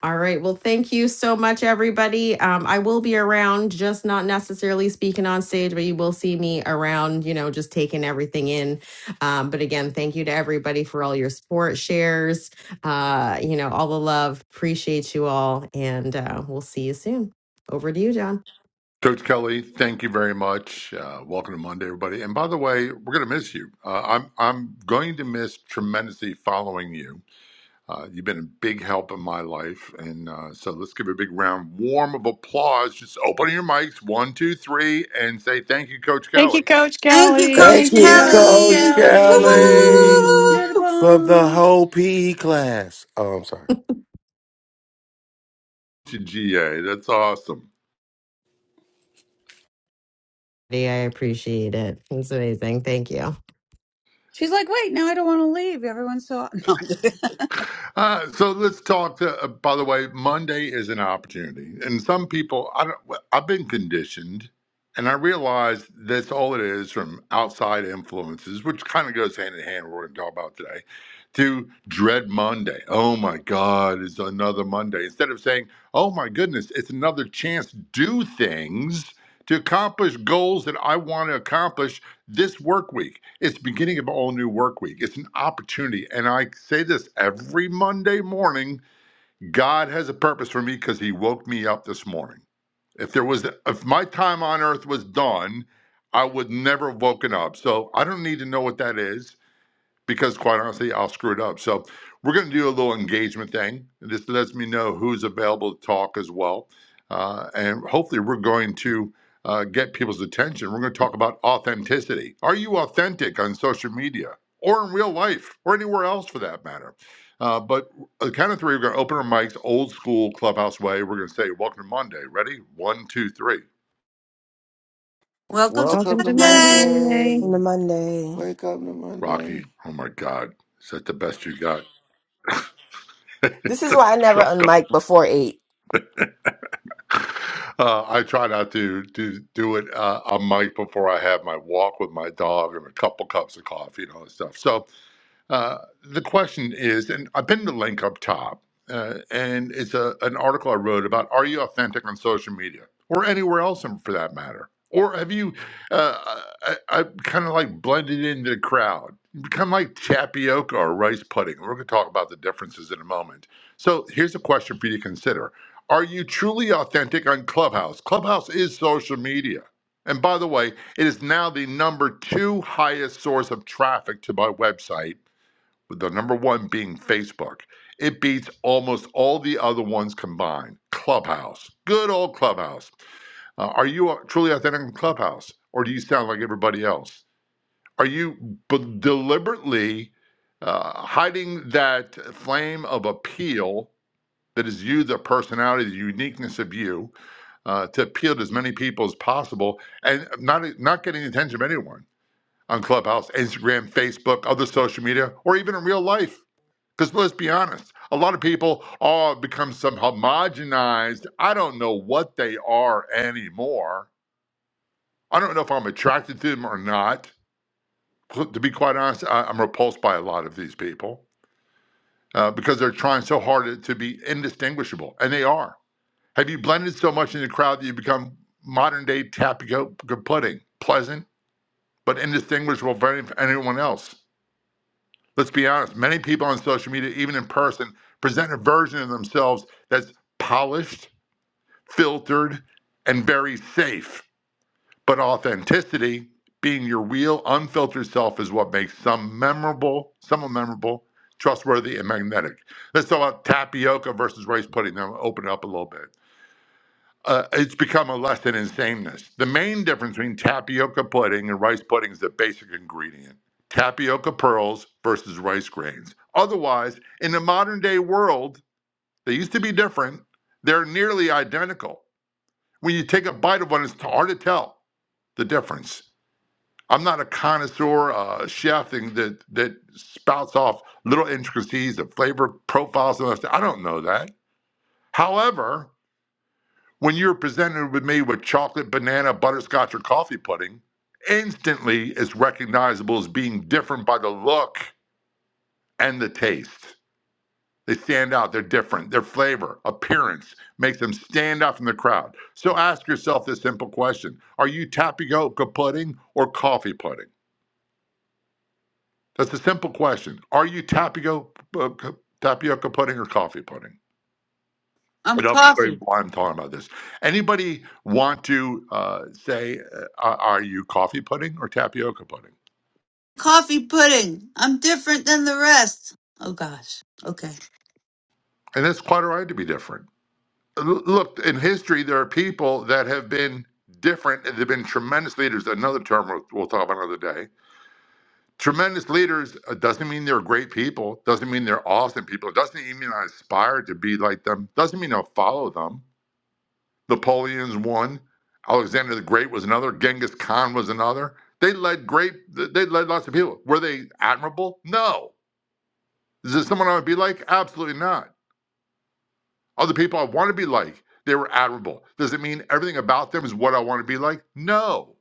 S12: All right. Well, thank you so much, everybody. Um, I will be around, just not necessarily speaking on stage, but you will see me around, you know, just taking everything in. Um, but again, thank you to everybody for all your support, shares, uh, you know, all the love. Appreciate you all. And uh, we'll see you soon. Over to you, John.
S16: Coach Kelly, thank you very much. Uh, welcome to Monday, everybody. And by the way, we're going to miss you. Uh, I'm I'm going to miss tremendously following you. Uh, you've been a big help in my life, and uh, so let's give a big round warm of applause. Just open your mics, one, two, three, and say thank you, Coach
S17: Thank you,
S16: Kelly.
S17: Coach
S3: Thank you,
S17: Kelly.
S5: Thank
S7: Thank
S3: Coach
S17: Thank
S7: you,
S5: you,
S17: you.
S7: Coach
S15: Thank you,
S5: Coach
S3: Kelly. Woo,
S15: Coach
S3: woo, woo,
S7: Kelly.
S3: woo,
S5: Kelly,
S3: woo, woo,
S15: Kelly.
S7: You're the
S3: woo.
S5: for the
S7: bomb.
S5: whole PE class. Oh, I'm sorry.
S16: To GA, that's awesome.
S12: Yeah, I appreciate it. It's amazing. Thank you.
S7: She's like, wait, now I don't want to leave. Everyone's so no. I'm kidding.
S16: Uh, so let's talk to, uh, by the way, Monday is an opportunity. And some people, I don't, well, I've been conditioned and I realize that's all it is from outside influences, which kind of goes hand in hand with what we're going to talk about today, to dread Monday. Oh my God, it's another Monday. Instead of saying, oh my goodness, it's another chance to do things to accomplish goals that I want to accomplish this work week. It's beginning of all new work week. It's an opportunity. And I say this every Monday morning God has a purpose for me because He woke me up this morning. If there was, if my time on earth was done, I would never have woken up. So I don't need to know what that is because quite honestly, I'll screw it up. So we're going to do a little engagement thing. This lets me know who's available to talk as well. Uh, and hopefully, we're going to uh, get people's attention. We're going to talk about authenticity. Are you authentic on social media or in real life or anywhere else for that matter? Uh, but on the count of three, we're going to open our mics old school clubhouse way. We're going to say, Welcome to Monday. Ready? One, two, three.
S3: Welcome to
S12: Welcome
S5: Welcome to
S12: to
S3: Monday.
S12: Monday.
S15: On the
S5: Monday.
S15: Monday,
S5: Wake up to
S16: Rocky,
S5: Monday.
S16: oh my God, is that the best you got?
S15: this
S16: it's
S15: is
S16: a
S15: why I never
S16: struggle.
S15: unmic before eight.
S16: uh, I try not to do do it uh, on mic before I have my walk with my dog and a couple cups of coffee and all that stuff. So uh, the question is, and I pinned the link up top, uh, and it's a, an article I wrote about are you authentic on social media or anywhere else in- for that matter? Or have you, uh, I, I kind of like blended into the crowd, become like tapioca or rice pudding? We're going to talk about the differences in a moment. So here's a question for you to consider Are you truly authentic on Clubhouse? Clubhouse is social media. And by the way, it is now the number two highest source of traffic to my website with the number one being Facebook. It beats almost all the other ones combined. Clubhouse, good old Clubhouse. Uh, are you a- truly authentic in Clubhouse, or do you sound like everybody else? Are you b- deliberately uh, hiding that flame of appeal that is you, the personality, the uniqueness of you, uh, to appeal to as many people as possible, and not not getting the attention of anyone on Clubhouse, Instagram, Facebook, other social media, or even in real life? Because let's be honest, a lot of people all become some homogenized. I don't know what they are anymore. I don't know if I'm attracted to them or not. To be quite honest, I, I'm repulsed by a lot of these people uh, because they're trying so hard to, to be indistinguishable, and they are. Have you blended so much in the crowd that you become modern day tapioca pudding, pleasant but indistinguishable from anyone else? Let's be honest, many people on social media, even in person, present a version of themselves that's polished, filtered, and very safe. But authenticity, being your real, unfiltered self, is what makes some memorable, someone memorable, trustworthy, and magnetic. Let's talk about tapioca versus rice pudding. Then we'll open it up a little bit uh, it's become a lesson in sameness. The main difference between tapioca pudding and rice pudding is the basic ingredient tapioca pearls versus rice grains. Otherwise, in the modern day world, they used to be different, they're nearly identical. When you take a bite of one, it's hard to tell the difference. I'm not a connoisseur, uh, chef thing that, that spouts off little intricacies of flavor profiles and all that. stuff. I don't know that. However, When you're presented with me with chocolate, banana, butterscotch, or coffee pudding, instantly it's recognizable as being different by the look and the taste. They stand out, they're different. Their flavor, appearance makes them stand out from the crowd. So ask yourself this simple question Are you tapioca pudding or coffee pudding? That's a simple question. Are you tapioca, uh, tapioca pudding or coffee pudding?
S3: I'm
S16: And I'll explain
S3: coffee.
S16: why I'm talking about this. Anybody want to uh, say, uh, are are you coffee pudding or tapioca pudding?
S3: Coffee pudding. I'm different than the rest. Oh gosh. Okay.
S16: And that's quite all right to be different. L- Look, in history, there are people that have been different. and They've been tremendous leaders. Another term we'll, we'll talk about another day. Tremendous leaders uh, doesn't mean they're great people, doesn't mean they're awesome people, doesn't even mean I aspire to be like them, doesn't mean I'll follow them. Napoleon's one. Alexander the Great was another. Genghis Khan was another. They led great. They led lots of people. Were they admirable? No. Is this someone I would be like? Absolutely not. Other people I want to be like. They were admirable. Does it mean everything about them is what I want to be like? No.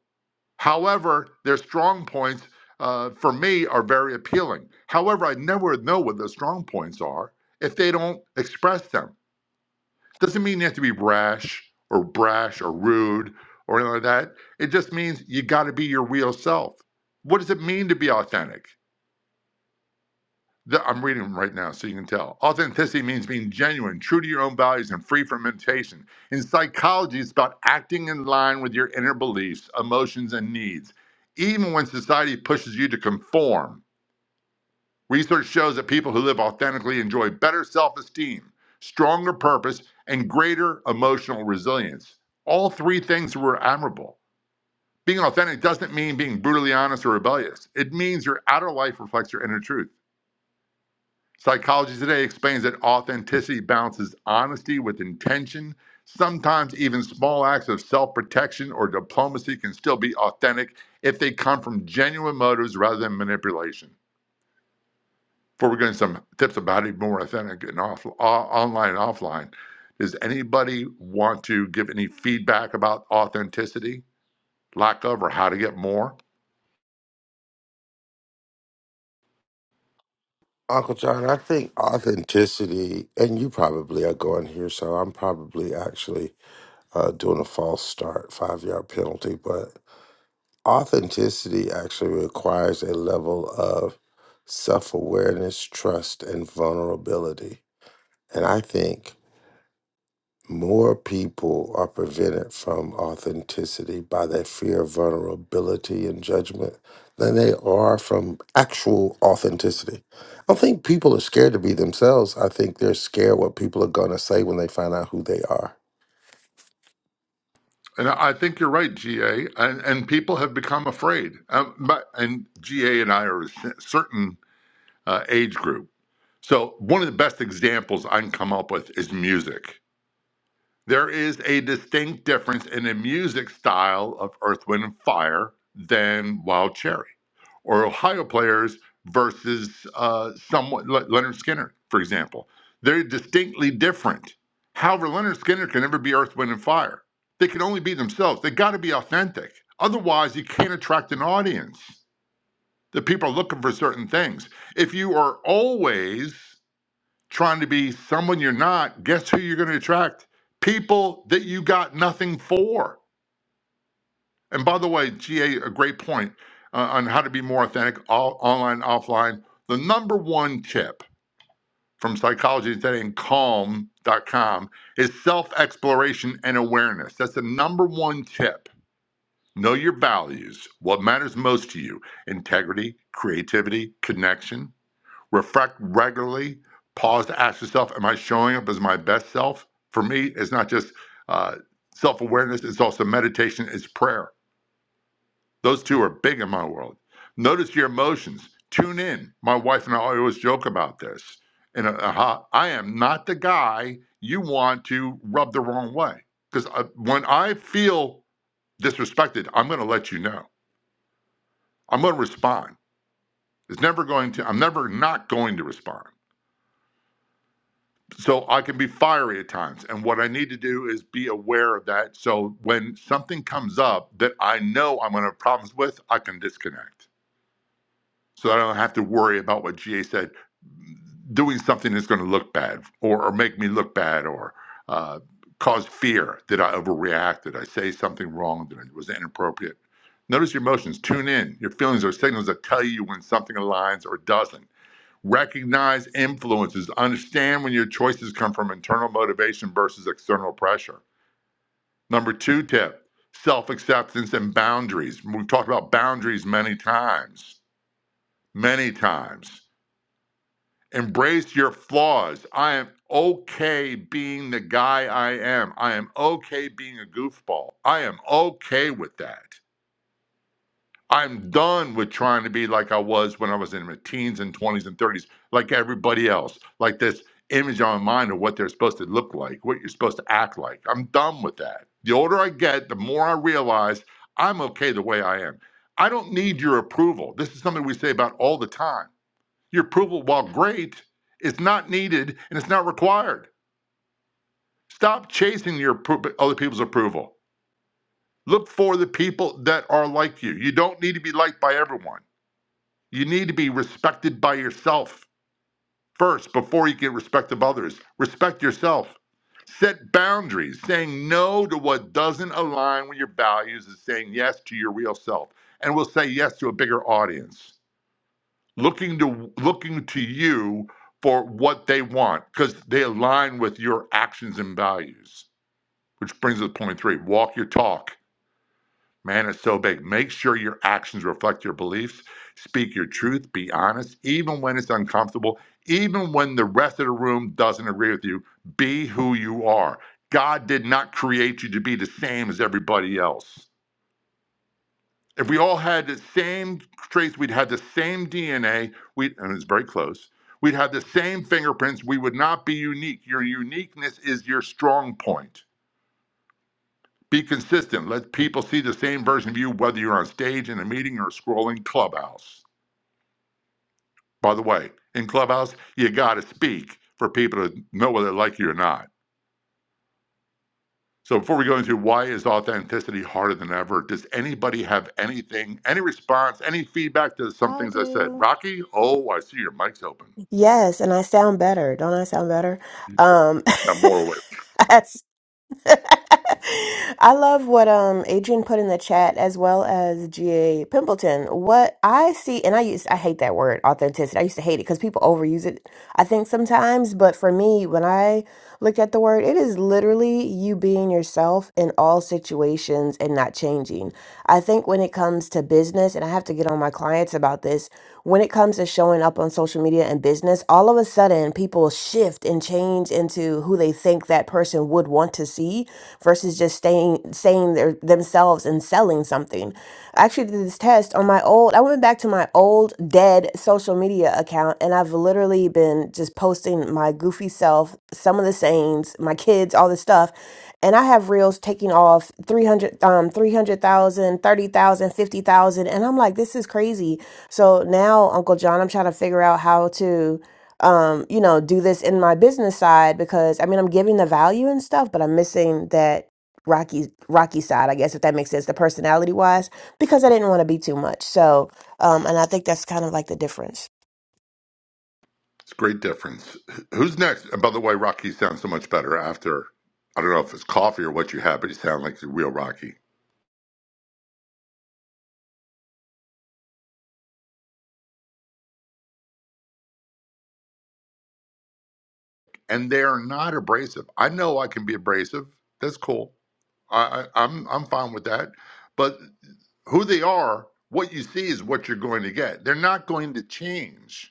S16: However, their strong points uh, for me are very appealing. However, I never know what their strong points are if they don't express them. Doesn't mean you have to be rash or brash or rude or anything like that. It just means you got to be your real self. What does it mean to be authentic? The- I'm reading them right now so you can tell. Authenticity means being genuine, true to your own values, and free from imitation. In psychology, it's about acting in line with your inner beliefs, emotions, and needs, even when society pushes you to conform. Research shows that people who live authentically enjoy better self esteem, stronger purpose, and greater emotional resilience. All three things were admirable. Being authentic doesn't mean being brutally honest or rebellious, it means your outer life reflects your inner truth. Psychology Today explains that authenticity balances honesty with intention. Sometimes even small acts of self protection or diplomacy can still be authentic if they come from genuine motives rather than manipulation. before we go into some tips about how to be more authentic and off, o- online and offline, does anybody want to give any feedback about authenticity, lack of, or how to get more?
S5: Uncle John, I think authenticity, and you probably are going here, so I'm probably actually uh, doing a false start, five yard penalty, but authenticity actually requires a level of self awareness, trust, and vulnerability. And I think more people are prevented from authenticity by that fear of vulnerability and judgment than they are from actual authenticity. I don't think people are scared to be themselves. I think they're scared what people are going to say when they find out who they are.
S16: And I I think you're right, GA, and, and people have become afraid. Um, but, and GA and I are a cer- certain uh, age group. So, one of the best examples I can come up with is music. There is a distinct difference in the music style of Earth, Wind, and Fire than Wild Cherry. or Ohio players versus uh, someone Leonard Skinner, for example. They're distinctly different. However, Leonard Skinner can never be Earth, Wind, and Fire. They can only be themselves. They got to be authentic. Otherwise, you can't attract an audience. The people are looking for certain things. If you are always trying to be someone you're not, guess who you're going to attract? People that you got nothing for. And by the way, GA, a a great point uh, on how to be more authentic, all, online, offline. The number one tip from Psychology Today and Calm.com is self exploration and awareness. That's the number one tip. Know your values, what matters most to you integrity, creativity, connection. Reflect regularly. Pause to ask yourself, Am I showing up as my best self? For me, it's not just uh, self awareness, it's also meditation, it's prayer those two are big in my world. Notice your emotions. Tune in. My wife and I always joke about this. And uh, uh, I am not the guy you want to rub the wrong way. Because uh, when I feel disrespected, I'm going to let you know. I'm going to respond. It's never going to, I'm never not going to respond. So I can be fiery at times. And what I need to do is be aware of that. So when something comes up that I know I'm going to have problems with, I can disconnect so I don't have to worry about what GA said doing something that's going to look bad or, or make me look bad or uh, cause fear. Did I overreact? Did I say something wrong? Did I, was it inappropriate? Notice your emotions. Tune in. Your feelings are signals that tell you when something aligns or doesn't. Recognize influences. Understand when your choices come from internal motivation versus external pressure. Number two tip self acceptance and boundaries. We've talked about boundaries many times, many times Embrace your flaws. I am okay being the guy I am. I am okay being a goofball. I am okay with that. I'm done with trying to be like I was when I was in my teens and 20s and 30s, like everybody else, like this image on my mind of what they're supposed to look like, what you're supposed to act like. I'm done with that. The older I get, the more I realize I'm okay the way I am. I don't need your approval. This is something we say about all the time. Your approval, while great, is not needed and it's not required. Stop chasing your appro- other people's approval. Look for the people that are like you. You don't need to be liked by everyone. You need to be respected by yourself first before you get respect of others. Respect yourself. Set boundaries. Saying no to what doesn't align with your values is saying yes to your real self and will say yes to a bigger audience. looking to looking to you for what they want because they align with your actions and values which brings us to point three walk your talk man it's so big make sure your actions reflect your beliefs speak your truth be honest even when it's uncomfortable even when the rest of the room doesn't agree with you be who you are god did not create you to be the same as everybody else if we all had the same traits, we'd had the same DNA, we and it's very close. We'd have the same fingerprints. We would not be unique. Your uniqueness is your strong point. Be consistent. Let people see the same version of you, whether you're on stage in a meeting or scrolling Clubhouse. By the way, in Clubhouse, you got to speak for people to know whether they like you or not. So before we go into why is authenticity harder than ever, does anybody have anything, any response, any feedback to some
S15: I
S16: things I said?
S15: do.
S16: Rocky, oh, I see your mic's open.
S15: Yes, and I sound better. Don't I sound better?
S16: You
S15: Um,
S16: sound more awake.
S15: I I love what um Adrian put in the chat as well as GA Pimpleton. What I see and I used I hate that word authenticity. I used to hate it cuz people overuse it I think sometimes, but for me when I looked at the word, it is literally you being yourself in all situations and not changing. I think when it comes to business business, and I have to get on my clients about this. When it comes to showing up on social media and business, all of a sudden people shift and change into who they think that person would want to see versus just staying saying their themselves and selling something. I actually did this test on my old I went back to my old dead social media account and I've literally been just posting my goofy self, some of the sayings, my kids, all this stuff and I have reels taking off 300 um 300,000, 30,000, 50,000, and I'm like this is crazy. So now Uncle John I'm trying to figure out how to um you know do this in my business side because I mean I'm giving the value and stuff but I'm missing that Rocky Rocky side I guess if that makes sense the personality wise because I didn't want to be too much. So um and I think that's kind of like the difference.
S16: It's a great difference. Who's next? And by the way, Rocky sounds so much better after. I don't know if it's coffee or what you had, but you sound like the real Rocky. And they are not abrasive. I know I can be abrasive. That's cool. I, I, I'm I'm fine with that. But who they are, what you see is what you're going to get. They're not going to change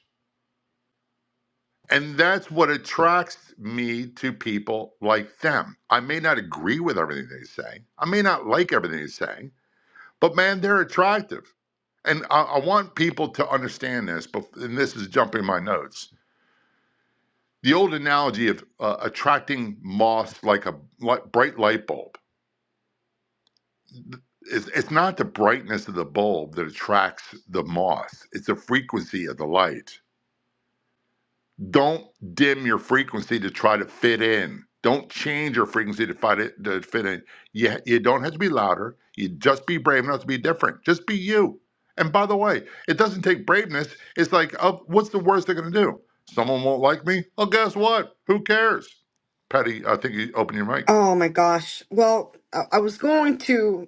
S16: And that's what attracts me to people like them. I may not agree with everything they say, I may not like everything they say, but man, they're attractive. And I, I want people to understand this, but, and this is jumping my notes. The old analogy of uh, attracting moths like a li- bright light bulb. It's, it's not the brightness of the bulb that attracts the moth, it's the frequency of the light don't dim your frequency to try to fit in. Don't change your frequency to fight it to fit in. Yeah, you you don't have to be louder. You just be brave enough to be different. Just be you. And by the way, it doesn't take braveness. It's like, oh, what's the worst they're gonna do? Someone won't like me. Well, guess what? Who cares? Patty, I think you open your mic.
S9: Oh my gosh. Well, I I was going to.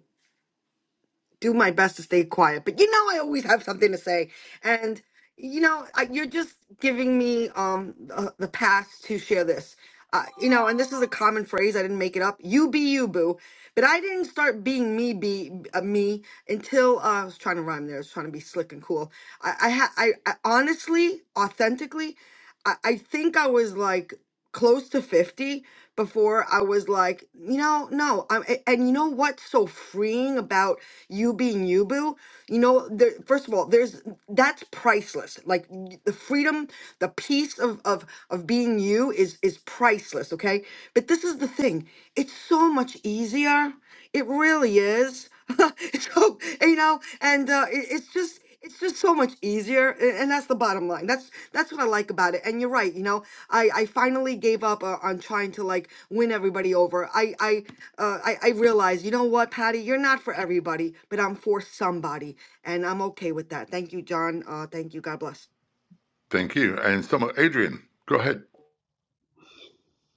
S9: do my best to stay quiet. But you know, I always have something to say, and you know, I, you're just giving me um the, the pass to share this. Uh, you know, and this is a common phrase. I didn't make it up. You be you, boo. But I didn't start being me, be uh, me until uh, I was trying to rhyme. There, I was trying to be slick and cool. I, I, ha- I, I honestly, authentically. I, I think I was like close to 50 before I was like, you know, no. I'm, a- and you know what's so freeing about you being you, boo? You know, there, first of all, there's that's priceless. Like y- the freedom, the peace of, of, of being you is, is priceless, okay? But this is the thing it's so much easier. It really is. so, you know, and uh, it, it's just, it's just so much easier a- and that's the bottom line that's that's what i like about it and you're right you know i i finally gave up uh, on trying to like win everybody over i i uh, i i realized you know what patty you're not for everybody but i'm for somebody and i'm okay with that thank you john uh thank you god bless
S16: Thank you. And someone, Adrian, go ahead.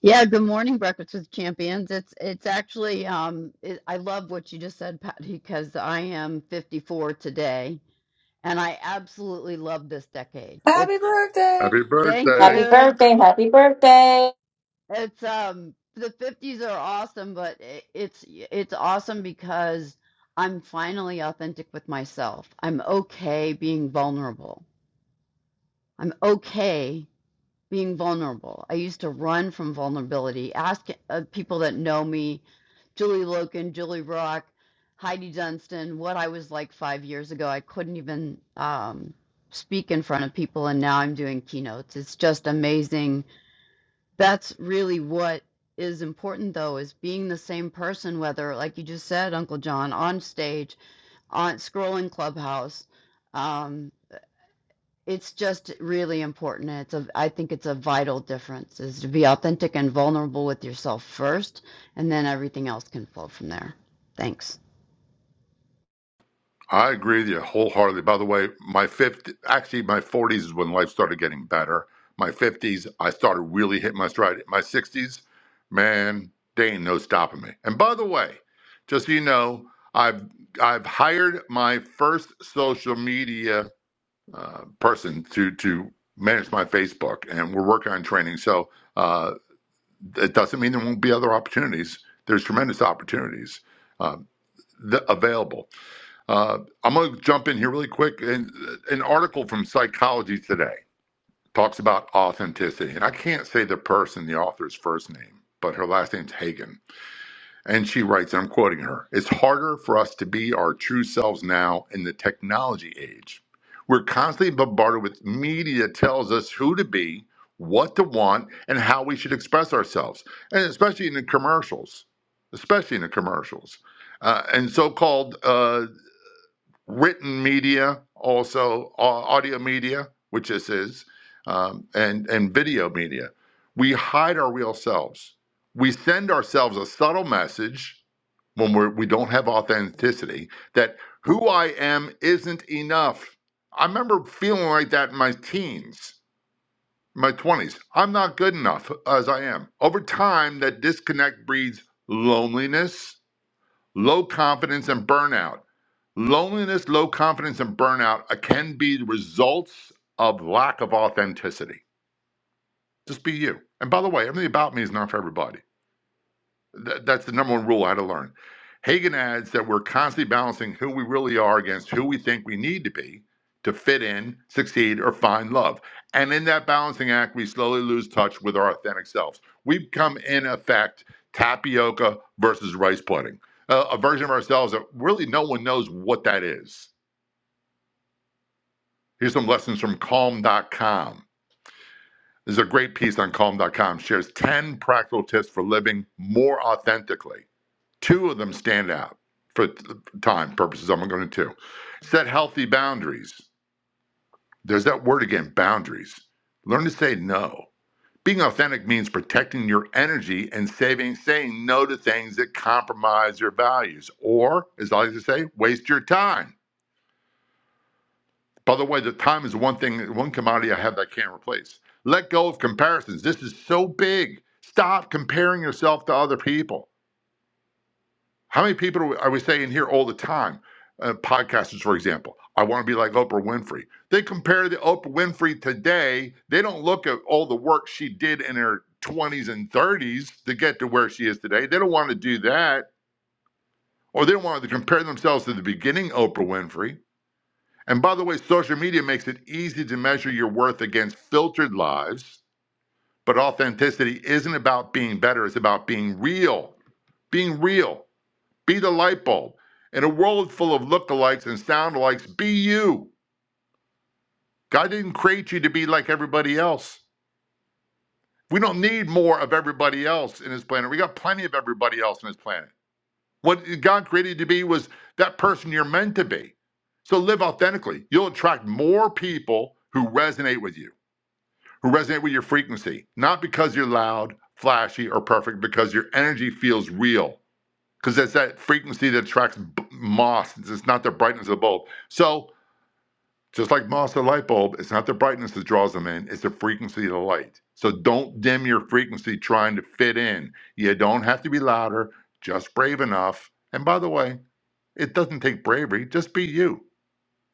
S18: Yeah, good morning, Breakfast with Champions. It's it's actually um it, I love what you just said, Patty, because I am 54 today and I absolutely love this decade.
S7: Happy
S18: It's
S7: birthday!
S16: Happy
S18: thank
S16: birthday.
S19: Happy
S18: you.
S19: birthday. Happy birthday.
S18: It's um the 50s are awesome, but i it's it's awesome because I'm finally authentic with myself. I'm okay being vulnerable. I'm okay being vulnerable. I used to run from vulnerability. Ask uh, people that know me, Julie Loken, Julie Rock, Heidi Dunstan, what I was like five years ago. I couldn't even um, speak in front of people, and now I'm doing keynotes. It's just amazing. That's really what is important, though, is being the same person, whether, like you just said, Uncle John, on stage, on scrolling Clubhouse. Um, it's just really important. and It's a, I think it's a vital difference is to be authentic and vulnerable with yourself first, and then everything else can flow from there. Thanks.
S16: I agree with you wholeheartedly. By the way, my 50, actually, my 40s is when life started getting better. My 50s, I started really hitting my stride. My 60s, man, they ain't no stopping me. And by the way, just so you know, I've I've hired my first social media uh, person to to manage my Facebook, and we're working on training. So uh, it doesn't mean there won't be other opportunities. There's tremendous opportunities uh, th- available. Uh, I'm going to jump in here really quick. And an article from Psychology Today talks about authenticity, and I can't say the person, the author's first name, but her last name's Hagen. And she writes, and I'm quoting her: "It's harder for us to be our true selves now in the technology age. We're constantly bombarded with media that tells us who to be." What to want and how we should express ourselves, and especially in the commercials, especially in the commercials uh, and so-called uh, written media, also audio media, which this is, um, and and video media. We hide our real selves. We send ourselves a subtle message when we're, we don't have authenticity that who I am isn't enough. I remember feeling like that in my teens, my twenties. I'm not good enough as I am. Over time, that disconnect breeds loneliness Low confidence and burnout. Loneliness, low confidence, and burnout uh, can be results of lack of authenticity. Just be you. And by the way, everything about me is not for everybody. Th- that's the number one rule I had to learn. Hagen adds that we're constantly balancing who we really are against who we think we need to be to fit in, succeed, or find love. And in that balancing act, we slowly lose touch with our authentic selves. We become, in effect, tapioca versus rice pudding, uh, a version of ourselves that really no one knows what that is. Here's some lessons from calm.com. There's a great piece on calm.com, shares 10 practical tips for living more authentically Two of them stand out for time purposes. I'm going to two. Set healthy boundaries. There's that word again, boundaries. Learn to say no. Being authentic means protecting your energy and saving, saying no to things that compromise your values, or, as I like to say, waste your time. By the way, the time is one thing, one commodity I have that I can't replace. Let go of comparisons. This is so big. Stop comparing yourself to other people. How many people are we saying here all the time? Uh, podcasters, for example, I want to be like Oprah Winfrey. They compare the Oprah Winfrey today. They don't look at all the work she did in her 20s and 30s to get to where she is today. They don't want to do that, or they don't want to compare themselves to the beginning Oprah Winfrey. And by the way, social media makes it easy to measure your worth against filtered lives. But authenticity isn't about being better; it's about being real. Being real. Be the light bulb. In a world full of lookalikes and soundalikes, be you. God didn't create you to be like everybody else. We don't need more of everybody else in His planet. We got plenty of everybody else in His planet. What God created you to be was that person you're meant to be. So live authentically. You'll attract more people who resonate with you, who resonate with your frequency, not because you're loud, flashy, or perfect, because your energy feels real. because it's that frequency that attracts b- moss. It's not the brightness of the bulb. So just like moss or light bulb, it's not the brightness that draws them in; it's the frequency of the light. So don't dim your frequency trying to fit in. You don't have to be louder; just brave enough. And by the way, it doesn't take bravery. Just be you.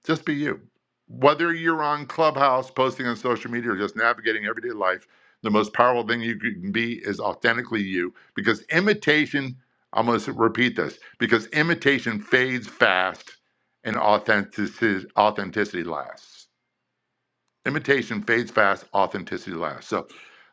S16: Just be you. Whether you're on Clubhouse, posting on social media, or just navigating everyday life, the most powerful thing you can be is authentically you. Because imitation, I'm going to repeat this, because imitation fades fast and authenticity, authenticity lasts. Imitation fades fast, authenticity lasts. So,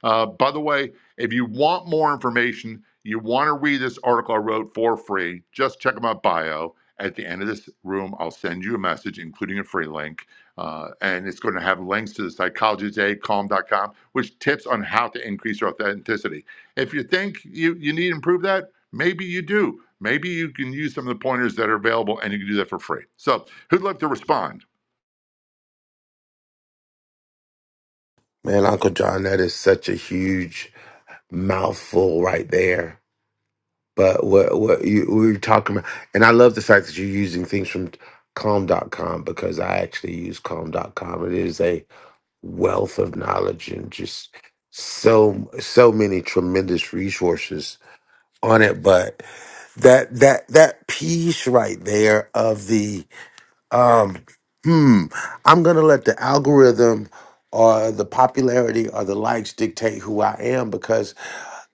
S16: uh, by the way, if you want more information, you want to read this article I wrote for free, just check out my bio. At the end of this room, I'll send you a message, including a free link. Uh, and it's going to have links to the psychology today, calm dot com, which tips on how to increase your authenticity. If you think you, you need to improve that, maybe you do. Maybe you can use some of the pointers that are available and you can do that for free. So, who'd like to respond?
S5: Man, Uncle John, that is such a huge mouthful right there. But what what you we were talking about, and I love the fact that you're using things from calm dot com because I actually use calm dot com. It is a wealth of knowledge and just so so many tremendous resources on it but that that that piece right there of the um hmm i'm gonna let the algorithm or the popularity or the likes dictate who i am because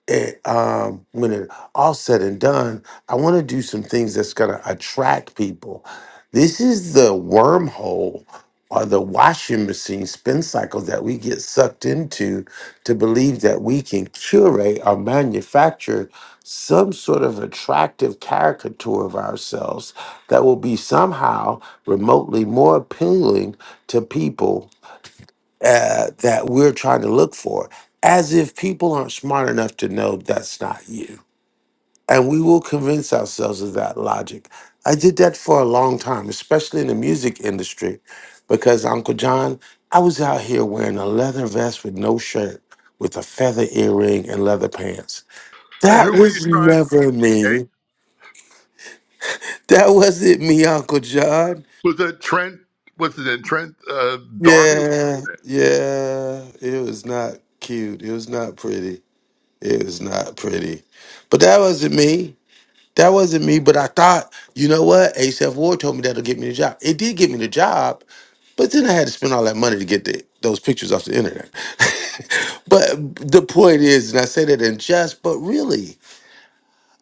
S5: and um, when it all said and done, I want to do some things that's going to attract people. This is the wormhole or the washing machine spin cycle that we get sucked into to believe that we can curate or manufacture some sort of attractive caricature of ourselves that will be somehow remotely more appealing to people uh, that we're trying to look for, as if people aren't smart enough to know that's not you. And we will convince ourselves of that logic. I did that for a long time, especially in the music industry, because Uncle John, I was out here wearing a leather vest with no shirt, with a feather earring and leather pants. That
S16: Who are you
S5: was
S16: trying to
S5: never
S16: be, GA?
S5: me. That wasn't me, Uncle John.
S16: Was it Trent? Was it in Trent uh, Darby?
S5: Yeah, yeah. It was not cute. It was not pretty. It was not pretty. But that wasn't me. That wasn't me. But I thought, you know what? ASF Ward told me that'll get me the job. It did get me the job, but then I had to spend all that money to get the, those pictures off the internet. but the point is, and I say that in jest, but really,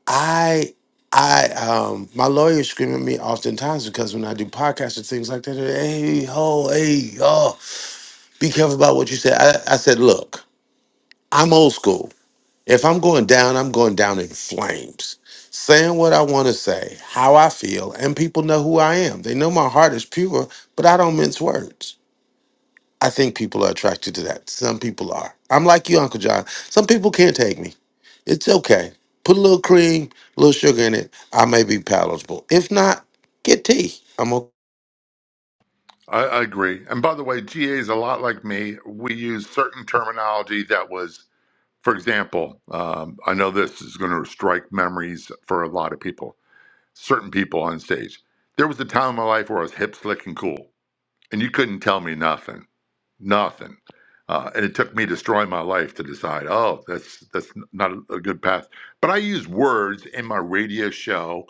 S5: I I um my lawyers scream at me oftentimes because when I do podcasts and things like that, they're, hey ho, hey, oh, be careful about what you say. I, I said, look, I'm old school. If I'm going down, I'm going down in flames, saying what I want to say, how I feel, and people know who I am. They know my heart is pure, but I don't mince words. I think people are attracted to that. Some people are. I'm like you, Uncle John. Some people can't take me. It's okay. Put a little cream, a little sugar in it. I may be palatable. If not, get tea. I'm okay.
S16: I, I agree. And by the way, GA is a lot like me. We use certain terminology that was, for example, um, I know this is going to strike memories for a lot of people, certain people on stage. There was a time in my life where I was hip, slick, and cool, and you couldn't tell me nothing. nothing. Uh, and it took me destroying my life to decide, oh, that's that's not a, a good path. But I use words in my radio show,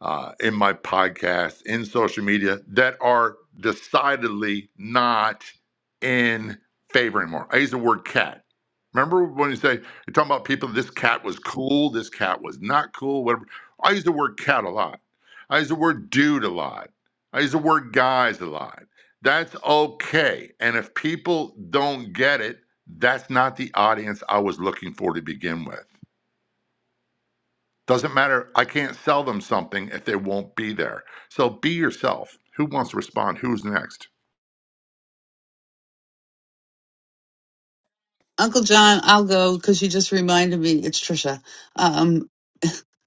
S16: uh, in my podcast, in social media that are decidedly not in favor anymore. I use the word cat. Remember when you say you're talking about people? This cat was cool. This cat was not cool. Whatever. I use the word cat a lot. I use the word dude a lot. I use the word guys a lot. That's okay. And if people don't get it, that's not the audience I was looking for to begin with. Doesn't matter. I can't sell them something if they won't be there. So be yourself. Who wants to respond? Who's next?
S3: Uncle John, I'll go because you just reminded me. It's Trisha. Um,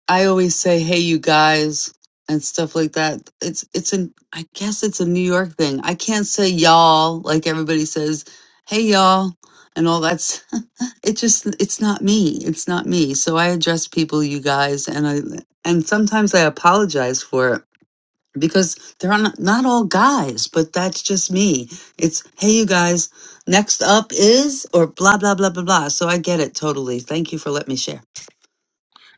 S3: I always say, "Hey, you guys," and stuff like that. It's it's an I guess it's a New York thing. I can't say y'all like everybody says, "Hey, y'all," and all that's. it just it's not me. It's not me. So I address people, you guys, and I and sometimes I apologize for it because they're not, not all guys, but that's just me. It's, hey, you guys, next up is, or blah, blah, blah, blah, blah. So I get it totally. Thank you for letting me share.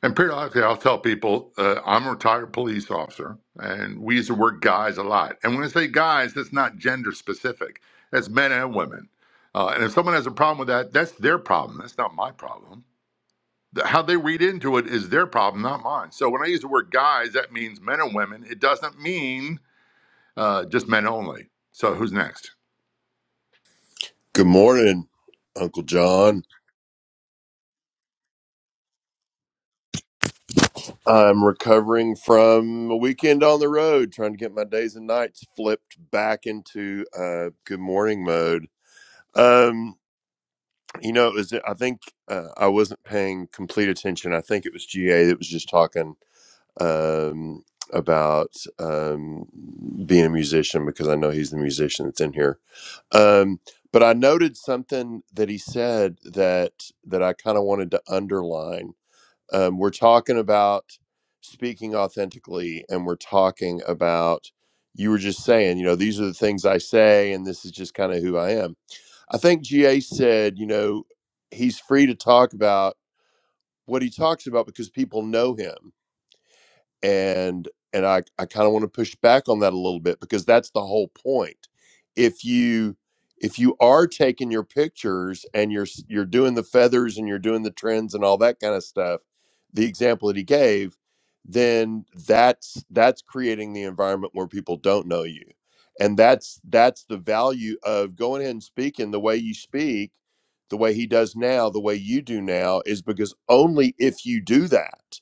S16: And periodically, I'll tell people uh, I'm a retired police officer, and we use the word guys a lot. And when I say guys, that's not gender specific, that's men and women. Uh, and if someone has a problem with that, that's their problem. That's not my problem. Th- How they read into it is their problem, not mine. So when I use the word guys, that means men and women. It doesn't mean uh, just men only. So who's next?
S20: Good morning, Uncle John. I'm recovering from a weekend on the road, trying to get my days and nights flipped back into uh, good morning mode. Um, you know, it was, I think uh, I wasn't paying complete attention. I think it was GA that was just talking um, about um, being a musician because I know he's the musician that's in here. Um, but I noted something that he said that that I kind of wanted to underline um, we're talking about speaking authentically and we're talking about you were just saying you know these are the things i say and this is just kind of who i am i think ga said you know he's free to talk about what he talks about because people know him and and I I kind of want to push back on that a little bit because that's the whole point. If you if you are taking your pictures and you're s- you're doing the feathers and you're doing the trends and all that kind of stuff, the example that he gave, then that's that's creating the environment where people don't know you. And that's that's the value of going ahead and speaking the way you speak, the way he does now, the way you do now is because only if you do that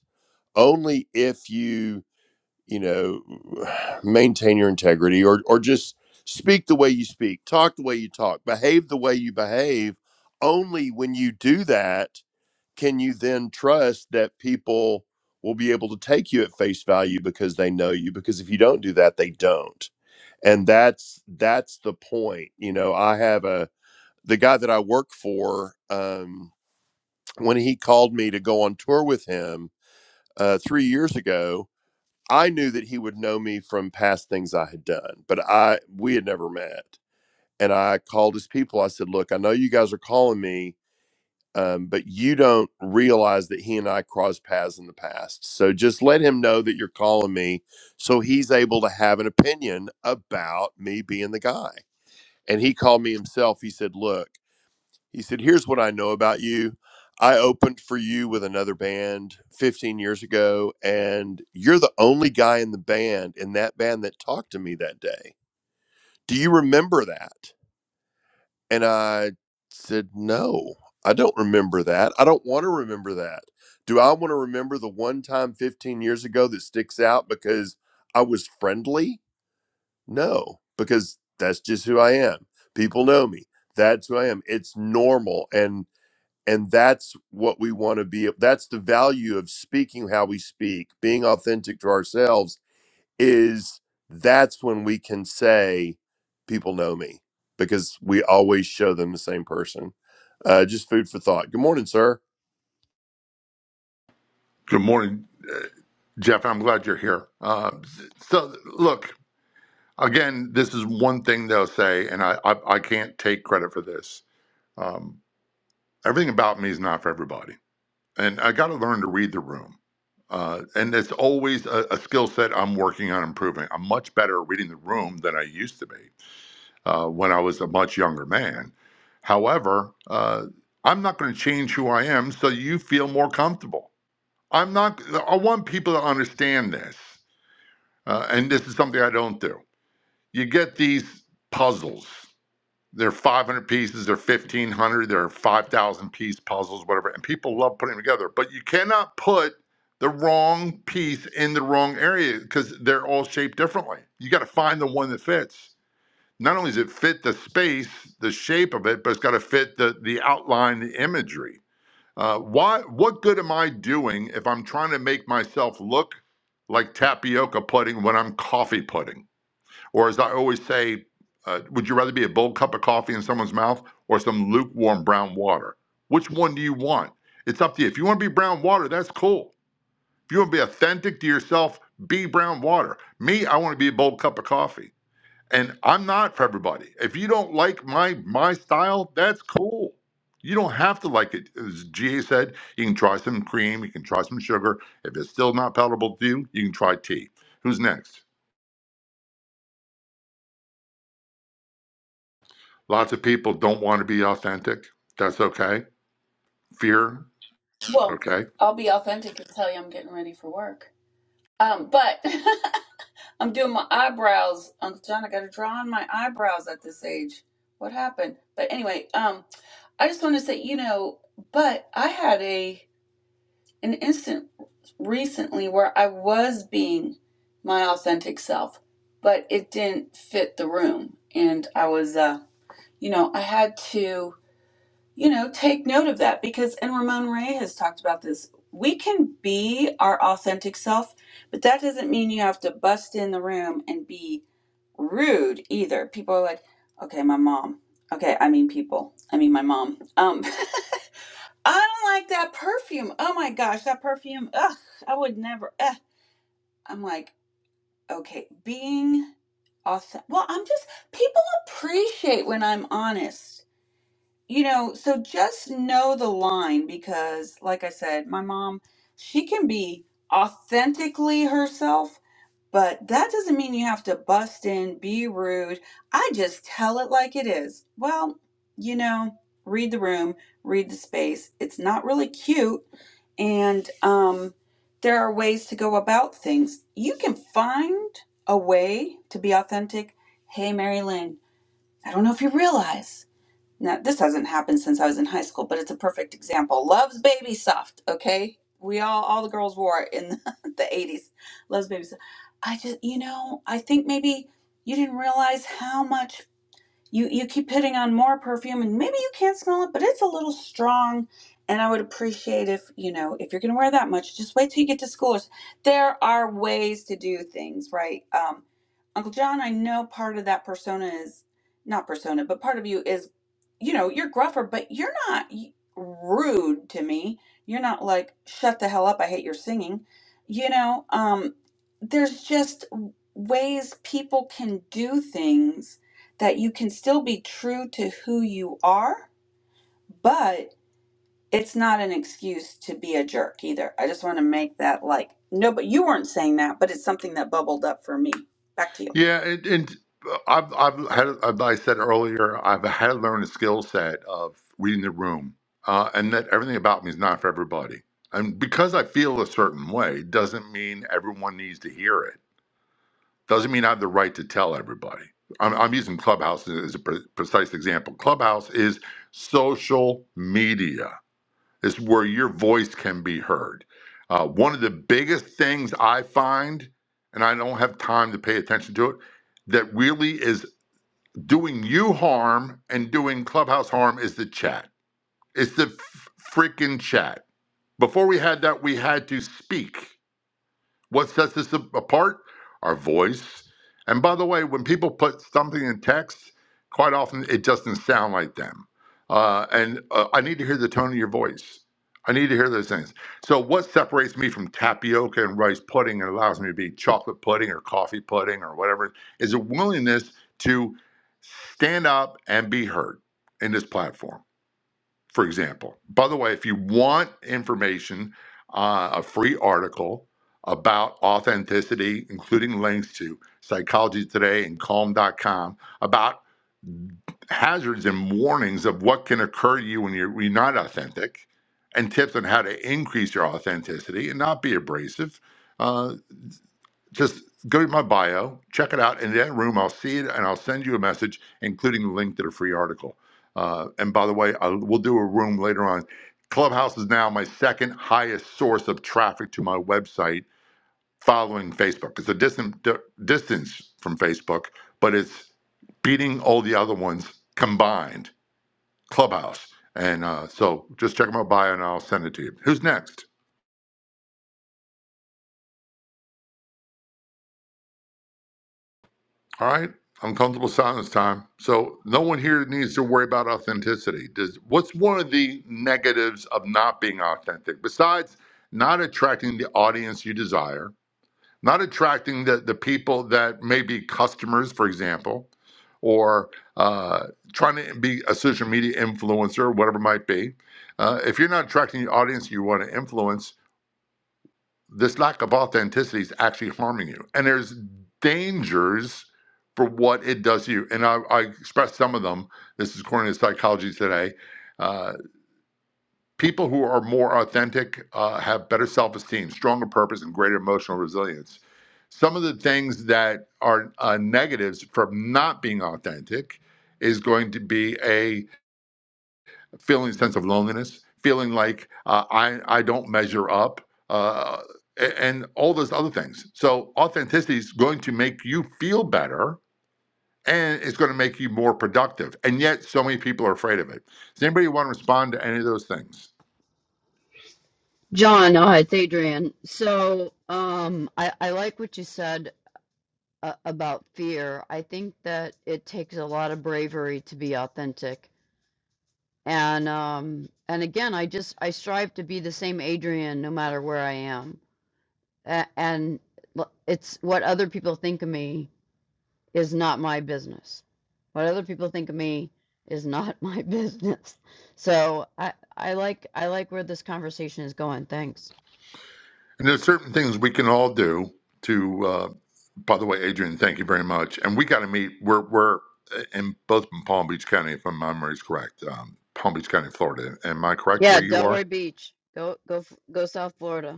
S20: only if you you know maintain your integrity or or just speak the way you speak talk the way you talk behave the way you behave only when you do that can you then trust that people will be able to take you at face value because they know you because if you don't do that they don't and that's that's the point you know i have a the guy that i work for um when he called me to go on tour with him uh 3 years ago I knew that he would know me from past things I had done, but I we had never met. And I called his people. I said, "Look, I know you guys are calling me, um, but you don't realize that he and I crossed paths in the past. So just let him know that you're calling me, so he's able to have an opinion about me being the guy." And he called me himself. He said, "Look." He said, Here's what I know about you. I opened for you with another band 15 years ago, and you're the only guy in the band, in that band, that talked to me that day. Do you remember that? And I said, No, I don't remember that. I don't want to remember that. Do I want to remember the one time 15 years ago that sticks out because I was friendly? No, because that's just who I am. People know me. That's who I am. It's normal. And and that's what we want to be that's the value of speaking how we speak being authentic to ourselves is that's when we can say people know me because we always show them the same person uh, just food for thought good morning sir
S16: Good morning, Jeff. I'm glad you're here. Uh, so look, again, this is one thing they'll say, and I I, I can't take credit for this. Um, everything about me is not for everybody, and I got to learn to read the room. Uh, and it's always a, a skill set I'm working on improving. I'm much better at reading the room than I used to be. uh, when I was a much younger man. However, uh, I'm not going to change who I am so you feel more comfortable. I'm not, I want people to understand this. Uh, and this is something I don't do. You get these puzzles. They're 500 pieces, they're 1,500, they're 5,000 piece puzzles, whatever. And people love putting them together. But you cannot put the wrong piece in the wrong area because they're all shaped differently. You got to find the one that fits not only does it fit the space, the shape of it, but it's got to fit the the outline, the imagery. Uh, why? What good am I doing if I'm trying to make myself look like tapioca pudding when I'm coffee pudding? Or as I always say, uh, would you rather be a bold cup of coffee in someone's mouth or some lukewarm brown water? Which one do you want? It's up to you. If you want to be brown water, that's cool. If you want to be authentic to yourself, be brown water. Me, I want to be a bold cup of coffee and I'm not for everybody. If you don't like my my style, that's cool. You don't have to like it. As GA said, you can try some cream, you can try some sugar. If it's still not palatable to you, you can try tea. Who's next? Lots of people don't want to be authentic. That's okay. Fear,
S7: well,
S16: okay.
S7: I'll be authentic and tell you I'm getting ready for work. Um, but I'm doing my eyebrows, Uncle John. I gotta draw on my eyebrows at this age. What happened? But anyway, um, I just want to say, you know, but I had a an instant recently where I was being my authentic self, but it didn't fit the room. And I was, uh, you know, I had to, you know, take note of that because, and Ramon Ray has talked about this. We can be our authentic self, but that doesn't mean you have to bust in the room and be rude either. People are like, okay, my mom. Okay, I mean people. I mean my mom. Um, I don't like that perfume. Oh my gosh, that perfume. Ugh, I would never. Eh. I'm like, okay, being authentic. Well, I'm just, people appreciate when I'm honest, you know, so just know the line because, like I said, my mom, she can be authentically herself but that doesn't mean you have to bust in, be rude. I just tell it like it is. Well, you know, read the room, read the space. It's not really cute. And um, there are ways to go about things. You can find a way to be authentic. Hey, Mary Lynn, I don't know if you realize. Now, this hasn't happened since I was in high school, but it's a perfect example. Love's Baby Soft, okay? We all, all the girls wore it in the 80s. Love's Baby Soft. I just, you know, I think maybe you didn't realize how much you you keep putting on more perfume and maybe you can't smell it but it's a little strong and i would appreciate if you know if you're going to wear that much just wait till you get to school there are ways to do things right um, uncle john i know part of that persona is not persona but part of you is you know you're gruffer but you're not rude to me you're not like shut the hell up i hate your singing you know um, there's just ways people can do things that you can still be true to who you are, but it's not an excuse to be a jerk either. I just want to make that like, no, but you weren't saying that, but it's something that bubbled up for me. Back to you.
S16: Yeah, and, and I've, I've had, as I said earlier, I've had to learn the skill set of reading the room, uh, and that everything about me is not for everybody. And because I feel a certain way, doesn't mean everyone needs to hear it. Doesn't mean I have the right to tell everybody. I'm, I'm using Clubhouse as a pre- precise example. Clubhouse is social media is where your voice can be heard. Uh, one of the biggest things I find, and I don't have time to pay attention to it, that really is doing you harm and doing Clubhouse harm is the chat. It's the f- freaking chat. Before we had that, we had to speak. What sets us apart? Our voice. And by the way, when people put something in text, quite often it doesn't sound like them. Uh, and uh, I need to hear the tone of your voice. I need to hear those things. So, what separates me from tapioca and rice pudding and allows me to be chocolate pudding or coffee pudding or whatever is a willingness to stand up and be heard in this platform for example. By the way, if you want information, uh, a free article about authenticity, including links to Psychology Today and Calm.com, about hazards and warnings of what can occur to you when you're, when you're not authentic, and tips on how to increase your authenticity and not be abrasive. Uh, just go to my bio, check it out. In that room, I'll see it and I'll send you a message, including the link to the free article. Uh, and by the way, I, we'll do a room later on. Clubhouse is now my second highest source of traffic to my website following Facebook. It's a distant d- distance from Facebook, but it's beating all the other ones combined, Clubhouse. And uh, so just check my bio and I'll send it to you. Who's next? All right, uncomfortable silence time. So no one here needs to worry about authenticity. Does what's one of the negatives of not being authentic besides not attracting the audience you desire, not attracting the the people that may be customers, for example, or uh, trying to be a social media influencer, whatever it might be. Uh, if you're not attracting the audience you want to influence, this lack of authenticity is actually harming you. And there's dangers for what it does to you. And I, I expressed some of them. This is according to Psychology Today. Uh, people who are more authentic uh, have better self esteem, stronger purpose, and greater emotional resilience. Some of the things that are uh, negatives from not being authentic is going to be a feeling a sense of loneliness, feeling like uh, I I don't measure up, uh, a- and all those other things. So authenticity is going to make you feel better, and it's going to make you more productive. And yet, so many people are afraid of it. Does anybody want to respond to any of those things?
S18: John, oh, it's Adrian. So, um, I, I like what you said uh, about fear. I think that it takes a lot of bravery to be authentic. And, um, and again, I just, I strive to be the same Adrian no matter where I am. A- and l- it's what other people think of me is not my business. What other people think of me is not my business. So I I like I like where this conversation is going. Thanks.
S16: And there's certain things we can all do to. Uh, by the way, Adrian, thank you very much. And we got to meet. We're we're in both in Palm Beach County, if my memory is correct. Um, Palm Beach County, Florida. Am I correct
S18: Yeah,
S16: where you are?
S18: Delray Beach. Go go f- go South Florida.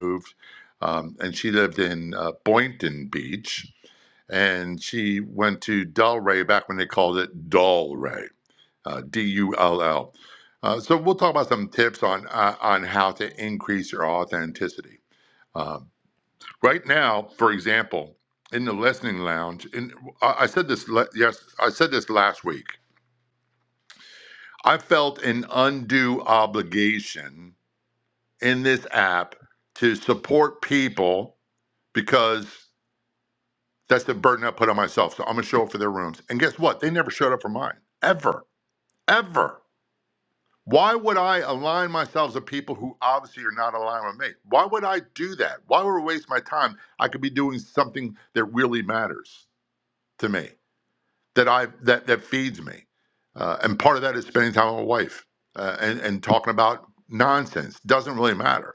S16: moved, um, and she lived in uh, Boynton Beach, and she went to Delray back when they called it Dullray, uh, D-U-L-L. Uh, so we'll talk about some tips on uh, on how to increase your authenticity. Um, right now, for example, in the listening lounge, and I I said this le- yes, I said this last week. I felt an undue obligation in this app to support people because That's the burden I put on myself. So I'm gonna show up for their rooms. And guess what? They never showed up for mine. Ever. Ever. Why would I align myself with people who obviously are not aligned with me? Why would I do that? Why would I waste my time? I could be doing something that really matters to me, that I that that feeds me. Uh, and part of that is spending time with my wife uh, and and talking about nonsense. Doesn't really matter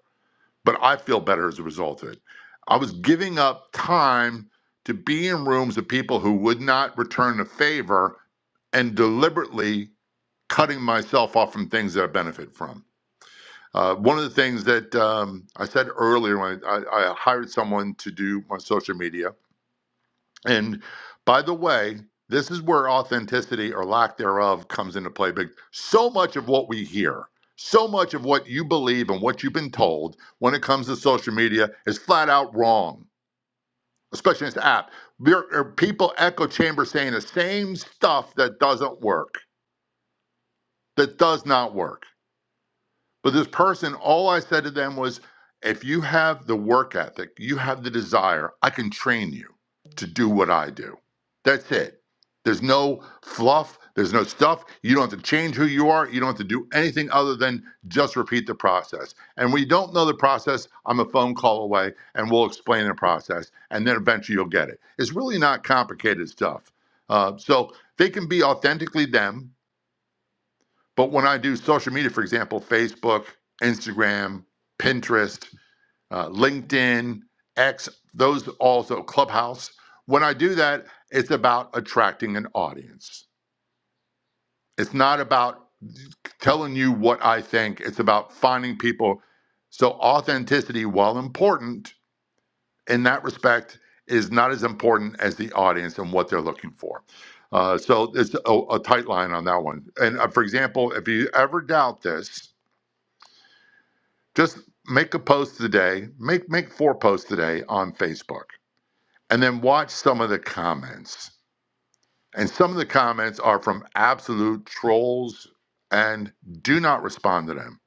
S16: but I feel better as a result of it. I was giving up time to be in rooms of people who would not return the favor and deliberately cutting myself off from things that I benefit from. Uh, one of the things that um, I said earlier when I, I hired someone to do my social media, and by the way, this is where authenticity or lack thereof comes into play. But so much of what we hear, so much of what you believe and what you've been told when it comes to social media is flat out wrong, especially in this app. There are people echo chamber saying the same stuff that doesn't work, that does not work. But this person, all I said to them was, if you have the work ethic, you have the desire, I can train you to do what I do. That's it. There's no fluff, there's no stuff. You don't have to change who you are. You don't have to do anything other than just repeat the process. And when you don't know the process, I'm a phone call away and we'll explain the process. And then eventually you'll get it. It's really not complicated stuff. Uh, so they can be authentically them but when I do social media, for example, Facebook, Instagram, Pinterest, uh, LinkedIn, X, those also Clubhouse, when I do that, it's about attracting an audience. It's not about telling you what I think, it's about finding people. So, authenticity, while important in that respect, is not as important as the audience and what they're looking for. Uh, so, it's a, a tight line on that one. And uh, for example, if you ever doubt this, Just make a post today, make make four posts today on Facebook, and then watch some of the comments. And some of the comments are from absolute trolls, and do not respond to them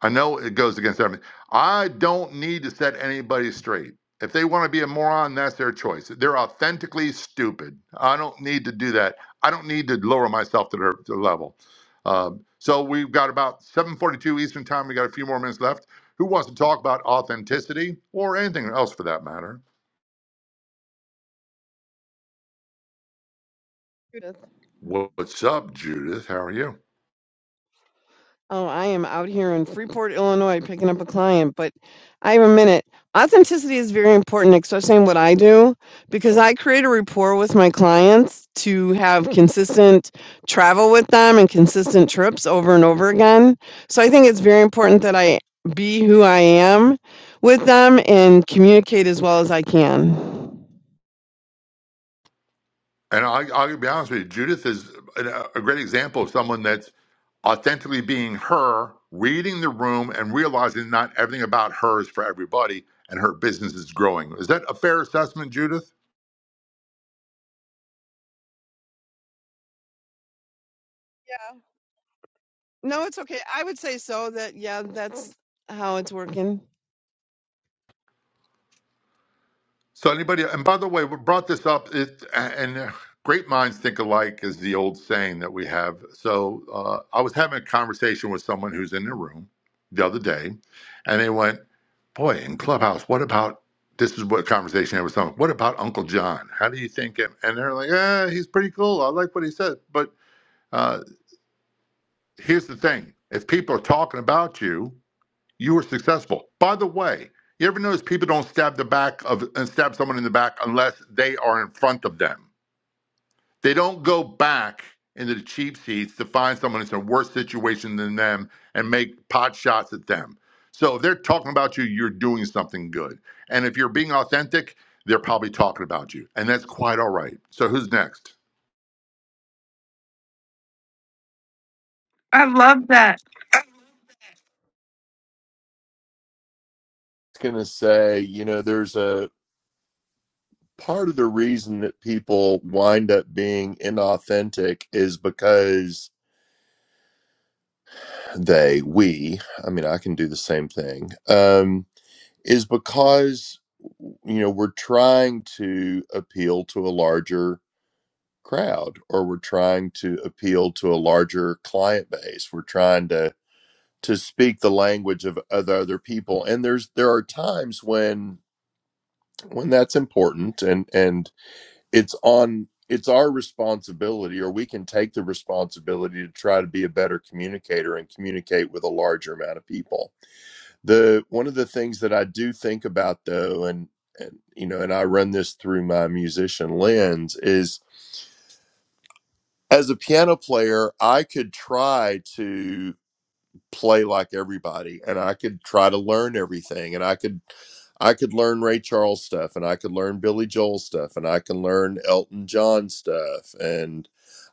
S16: I know it goes against everything. I don't need to set anybody straight. If they want to be a moron, that's their choice. They're authentically stupid. I don't need to do that. I don't need to lower myself to their, to their level. Um, so we've got about 7:42 Eastern Time. We got a few more minutes left. Who wants to talk about authenticity or anything else for that matter?
S21: Judith.
S16: What's up, Judith? How are you?
S21: Oh, I am out here in Freeport, Illinois, picking up a client, but I have a minute. Authenticity is very important, especially in what I do, because I create a rapport with my clients to have consistent travel with them and consistent trips over and over again. So I think it's very important that I be who I am with them and communicate as well as I can.
S16: And I, I'll be honest with you, Judith is a, a great example of someone that's authentically being her, reading the room and realizing not everything about her is for everybody and her business is growing. Is that a fair assessment, Judith?
S21: No, it's okay. I would say so that, yeah, that's how it's working.
S16: So, anybody, and by the way, we brought this up, it, and great minds think alike is the old saying that we have. So, uh, I was having a conversation with someone who's in the room the other day, and they went, Boy, in Clubhouse, what about this is what conversation I was talking. What about Uncle John? How do you think him? And they're like, ah, he's pretty cool. I like what he said. But uh, here's the thing: if people are talking about you, you are successful. By the way, you ever notice people don't stab the back of and stab someone in the back unless they are in front of them they don't go back into the cheap seats to find someone that's in a worse situation than them and make pot shots at them. So if they're talking about you, you're doing something good. And if you're being authentic, they're probably talking about you. And that's quite all right. So who's next?
S3: I love that.
S20: i was going to say you know there's a part of the reason that people wind up being inauthentic is because they we i mean i can do the same thing Um, is because you know we're trying to appeal to a larger crowd or we're trying to appeal to a larger client base we're trying to to speak the language of other other people and there's there are times when when that's important and and it's on it's our responsibility or we can take the responsibility to try to be a better communicator and communicate with a larger amount of people the one of the things that I do think about though, and and you know, and I run this through my musician lens, is as a piano player, I could try to play like everybody, and I could try to learn everything, and I could I could learn Ray Charles stuff, and I could learn Billy Joel stuff, and I can learn Elton John stuff, and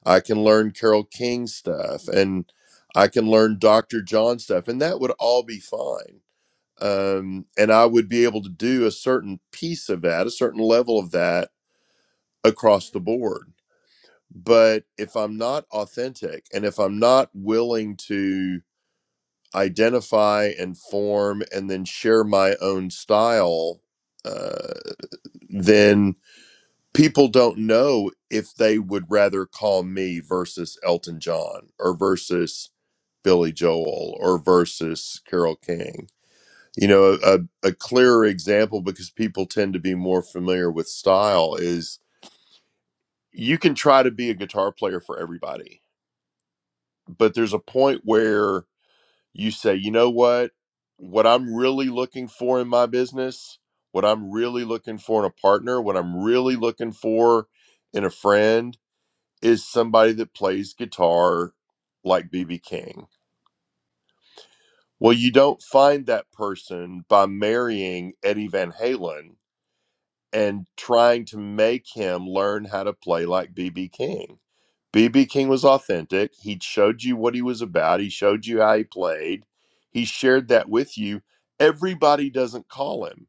S20: I can learn Carole King stuff, and I can learn Dr. John stuff, and that would all be fine um, and I would be able to do a certain piece of that, a certain level of that across the board. But if I'm not authentic and if I'm not willing to identify and form and then share my own style, uh, then people don't know if they would rather call me versus Elton John or versus Billy Joel or versus Carol King You know, a, a clearer example because people tend to be more familiar with style is you can try to be a guitar player for everybody, but there's a point where you say, you know what? What I'm really looking for in my business, what I'm really looking for in a partner, what I'm really looking for in a friend is somebody that plays guitar like BB King. Well, you don't find that person by marrying Eddie Van Halen and trying to make him learn how to play like BB King. BB King was authentic. He showed you what he was about, he showed you how he played, he shared that with you. Everybody doesn't call him,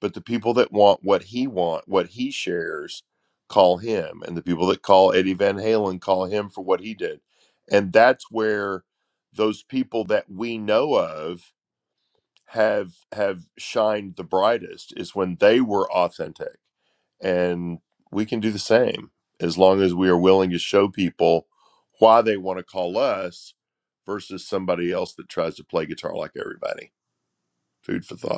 S20: but the people that want what he want, what he shares, call him, and the people that call Eddie Van Halen call him for what he did. And that's where those people that we know of have have shined the brightest is when they were authentic and we can do the same as long as we are willing to show people why they want to call us versus somebody else that tries to play guitar like everybody food for thought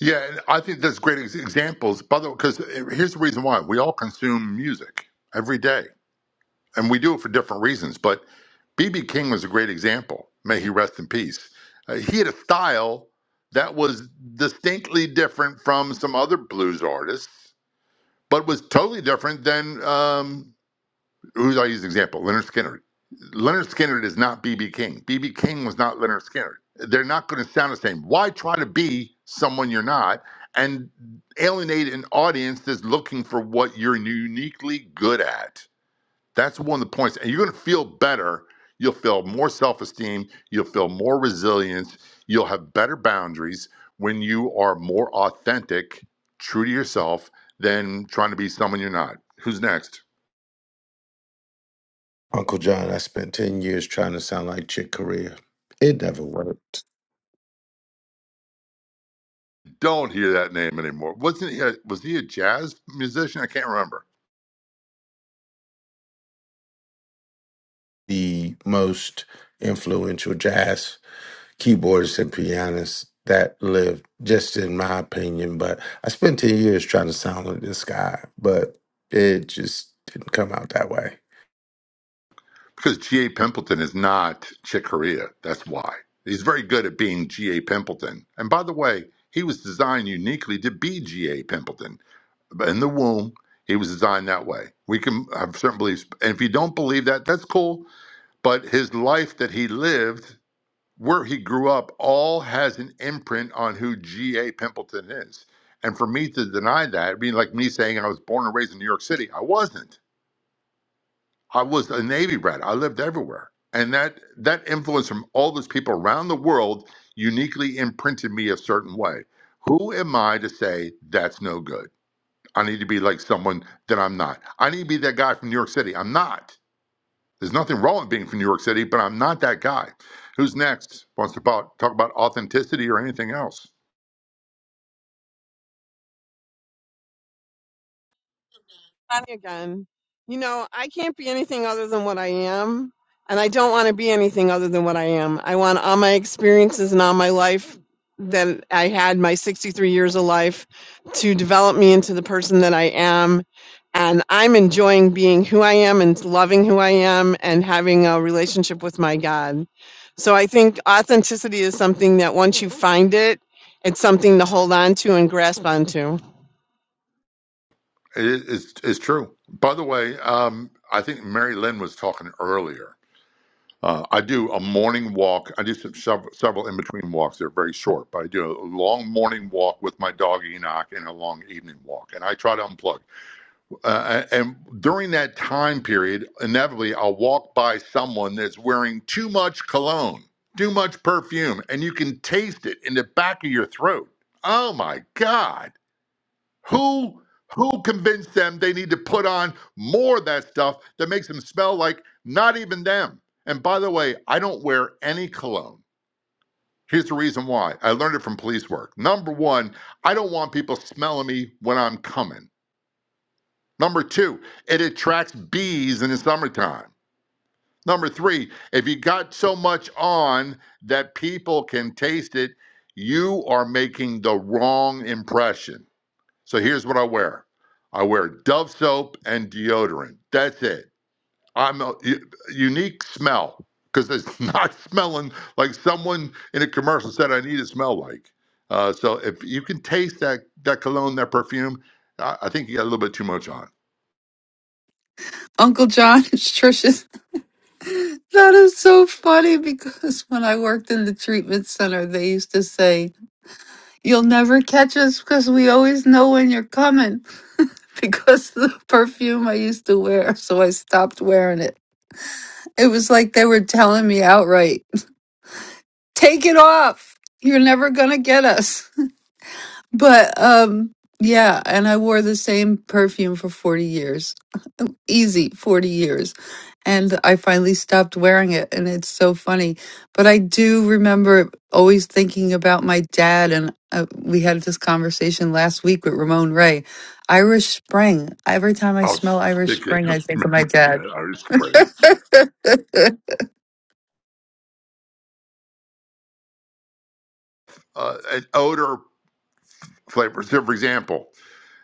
S16: Yeah, and I think there's great ex- examples. By the way, because here's the reason why we all consume music every day. and we do it for different reasons. But BB King was a great example. May he rest in peace. Uh, he had a style that was distinctly different from some other blues artists, but was totally different than um, who's I use an example Leonard Skinner. Leonard Skinner is not BB King. BB King was not Leonard Skinner. They're not going to sound the same. Why try to be someone you're not and alienate an audience that's looking for what you're uniquely good at? That's one of the points. And you're going to feel better. You'll feel more self esteem. You'll feel more resilience. You'll have better boundaries when you are more authentic, true to yourself, than trying to be someone you're not. Who's next?
S5: Uncle John. I spent 10 years trying to sound like Chick Corea. It never worked.
S16: Don't hear that name anymore. Wasn't he? A, was he a jazz musician? I can't remember.
S5: The most influential jazz keyboardists and pianists that lived, just in my opinion. But I spent 10 years trying to sound like this guy, but it just didn't come out that way.
S16: Because G.A. Pimpleton is not Chick Corea. That's why. He's very good at being G.A. Pimpleton. And by the way, he was designed uniquely to be G.A. Pimpleton. But in the womb, he was designed that way. We can have certain beliefs. And if you don't believe that, that's cool. But his life that he lived, where he grew up, all has an imprint on who G.A. Pimpleton is. And for me to deny that, it'd be like me saying I was born and raised in New York City. I wasn't. I was a Navy brat. I lived everywhere. And that that influence from all those people around the world uniquely imprinted me a certain way. Who am I to say that's no good? I need to be like someone that I'm not. I need to be that guy from New York City. I'm not. There's nothing wrong with being from New York City, but I'm not that guy. Who's next? Wants to talk talk about authenticity or anything else?
S21: Bonnie again. You know, I can't be anything other than what I am, and I don't want to be anything other than what I am. I want all my experiences and all my life that I had, my 63 years of life, to develop me into the person that I am. And I'm enjoying being who I am and loving who I am and having a relationship with my God. So I think authenticity is something that once you find it, it's something to hold on to and grasp onto.
S16: It is it's, it's true. By the way, um, I think Mary Lynn was talking earlier Uh, I do a morning walk. I do some, several, several in between walks. They're very short, but I do a long morning walk with my dog Enoch and a long evening walk. And I try to unplug. Uh, and during that time period, inevitably, I'll walk by someone that's wearing too much cologne, too much perfume, and you can taste it in the back of your throat. Oh my God who who convinced them they need to put on more of that stuff that makes them smell like not even them? And by the way, I don't wear any cologne. Here's the reason why. I learned it from police work. Number one, I don't want people smelling me when I'm coming. Number two, it attracts bees in the summertime. Number three, if you got so much on that people can taste it, you are making the wrong impression. So here's what I wear. I wear Dove soap and deodorant. That's it. I'm a a unique smell because it's not smelling like someone in a commercial said I need to smell like. Uh, so if you can taste that that cologne, that perfume, I, I think you got a little bit too much on.
S3: Uncle John It's Trisha. That is so funny because when I worked in the treatment center, they used to say, You'll never catch us because we always know when you're coming because of the perfume I used to wear. So I stopped wearing it. It was like they were telling me outright. take it off. You're never going to get us. But um yeah, and I wore the same perfume for 40 years. Easy 40 years. And I finally stopped wearing it and it's so funny. But I do remember always thinking about my dad and uh, we had this conversation last week with Ramon Ray. Irish Spring. Every time I
S16: I was
S3: smell Irish
S16: thinking,
S3: Spring, I think of my
S16: remember
S3: dad.
S16: that I was spreading uh, an odor flavor. So for example.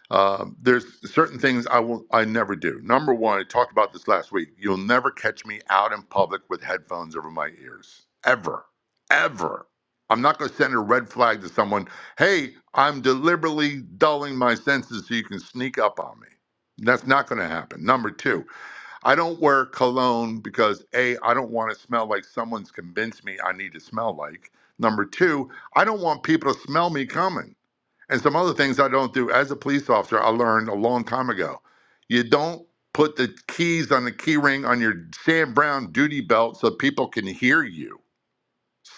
S16: Um, there's certain things I will I never do. Number one, I talked about this last week. You'll never catch me out in public with headphones over my ears. Ever. Ever. I'm not going to send a red flag to someone, hey, I'm deliberately dulling my senses so you can sneak up on me. That's not going to happen. Number two, I don't wear cologne because A, I don't want to smell like someone's convinced me I need to smell like. Number two, I don't want people to smell me coming and some other things I don't do. As a police officer, I learned a long time ago. You don't put the keys on the key ring on your Sam Brown duty belt so people can hear you.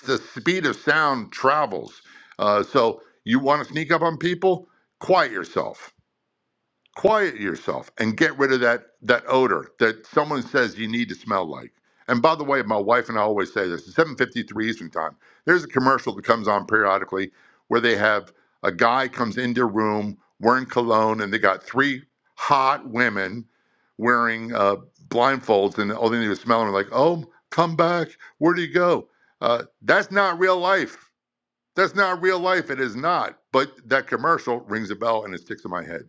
S16: The speed of sound travels. Uh, so you want to sneak up on people? Quiet yourself quiet yourself and get rid of that that odor that someone says you need to smell like. And by the way, my wife and I always say this: it's 7:53 Eastern Time. There's a commercial that comes on periodically where they have a guy comes into a room wearing cologne, and they got three hot women wearing uh, blindfolds, and all they need to smell them like, "Oh, come back! Where do you go?" Uh, that's not real life. That's not real life. It is not. But that commercial rings a bell and it sticks in my head.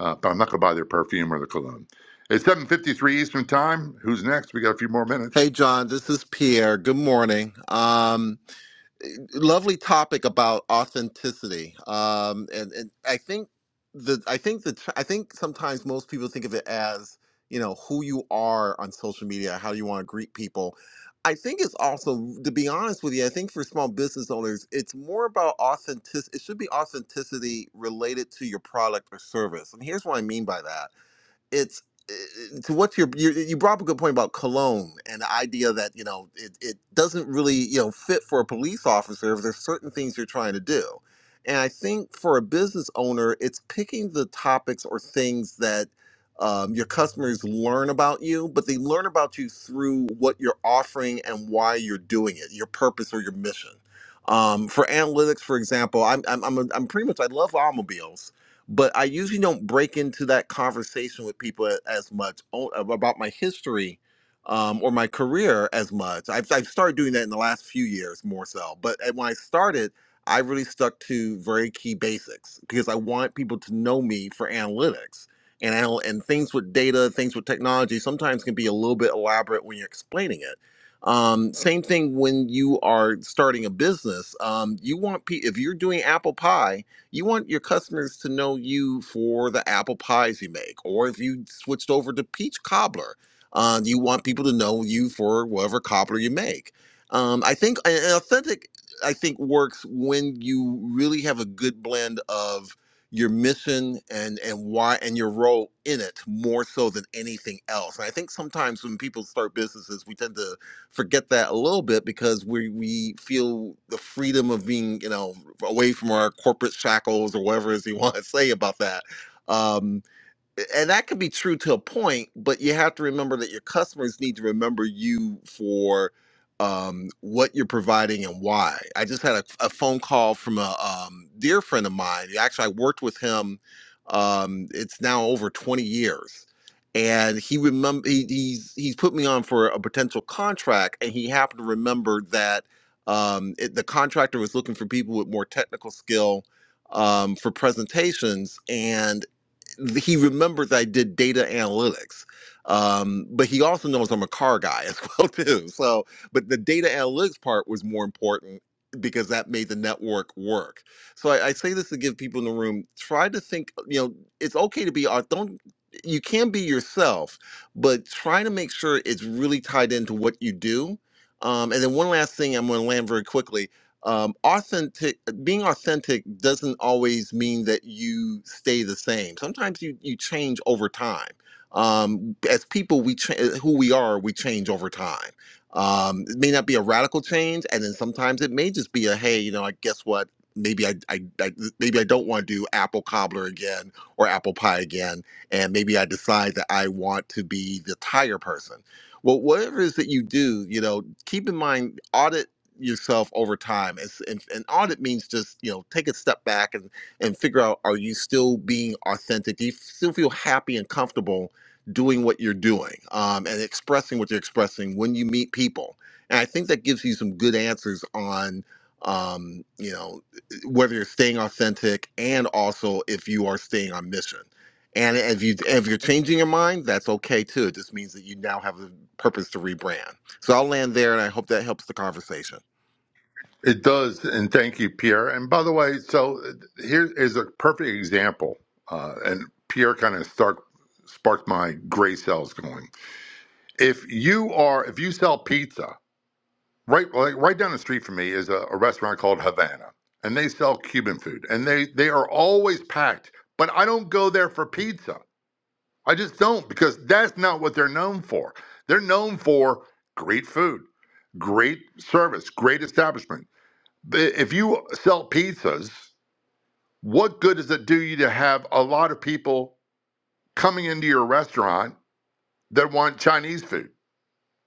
S16: Uh, but I'm not going to buy their perfume or their cologne. It's 7:53 Eastern Time. Who's next? We got a few more minutes.
S22: Hey, John, this is Pierre. Good morning. Um, lovely topic about authenticity. Um, and, and I think the I think the I think sometimes most people think of it as you know who you are on social media, how you want to greet people. I think it's also, to be honest with you, I think for small business owners, it's more about authentic. It should be authenticity related to your product or service. And here's what I mean by that it's uh, to what's your you, you brought up a good point about cologne and the idea that you know it, it doesn't really you know fit for a police officer if there's certain things you're trying to do and i think for a business owner it's picking the topics or things that um, your customers learn about you but they learn about you through what you're offering and why you're doing it your purpose or your mission um, for analytics for example i'm i'm i'm, am pretty much i love automobiles but I usually don't break into that conversation with people a- as much o- about my history um, or my career as much. I've, I've started doing that in the last few years more so. But uh, when I started, I really stuck to very key basics because I want people to know me for analytics. And, anal- and things with data, things with technology sometimes can be a little bit elaborate when you're explaining it. Um, same thing when you are starting a business. Um, you want pe- if you're doing apple pie, you want your customers to know you for the apple pies you make, or if you switched over to peach cobbler, uh, you want people to know you for whatever cobbler you make. Um, I think and authentic, I think works when you really have a good blend of your mission and and why and your role in it more so than anything else. And I think sometimes when people start businesses, we tend to forget that a little bit because we we feel the freedom of being you know away from our corporate shackles or whatever it is you want to say about that. Um, and that could be true to a point, but you have to remember that your customers need to remember you for um, what you're providing and why. I just had a, a phone call from a um, dear friend of mine. Actually, I worked with him. Um, it's now over 20 years, and he remember he, he's he's put me on for a potential contract, and he happened to remember that um, it, the contractor was looking for people with more technical skill um, for presentations and he remembers I did data analytics. Um, but he also knows I'm a car guy as well too. So, but the data analytics part was more important because that made the network work. So I, I say this to give people in the room, try to think, you know, it's okay to be art. Don't, you can be yourself, but try to make sure it's really tied into what you do. Um, and then one last thing I'm going to land very quickly. Um, authentic being authentic doesn't always mean that you stay the same. Sometimes you you change over time. Um, as people, we cha- who we are, we change over time. Um, it may not be a radical change, and then sometimes it may just be a hey, you know, I guess what? Maybe I, I, I maybe I don't want to do apple cobbler again or apple pie again, and maybe I decide that I want to be the tire person. Well, whatever it is that you do, you know, keep in mind audit yourself over time. It's, and, and audit means just you know take a step back and and figure out are you still being authentic? Do you still feel happy and comfortable doing what you're doing um, and expressing what you're expressing when you meet people? And I think that gives you some good answers on um, you know whether you're staying authentic and also if you are staying on mission. And if you if you're changing your mind, that's okay too. It just means that you now have a purpose to rebrand. So I'll land there, and I hope that helps the conversation.
S16: It does, and thank you, Pierre. And by the way, so uh, here is a perfect example, uh, and Pierre kind of start sparked my gray cells going. If you are, if you sell pizza right like right down the street from me is a, a restaurant called Havana, and they sell Cuban food, and they they are always packed. But I don't go there for pizza. I just don't because that's not what they're known for. They're known for great food, great service, great establishment. But If you sell pizzas, what good does it do you to have a lot of people coming into your restaurant that want Chinese food?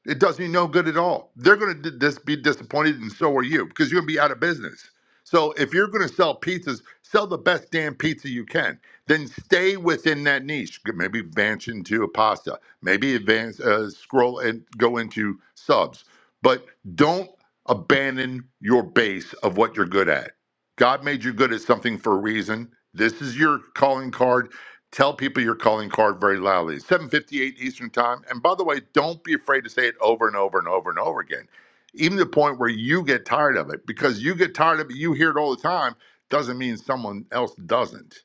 S16: It does you no good at all. They're going to just be disappointed, and so are you, because you're going to be out of business. So if you're going to sell pizzas, sell the best damn pizza you can. Then stay within that niche. Maybe advance into a pasta. Maybe advance uh, scroll and go into subs. But don't abandon your base of what you're good at. God made you good at something for a reason. This is your calling card Tell people your calling card very loudly. 7:58 Eastern Time. And by the way, don't be afraid to say it over and over and over and over again. Even to the point where you get tired of it because you get tired of it, you hear it all the time, doesn't mean someone else doesn't.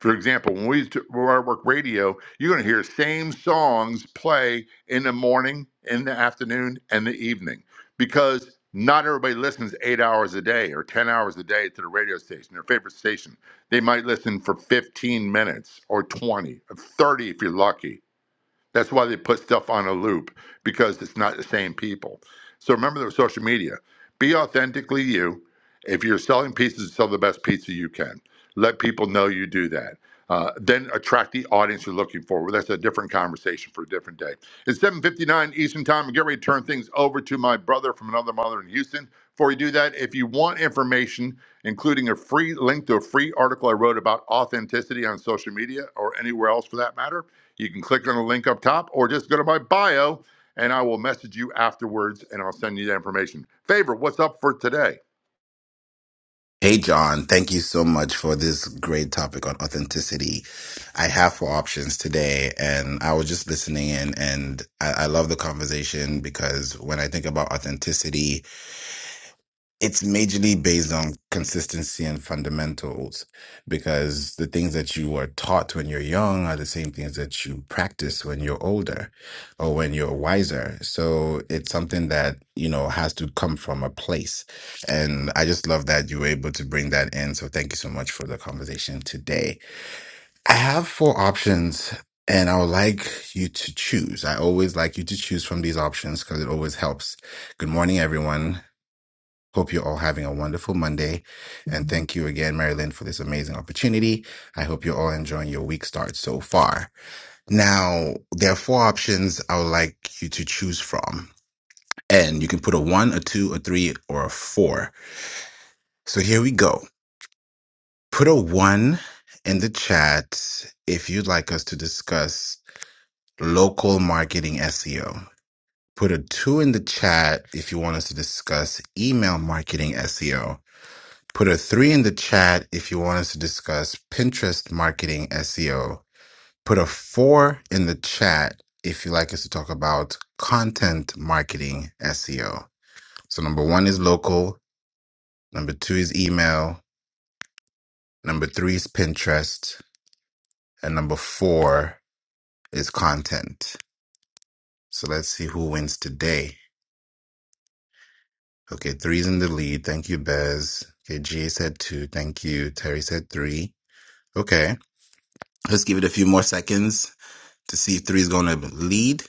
S16: For example, when we used to work radio, you're going to hear same songs play in the morning, in the afternoon, and the evening because not everybody listens eight hours a day or 10 hours a day to the radio station, their favorite station. They might listen for 15 minutes or 20 or 30 if you're lucky that's why they put stuff on a loop because it's not the same people. So remember the social media. Be authentically you. If you're selling pizzas, sell the best pizza you can. Let people know you do that. Uh, then attract the audience you're looking for. Well, that's a different conversation for a different day. It's 7:59 Eastern Time. I get ready to turn things over to my brother from another mother in Houston. Before we do that, if you want information, including a free link to a free article I wrote about authenticity on social media or anywhere else for that matter you can click on the link up top or just go to my bio and I will message you afterwards and I'll send you the information. Favor, what's up for today?
S23: Hey, John, thank you so much for this great topic on authenticity. I have four options today, and I was just listening in, and I, I love the conversation because when I think about authenticity, it's majorly based on consistency and fundamentals because the things that you were taught when you're young are the same things that you practice when you're older or when you're wiser. So it's something that, you know, has to come from a place. And I just love that you were able to bring that in. So thank you so much for the conversation today. I have four options and I would like you to choose. I always like you to choose from these options because it always helps. Good morning, everyone. Hope you're all having a wonderful Monday. And thank you again, Marilyn, for this amazing opportunity. I hope you're all enjoying your week start so far. Now, there are four options I would like you to choose from. And you can put a one, a two, a three, or a four. So here we go. Put a one in the chat if you'd like us to discuss local marketing SEO. Put a two in the chat if you want us to discuss email marketing SEO Put a three in the chat if you want us to discuss Pinterest marketing SEO. Put a four in the chat if you like us to talk about content marketing SEO. So, number one is local, number two is email, number three is Pinterest, and number four is content. So, let's see who wins today. Okay, three's in the lead. Thank you, Bez. Okay, G A said two. Thank you. Terry said three. Okay, let's give it a few more seconds to see if three is going to lead.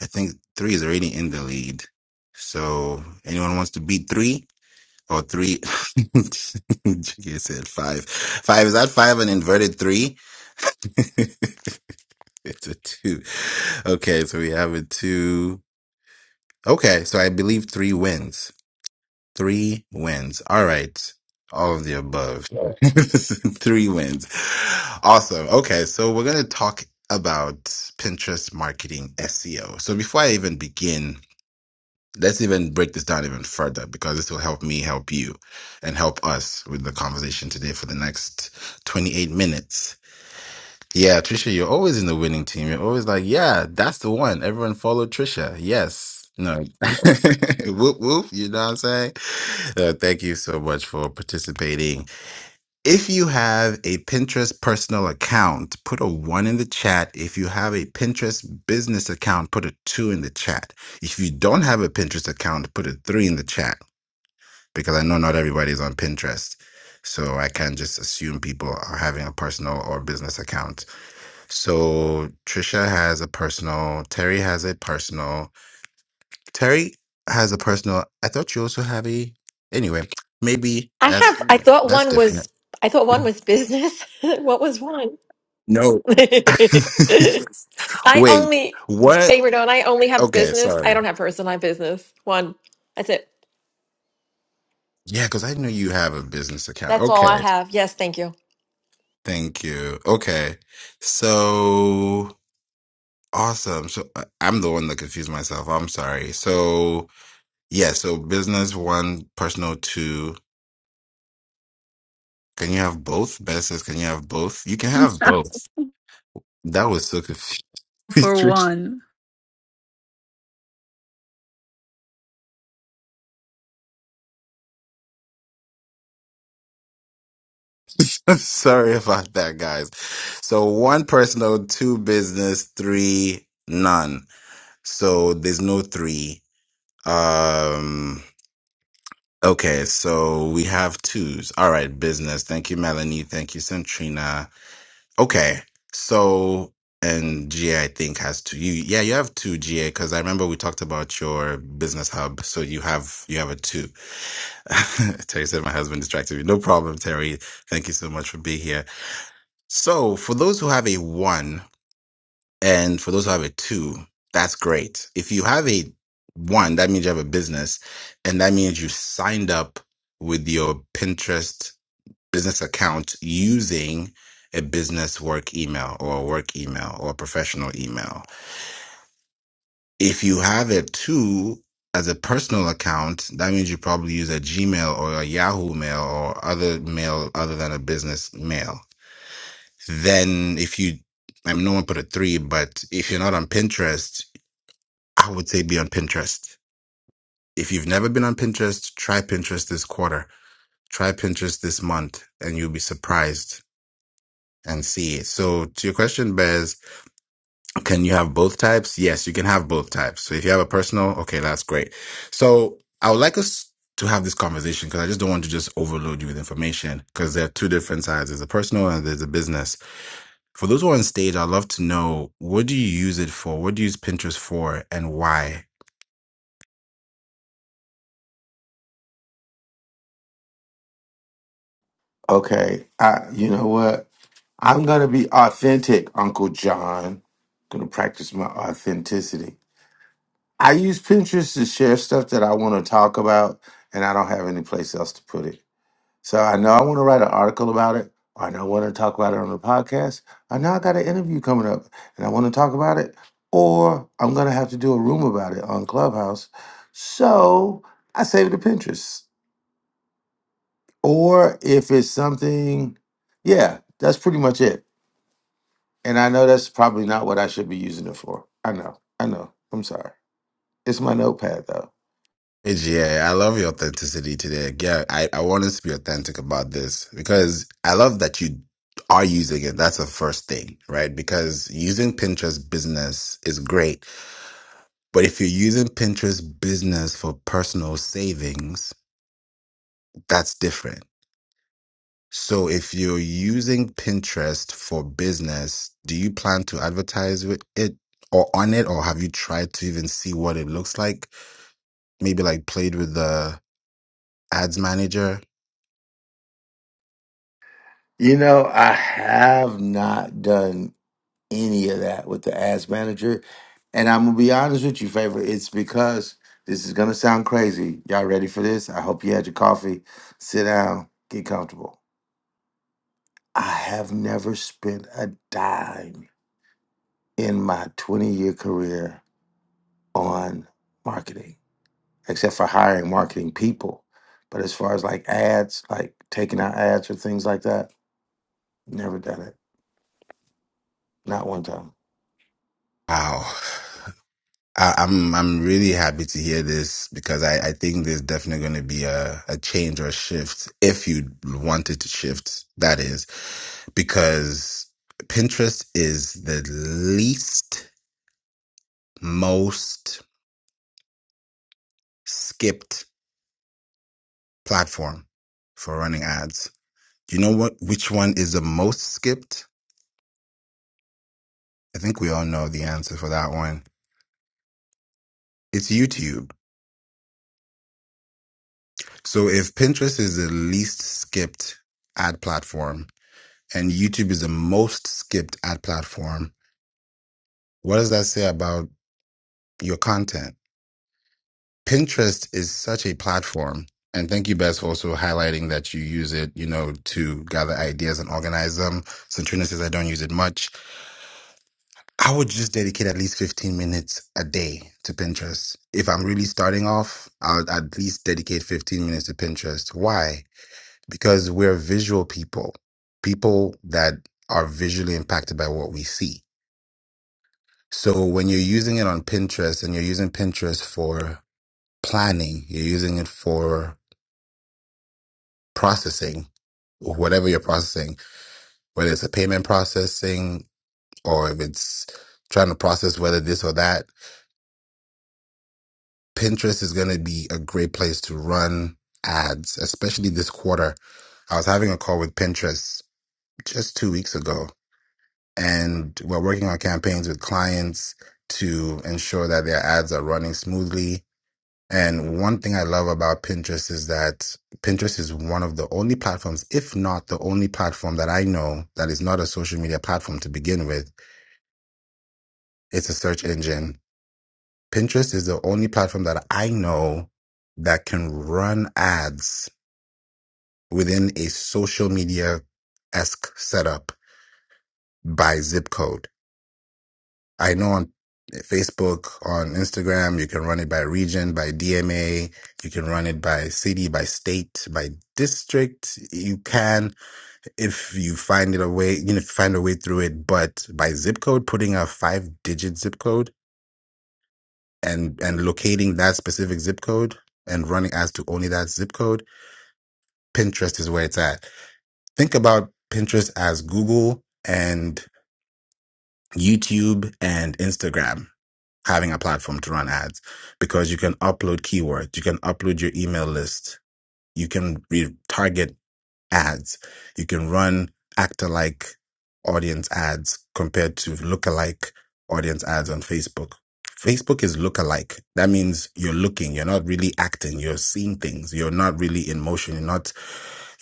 S23: I think three is already in the lead. So anyone wants to beat three or three? Jiggy said five. Five is that five an inverted three? it's a two. Okay, so we have a two. Okay, so I believe three wins. Three wins. All right. All of the above. three wins. Awesome. Okay, so we're going to talk about Pinterest marketing SEO. So before I even begin, let's even break this down even further because this will help me help you and help us with the conversation today for the next 28 minutes. Yeah, Trisha, you're always in the winning team. You're always like, yeah, that's the one. Everyone follow Trisha. Yes. No. whoop, whoop. You know what I'm saying? Uh, thank you so much for participating if you have a Pinterest personal account, put a one in the chat. If you have a Pinterest business account, put a two in the chat. If you don't have a Pinterest account, put a three in the chat because I know not everybody's on Pinterest. So I can't just assume people are having a personal or business account. So Trisha has a personal, Terry has a personal, Terry has a personal. I thought you also have a. Anyway, maybe
S24: I
S23: that's
S24: have. I thought
S23: that's
S24: one
S23: different.
S24: was. I thought one was business. what was one?
S23: No.
S24: I
S23: Wait,
S24: only
S23: what?
S24: favorite on. I only have
S23: Okay,
S24: business. I
S23: sorry.
S24: don't have personal. I have business. One. That's it.
S23: Yeah, because I know you have a business account.
S24: That's all I
S23: Okay,
S24: have. Yes, thank you.
S23: thank you. Okay, so awesome. So uh, I'm the one that confused myself. I'm sorry. So yeah, so business one, personal two. Can you have both? Business? Can you have both? You can have both. That was so confusing.
S3: for one.
S23: I'm sorry about that, guys. So one personal, two business, three none. So there's no three. Um. Okay, so we have twos. All right, business. Thank you, Melanie. Thank you, Centrina. Okay, so and GA, I think has two. You, yeah, you have two GA because I remember we talked about your business hub. So you have you have a two. Terry said my husband distracted me. No problem, Terry. Thank you so much for being here. So for those who have a one. And for those who have a two, that's great. If you have a one, that means you have a business and that means you signed up with your Pinterest business account using a business work email or a work email or a professional email. If you have a two as a personal account, that means you probably use a Gmail or a Yahoo mail or other mail other than a business mail. Then if you I mean, no one put a three, but if you're not on Pinterest, I would say be on Pinterest. If you've never been on Pinterest, try Pinterest this quarter. Try Pinterest this month and you'll be surprised and see. So to your question, Bez, can you have both types? Yes, you can have both types. So if you have a personal, okay, that's great. So I would like us to have this conversation because I just don't want to just overload you with information because there are two different sides. There's a personal and there's a business. For those who are on stage, I'd love to know what do you use it for? What do you use Pinterest for and why?
S5: Okay, I, you know what? I'm going to be authentic, Uncle John. going to practice my authenticity. I use Pinterest to share stuff that I want to talk about, and I don't have any place else to put it. So I know I want to write an article about it. Or I know I want to talk about it on the podcast. I know I got an interview coming up and I want to talk about it. Or I'm going to have to do a room about it on Clubhouse. So I save it to Pinterest. Or if it's something, yeah, that's pretty much it. And I know that's probably not what I should be using it for. I know. I know. I'm sorry. It's my notepad though.
S23: Yeah, I love your authenticity today. Yeah, I, I want us to be authentic about this because I love that you are using it. That's the first thing, right? Because using Pinterest business is great. But if you're using Pinterest business for personal savings, that's different. So if you're using Pinterest for business, do you plan to advertise with it or on it? Or have you tried to even see what it looks like? Maybe like played with the ads manager?
S5: You know, I have not done any of that with the ads manager. And I'm gonna be honest with you, favor. It's because this is gonna sound crazy. Y'all ready for this? I hope you had your coffee. Sit down, get comfortable. I have never spent a dime in my 20 year career on marketing, except for hiring marketing people. But as far as like ads, like taking out ads or things like that, never done it. Not one time.
S23: Wow. I, I'm I'm really happy to hear this because I, I think there's definitely going to be a, a change or a shift if you wanted to shift. That is because Pinterest is the least most skipped platform for running ads. Do you know what which one is the most skipped? I think we all know the answer for that one. It's YouTube. So if Pinterest is the least skipped ad platform, and YouTube is the most skipped ad platform. What does that say about your content? Pinterest is such a platform. And thank you, Bess, for also highlighting that you use it, you know, to gather ideas and organize them. Centrina says I don't use it much. I would just dedicate at least 15 minutes a day to Pinterest. If I'm really starting off, I'll at least dedicate 15 minutes to Pinterest. Why? Because we're visual people, people that are visually impacted by what we see So when you're using it on Pinterest and you're using Pinterest for planning, you're using it for processing, whatever you're processing, whether it's a payment processing or if it's trying to process whether this or that, Pinterest is going to be a great place to run ads, especially this quarter. I was having a call with Pinterest just two weeks ago and we're working on campaigns with clients to ensure that their ads are running smoothly And one thing I love about Pinterest is that Pinterest is one of the only platforms, if not the only platform that I know that is not a social media platform to begin with. It's a search engine. Pinterest is the only platform that I know that can run ads within a social media esque setup by zip code. I know on Facebook, on Instagram, you can run it by region, by DMA, you can run it by city, by state, by district. You can, if you find it a way, you know, if you find a way through it, but by zip code, putting a five digit zip code and, and locating that specific zip code and running as to only that zip code, Pinterest is where it's at. Think about Pinterest as Google and YouTube and Instagram having a platform to run ads because you can upload keywords, you can upload your email list, you can retarget ads, you can run actor like audience ads compared to lookalike audience ads on Facebook. Facebook is lookalike. That means you're looking, you're not really acting, you're seeing things, you're not really in motion, you're not,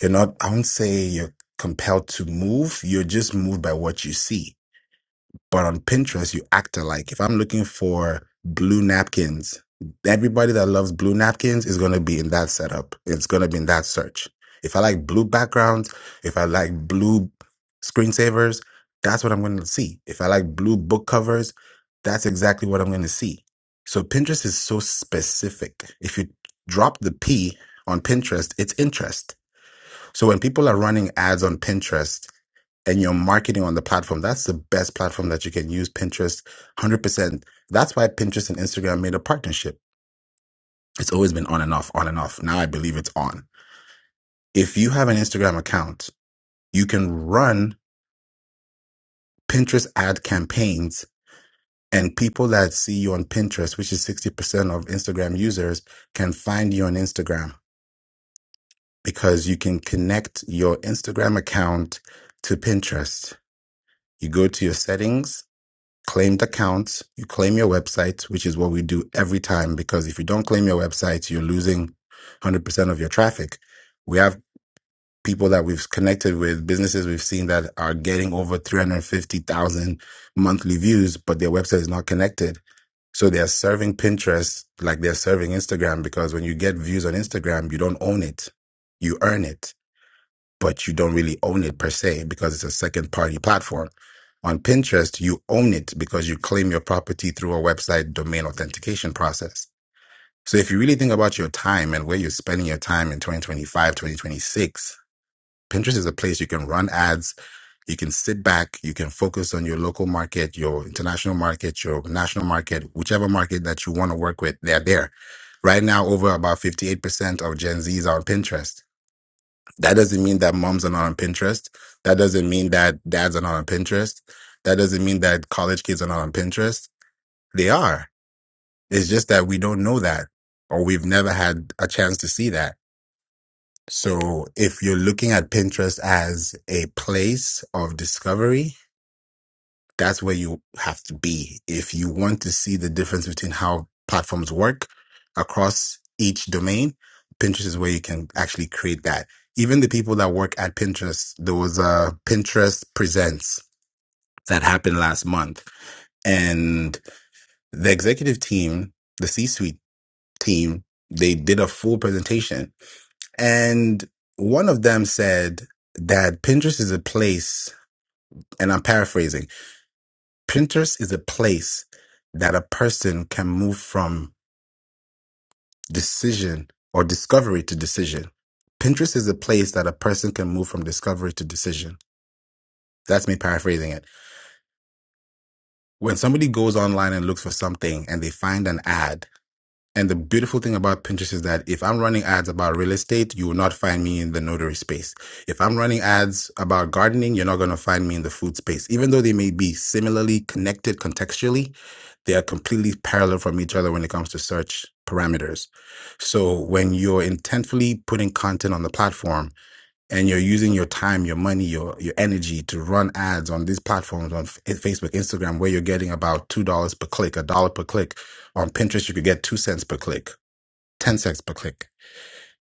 S23: you're not, I won't say you're compelled to move, you're just moved by what you see but on Pinterest, you act alike. If I'm looking for blue napkins, everybody that loves blue napkins is going to be in that setup. It's going to be in that search. If I like blue backgrounds, if I like blue screensavers, that's what I'm going to see. If I like blue book covers, that's exactly what I'm going to see. So Pinterest is so specific. If you drop the P on Pinterest, it's interest. So when people are running ads on Pinterest, and your marketing on the platform, that's the best platform that you can use. Pinterest, 100%. That's why Pinterest and Instagram made a partnership. It's always been on and off, on and off. Now I believe it's on. If you have an Instagram account, you can run Pinterest ad campaigns and people that see you on Pinterest, which is 60% of Instagram users, can find you on Instagram because you can connect your Instagram account to Pinterest. You go to your settings claimed accounts, you claim your website, which is what we do every time. Because if you don't claim your website, you're losing 100% of your traffic. We have people that we've connected with, businesses we've seen that are getting over 350,000 monthly views, but their website is not connected. So they're serving Pinterest like they're serving Instagram because when you get views on Instagram, you don't own it, you earn it but you don't really own it per se because it's a second party platform. On Pinterest, you own it because you claim your property through a website domain authentication process. So if you really think about your time and where you're spending your time in 2025, 2026, Pinterest is a place you can run ads, you can sit back, you can focus on your local market, your international market, your national market, whichever market that you want to work with, they're there. Right now, over about 58% of Gen Zs are on Pinterest. That doesn't mean that moms are not on Pinterest. That doesn't mean that dads are not on Pinterest. That doesn't mean that college kids are not on Pinterest. They are. It's just that we don't know that or we've never had a chance to see that. So if you're looking at Pinterest as a place of discovery, that's where you have to be. If you want to see the difference between how platforms work across each domain, Pinterest is where you can actually create that. Even the people that work at Pinterest, there was a Pinterest Presents that happened last month. And the executive team, the C suite team, they did a full presentation. And one of them said that Pinterest is a place, and I'm paraphrasing Pinterest is a place that a person can move from decision or discovery to decision. Pinterest is a place that a person can move from discovery to decision. That's me paraphrasing it. When somebody goes online and looks for something and they find an ad, And the beautiful thing about Pinterest is that if I'm running ads about real estate, you will not find me in the notary space. If I'm running ads about gardening, you're not going to find me in the food space. Even though they may be similarly connected contextually, they are completely parallel from each other when it comes to search parameters. So when you're intentfully putting content on the platform, and you're using your time, your money, your your energy to run ads on these platforms on F- Facebook, Instagram, where you're getting about two dollars per click, a dollar per click. On Pinterest, you could get two cents per click, ten cents per click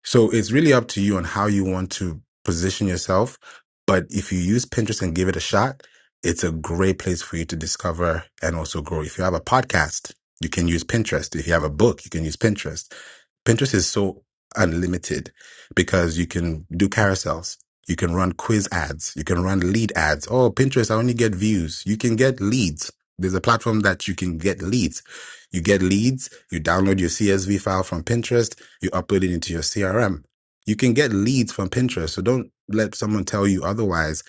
S23: so it's really up to you on how you want to position yourself. But if you use Pinterest and give it a shot, it's a great place for you to discover and also grow. If you have a podcast, you can use Pinterest. If you have a book, you can use Pinterest. Pinterest is so unlimited because you can do carousels. You can run quiz ads. You can run lead ads. Oh, Pinterest, I only get views. You can get leads. There's a platform that you can get leads. You get leads. You download your CSV file from Pinterest you upload it into your CRM. You can get leads from Pinterest. So don't let someone tell you otherwise.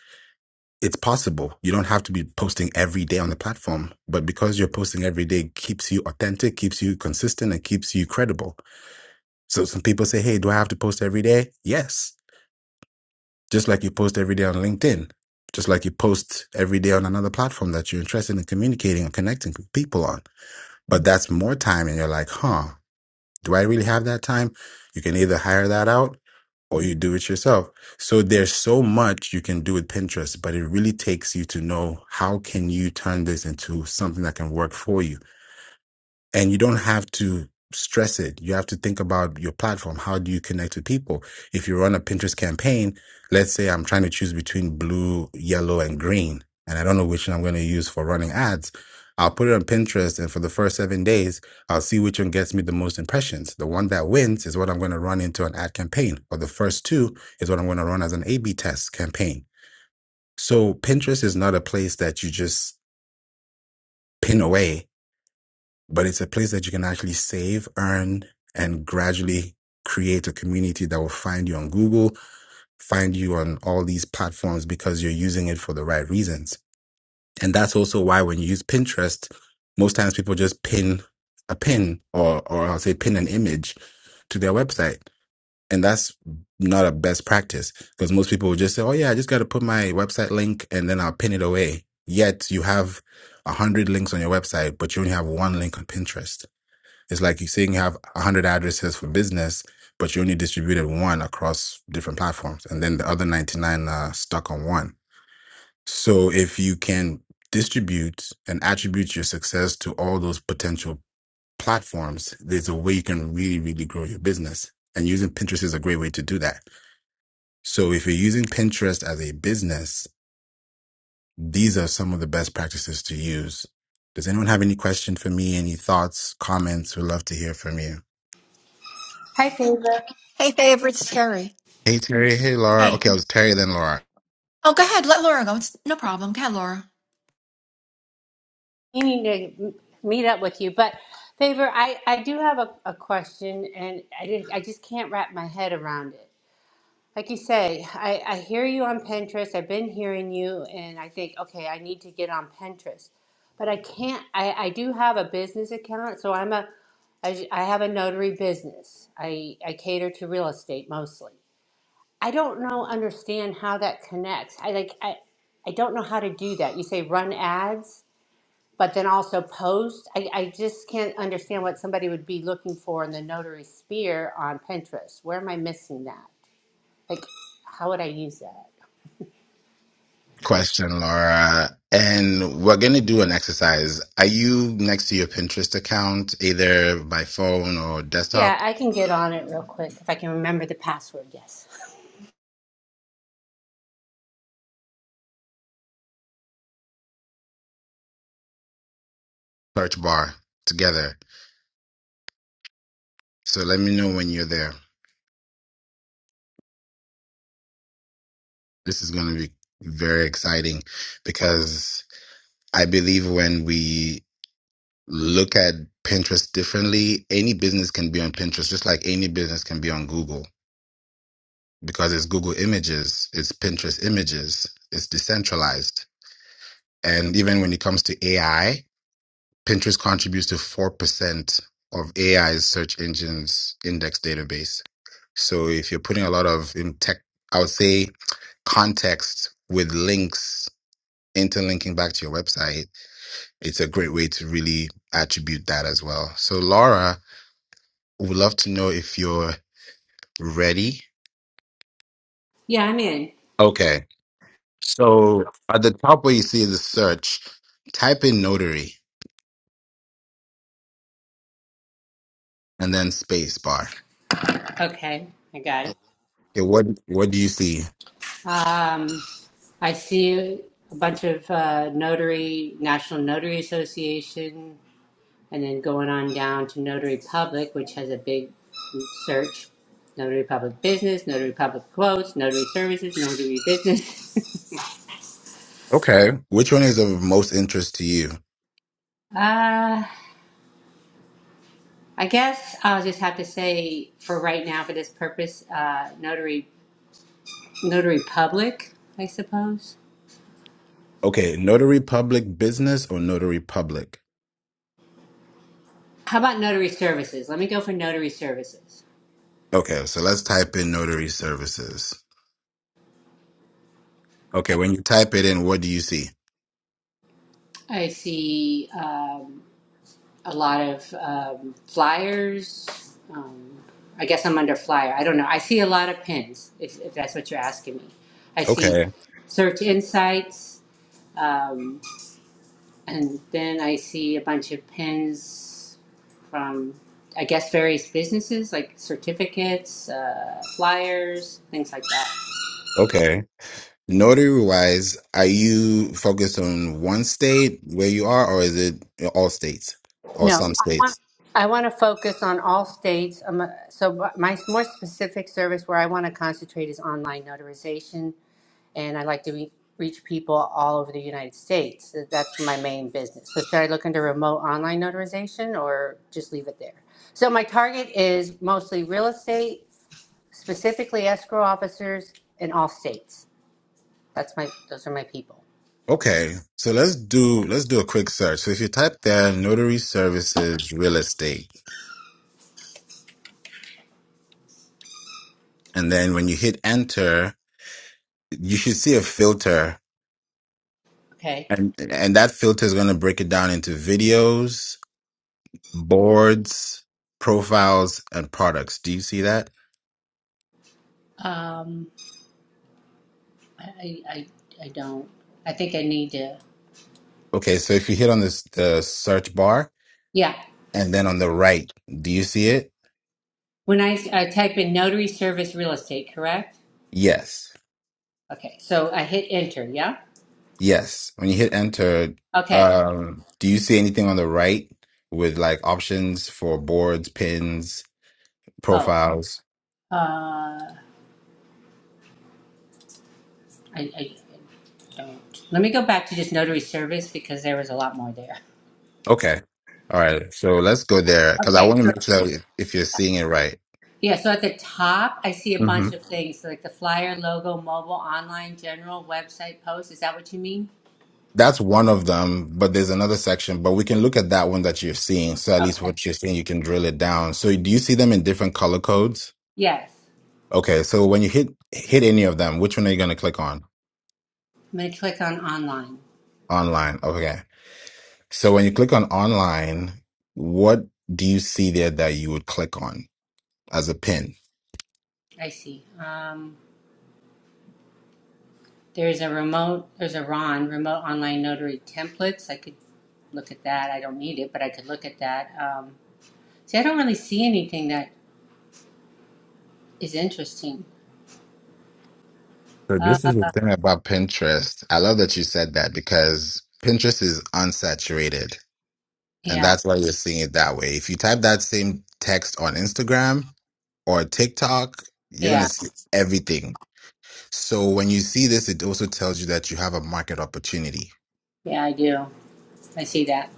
S23: It's possible. You don't have to be posting every day on the platform, but because you're posting every day keeps you authentic, keeps you consistent and keeps you credible. So some people say, "Hey, do I have to post every day?" Yes. Just like you post every day on LinkedIn, just like you post every day on another platform that you're interested in communicating and connecting with people on. But that's more time and you're like, "Huh, Do I really have that time? You can either hire that out or you do it yourself. So there's so much you can do with Pinterest, but it really takes you to know how can you turn this into something that can work for you and you don't have to stress it. You have to think about your platform. How do you connect with people? If you run a Pinterest campaign, let's say I'm trying to choose between blue, yellow, and green, and I don't know which one I'm going to use for running ads. I'll put it on Pinterest, and for the first seven days, I'll see which one gets me the most impressions. The one that wins is what I'm going to run into an ad campaign, or the first two is what I'm going to run as an A B test campaign. So Pinterest is not a place that you just pin away but it's a place that you can actually save, earn, and gradually create a community that will find you on Google, find you on all these platforms because you're using it for the right reasons. And that's also why when you use Pinterest, most times people just pin a pin or, or I'll say pin an image to their website. And that's not a best practice because most people will just say, Oh yeah, I just got to put my website link and then I'll pin it away. Yet you have a hundred links on your website, but you only have one link on Pinterest it's like you're saying you have 100 addresses for business, but you only distributed one across different platforms, and then the other 99 are stuck on one. So if you can distribute and attribute your success to all those potential platforms, there's a way you can really, really grow your business. And using Pinterest is a great way to do that. So if you're using Pinterest as a business, these are some of the best practices to use. Does anyone have any question for me? Any thoughts, comments? We'd love to hear from you.
S25: Hi, Favor.
S24: Hey, favor, it's Terry.
S23: Hey Terry, hey Laura.
S24: Hey.
S23: Okay, I was Terry then Laura.
S24: Oh, go ahead. Laura.
S25: Meaning to meet up with you, but Favor, I, I do have a, a question, and I didn't, I just can't wrap my head around it. Like you say, I, I hear you on Pinterest. I've been hearing you, and I think, okay, I need to get on Pinterest, but I can't. I, I do have a business account, so I'm a I, I have a notary business. I, I cater to real estate mostly. I don't know understand how that connects. I like I I don't know how to do that. You say run ads. but then also post. I, I just can't understand what somebody would be looking for in the notary sphere on Pinterest. Where am I missing that? Like, how would I use that?
S23: Question, Laura. And we're gonna do an exercise. Are you next to your Pinterest account, either by phone or
S25: Yeah,
S23: desktop?
S25: I can get on it real quick if I can remember the password. Yes.
S23: Search bar together. So let me know when you're there. This is gonna be very exciting because I believe when we look at Pinterest differently, any business can be on Pinterest, just like any business can be on Google. Because it's Google Images, it's Pinterest Images, it's decentralized And even when it comes to AI, Pinterest contributes to 4% of AI's search engines index database. So if you're putting a lot of in tech, I would say context with links interlinking back to your website, it's a great way to really attribute that as well. So Laura, would love to know if you're ready.
S25: Yeah, I'm in.
S23: Okay. So at the top where you see the search, type in notary and then space bar.
S25: Okay, I got it.
S23: Okay, what what do you see?
S25: Um, I see a bunch of uh, notary, National Notary Association, And then going on down to Notary Public, which has a big search. Notary Public Business, Notary Public Quotes, Notary Services, Notary Business.
S23: Okay. Which one is of most interest to you?
S25: Uh, I guess I'll just have to say for right now, for this purpose, uh, notary, notary public, I suppose.
S23: Okay, Notary Public Business or Notary Public?
S25: How about notary services? Let me go for notary services.
S23: Okay, so let's type in Notary Services. Okay,
S25: Okay.
S23: when you type it in, what do you see?
S25: I see. Um, a lot of um, flyers. Um, I guess I'm under flyer. I don't know. I see a lot of pins, if, if that's what you're asking me. I see
S23: Okay,
S25: search insights, um, and then I see a bunch of pins from, I guess, various businesses like certificates, uh, flyers, things like that.
S23: okay. Notary wise, are you focused on one state where you are, or is it all states or
S25: No,
S23: some
S25: I want
S23: states?
S25: I want to focus on all states. Um, so my my more specific service where I want to concentrate is online notarization and I like to re- reach people all over the United States. So That's my main business. So should I look into remote online notarization or just leave it there? So my target is mostly real estate, specifically escrow officers in all states. That's my those are my people.
S23: Okay, so let's do let's do a quick search. So if you type there Notary Services Real Estate, and then when you hit enter, you should see a filter
S25: Okay.
S23: And and that filter is going to break it down into videos, boards, profiles, and products. Do you see that?
S25: Um, I, I, I don't. I think I need to.
S23: Okay, so if you hit on this the search bar
S25: Yeah.
S23: and then on the right, do you see it?
S25: When I, I type in notary service real estate, correct?
S23: Yes.
S25: Okay. So I hit enter. Yeah.
S23: Yes. When you hit enter,
S25: Okay.
S23: um, do you see anything on the right with like options for boards, pins,
S25: Oh.
S23: profiles?
S25: Uh, I, I don't. Let me go back to just notary service because there was a lot more there.
S23: Okay. All right. So let's go there because I
S25: Okay,
S23: want to
S25: so
S23: make sure if you're seeing it right.
S25: yeah, so at the top, I see a bunch of things like the flyer, logo, mobile, online, general, website, post. Is that what you mean?
S23: That's one of them, but there's another section. But we can look at that one that you're seeing. So at least
S25: Okay.
S23: what you're seeing, you can drill it down. So do you see them in different color codes?
S25: Yes.
S23: Okay, so when you hit hit any of them, which one are you going to click on?
S25: I'm gonna click on online.
S23: Online. Okay. So when you click on online, what do you see there that you would click on as a pin?
S25: I see. Um, there's a remote. There's a Ron remote online notary templates. I could look at that. I don't need it, but I could look at that. Um, see, I don't really see anything that is interesting.
S23: So
S25: Uh,
S23: this is the thing about Pinterest. I love that you said that because Pinterest is unsaturated and
S25: yeah,
S23: that's why you're seeing it that way. If you type that same text on Instagram or TikTok, you're going to
S25: yeah,
S23: see everything. So when you see this, it also tells you that you have a market opportunity.
S25: yeah. I do. I see that.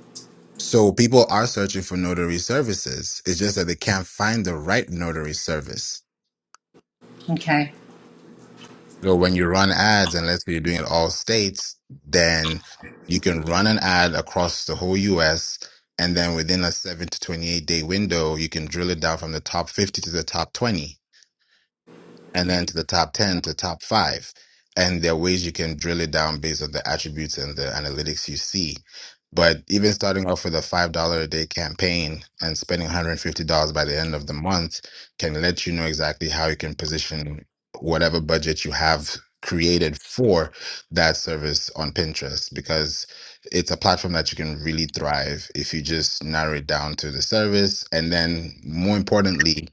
S23: So people are searching for notary services. It's just that they can't find the right notary service.
S25: Okay.
S23: So when you run ads, and let's say you're doing it all states, then you can run an ad across the whole US. And then within a seven to 28 day window, you can drill it down from the top 50 to the top 20 and then to the top 10 to top five. And there are ways you can drill it down based on the attributes and the analytics you see. But even starting off with a $5 a day campaign and spending $150 by the end of the month can let you know exactly how you can position whatever budget you have created for that service on Pinterest because it's a platform that you can really thrive if you just narrow it down to the service. And then more importantly,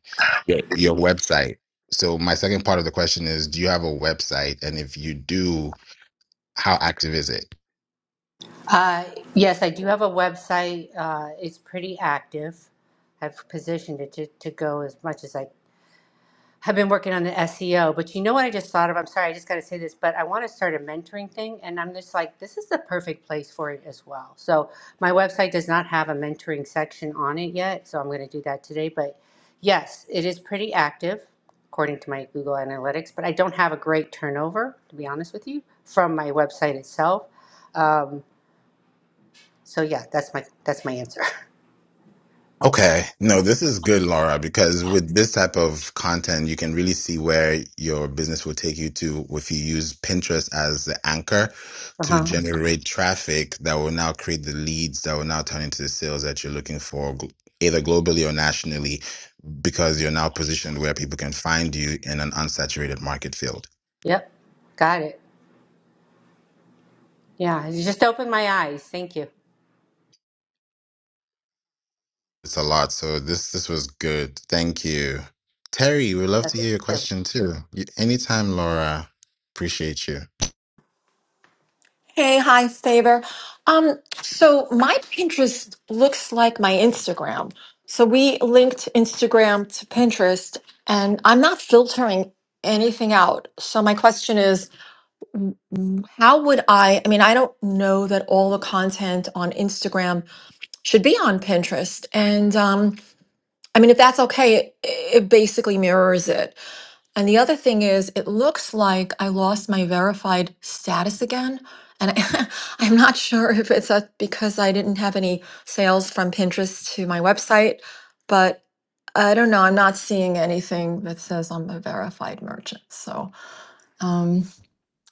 S23: your your website. So my second part of the question is, do you have a website? And if you do, how active is it?
S25: Uh, yes, I do have a website. Uh, it's pretty active. I've positioned it to, to go as much as I I've been working on the SEO, but you know what I just thought of? I'm sorry, I just got to say this, but I want to start a mentoring thing. And I'm just like, this is the perfect place for it as well. So my website does not have a mentoring section on it yet. So I'm going to do that today. But yes, it is pretty active according to my Google Analytics, but I don't have a great turnover, to be honest with you, from my website itself. Um, so yeah, that's my that's my answer.
S23: Okay. No, this is good, Laura, because with this type of content, you can really see where your business will take you to if you use Pinterest as the anchor to
S25: Uh-huh.
S23: generate traffic that will now create the leads that will now turn into the sales that you're looking for, gl- either globally or nationally, because you're now positioned where people can find you in an unsaturated market field.
S25: Yep. Got it. Yeah, you just opened my eyes. Thank you.
S23: It's a lot. So this this was good. Thank you, Terry. We'd love
S25: That's
S23: to hear your
S25: you.
S23: question too. You- Anytime, Laura. Appreciate you.
S24: Hey, hi, Favor. Um, so my Pinterest looks like my Instagram. So we linked Instagram to Pinterest, and I'm not filtering anything out. So my question is, Mm, How would I? I mean, I don't know that all the content on Instagram should be on Pinterest. And um, I mean, if that's okay, it, it basically mirrors it. And the other thing is, it looks like I lost my verified status again. And I, I'm not sure if it's a, because I didn't have any sales from Pinterest to my website, but I don't know. I'm not seeing anything that says I'm a verified merchant. So. um,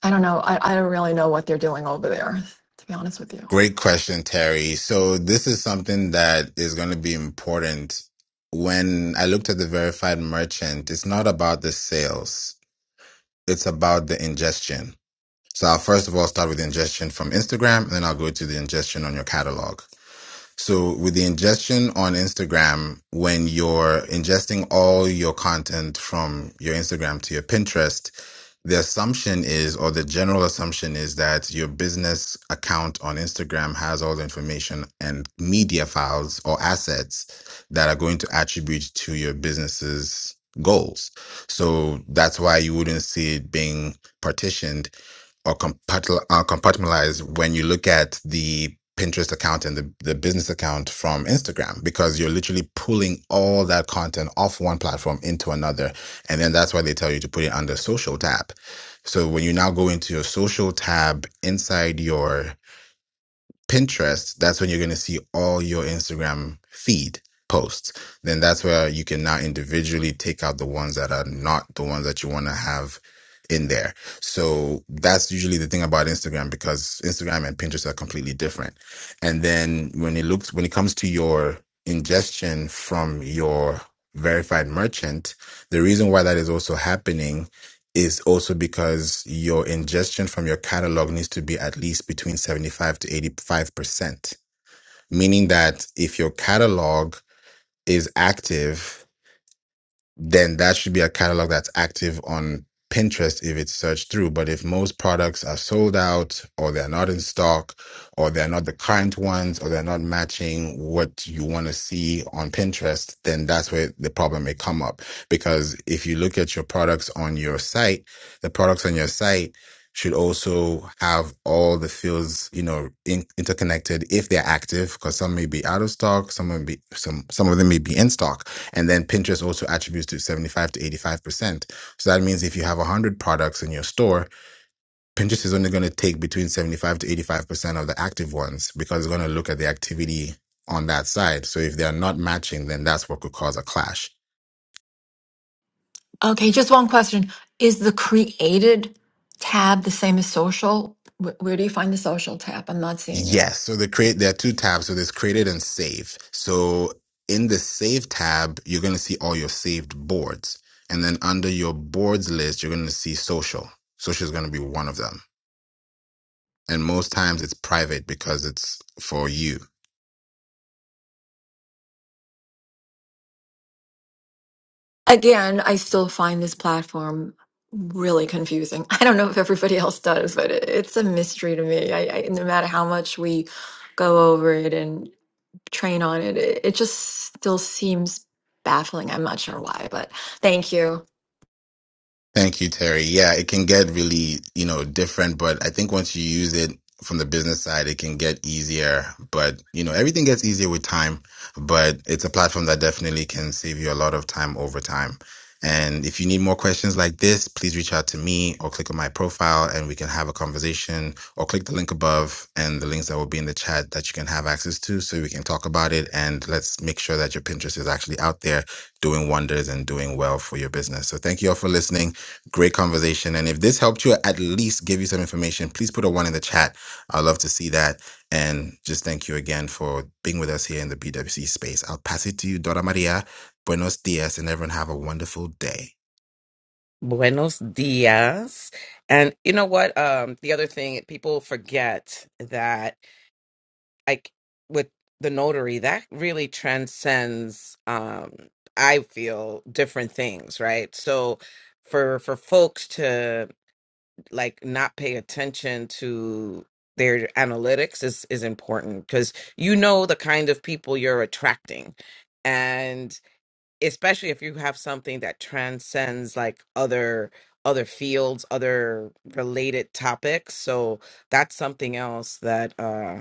S24: I don't know. I, I don't really know what they're doing over there, to be honest with you.
S23: Great question, Terry. So this is something that is going to be important. When I looked at the verified merchant, it's not about the sales. It's about the ingestion. So I'll first of all start with the ingestion from Instagram, and then I'll go to the ingestion on your catalog. So with the ingestion on Instagram, when you're ingesting all your content from your Instagram to your Pinterest, the assumption is, or the general assumption is that your business account on Instagram has all the information and media files or assets that are going to attribute to your business's goals. So that's why you wouldn't see it being partitioned or compartmentalize uh, compartmentalize when you look at the Pinterest account and the, the business account from Instagram because you're literally pulling all that content off one platform into another. And then that's why they tell you to put it under social tab. So when you now go into your social tab inside your Pinterest, that's when you're going to see all your Instagram feed posts. Then that's where you can now individually take out the ones that are not the ones that you want to have in there. So that's usually the thing about Instagram because Instagram and Pinterest are completely different. And then when it looks when it comes to your ingestion from your verified merchant, the reason why that is also happening is also because your ingestion from your catalog needs to be at least between 75 to 85%, meaning that if your catalog is active then that should be a catalog that's active on Pinterest if it's searched through. But if most products are sold out or they're not in stock or they're not the current ones or they're not matching what you want to see on Pinterest, then that's where the problem may come up. Because if you look at your products on your site, the products on your site should also have all the fields, you know, in, interconnected if they're active, because some may be out of stock, some may be some some of them may be in stock and then Pinterest also attributes to 75 to 85%. So that means if you have 100 products in your store, Pinterest is only going to take between 75 to 85% of the active ones because it's going to look at the activity on that side. So if they are not matching, then that's what could cause a clash.
S24: Okay, just one question. Is the created tab the same as social? Where, where do you find the social tab? I'm not seeing it.
S23: Yes. So the create, there are two tabs. So there's created and save. So in the save tab, you're going to see all your saved boards. And then under your boards list, you're going to see social. Social is going to be one of them. and most times it's private because it's for you.
S24: Again, I still find this platform really confusing. I don't know if everybody else does, but it, it's a mystery to me. I, I, no matter how much we go over it and train on it, it, it just still seems baffling. I'm not sure why, but thank you.
S23: Thank you, Terry. Yeah, it can get really, you know, different, but I think once you use it from the business side, it can get easier. But, you know, everything gets easier with time, but it's a platform that definitely can save you a lot of time over time. And if you need more questions like this, please reach out to me or click on my profile and we can have a conversation or click the link above and the links that will be in the chat that you can have access to so we can talk about it. And let's make sure that your Pinterest is actually out there doing wonders and doing well for your business. So thank you all for listening. Great conversation. And if this helped you, or at least give you some information, please put a one in the chat. I'd love to see that. And just thank you again for being with us here in the BWC space. I'll pass it to you, Dora Maria. Buenos dias, and everyone have a wonderful day.
S26: Buenos dias. And you know what? Um, the other thing people forget that like with the notary, that really transcends um I feel different things, right? So for for folks to like not pay attention to their analytics is is important because you know the kind of people you're attracting especially if you have something that transcends like other other fields other related topics so that's something else that uh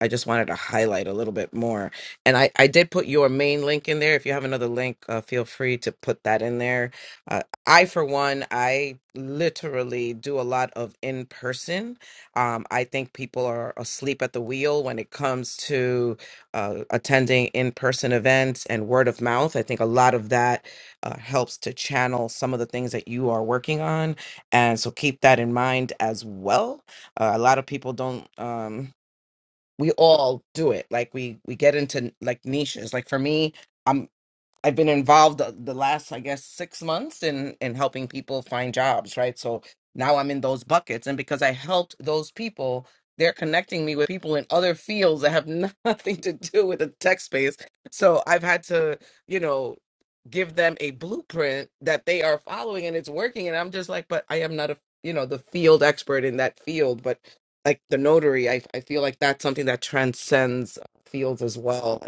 S26: I just wanted to highlight a little bit more. And I, I did put your main link in there. If you have another link, uh, feel free to put that in there. Uh, I, for one, I literally do a lot of in person. Um, I think people are asleep at the wheel when it comes to uh, attending in person events and word of mouth. I think a lot of that uh, helps to channel some of the things that you are working on. And so keep that in mind as well. Uh, a lot of people don't. Um, we all do it like we we get into like niches like for me i'm I've been involved the the last, I guess, six months in in helping people find jobs, right? So now I'm in those buckets, and because I helped those people, they're connecting me with people in other fields that have nothing to do with the tech space. So I've had to, you know, give them a blueprint that they are following, and it's working. And I'm just like, but I am not a, you know, the field expert in that field, but like the notary, I I feel like that's something that transcends fields as well.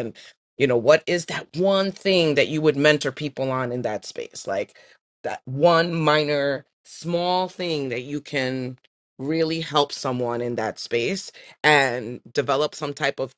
S26: You know, what is that one thing that you would mentor people on in that space? Like that one minor, small thing that you can really help someone in that space and develop some type of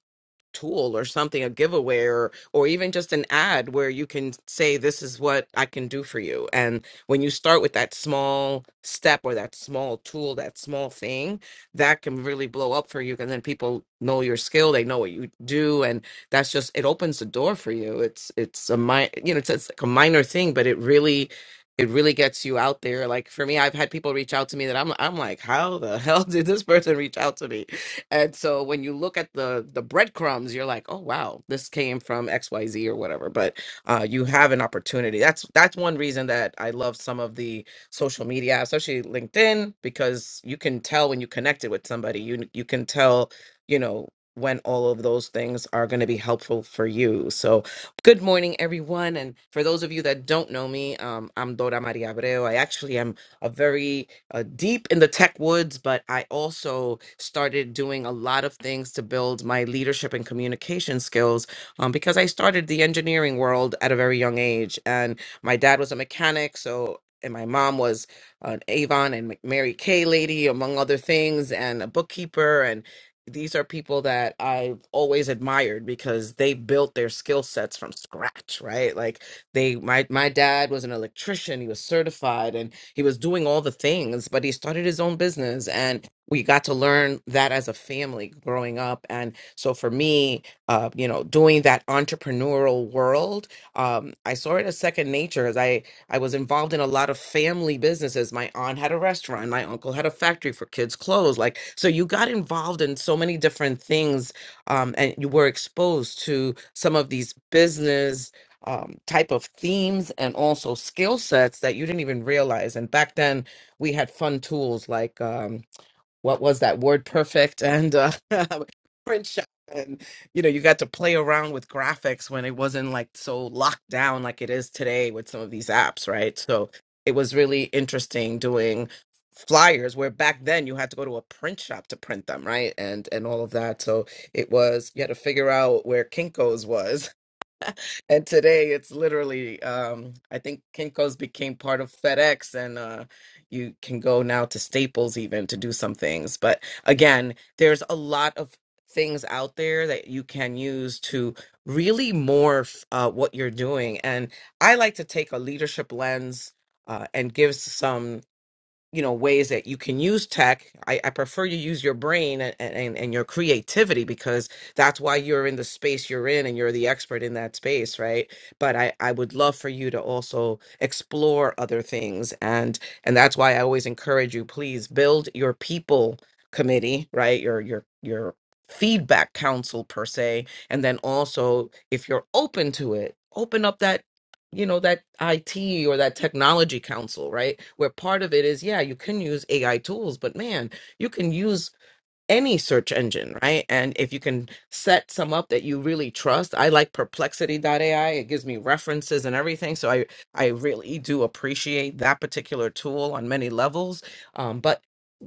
S26: tool or something, a giveaway or or even just an ad where you can say, This is what I can do for you. And when you start with that small step or that small tool, that small thing, that can really blow up for you. And then people know your skill, they know what you do. And that's just it opens the door for you. It's it's a mi- you know, it's, it's like a minor thing, but it really it really gets you out there. Like for me, I've had people reach out to me that I'm I'm like, how the hell did this person reach out to me? and so when you look at the the breadcrumbs, you're like, oh wow, this came from X Y Z or whatever. But uh, you have an opportunity. That's that's one reason that I love some of the social media, apps, especially LinkedIn, because you can tell when you connected with somebody. You you can tell, you know when all of those things are going to be helpful for you. So, good morning, everyone. And for those of you that don't know me, um, I'm Dora Maria Abreu. I actually am a very uh, deep in the tech woods, but I also started doing a lot of things to build my leadership and communication skills um, because I started the engineering world at a very young age. And my dad was a mechanic, so and my mom was an Avon and Mac- Mary Kay lady, among other things, and a bookkeeper. And these are people that I've always admired because they built their skill sets from scratch, right? Like they my my dad was an electrician, he was certified and he was doing all the things, but he started his own business and we got to learn that as a family growing up. And so for me, uh, you know, doing that entrepreneurial world, um, I saw it as second nature as I I was involved in a lot of family businesses. My aunt had a restaurant, my uncle had a factory for kids' clothes. Like, so you got involved in so many different things, um, and you were exposed to some of these business um, type of themes and also skill sets that you didn't even realize. And back then, we had fun tools like um, what was that word perfect and uh, print shop. And you know, you got to play around with graphics when it wasn't like so locked down like it is today with some of these apps, right? So it was really interesting doing flyers where back then you had to go to a print shop to print them, right? And and all of that. So it was you had to figure out where Kinko's was and today it's literally um I think Kinko's became part of FedEx and uh you can go now to Staples even to do some things. But again, there's a lot of things out there that you can use to really morph uh, what you're doing. And I like to take a leadership lens uh, and give some you know ways that you can use tech i, I prefer you use your brain and, and and your creativity because that's why you're in the space you're in and you're the expert in that space right but i i would love for you to also explore other things and and that's why i always encourage you please build your people committee right your your your feedback council per se and then also if you're open to it open up that you know that IT or that technology council, right? Where part of it is, yeah, you can use AI tools, but man, you can use any search engine, right? And if you can set some up that you really trust, I like Perplexity AI. It gives me references and everything. So I I really do appreciate that particular tool on many levels. Um, but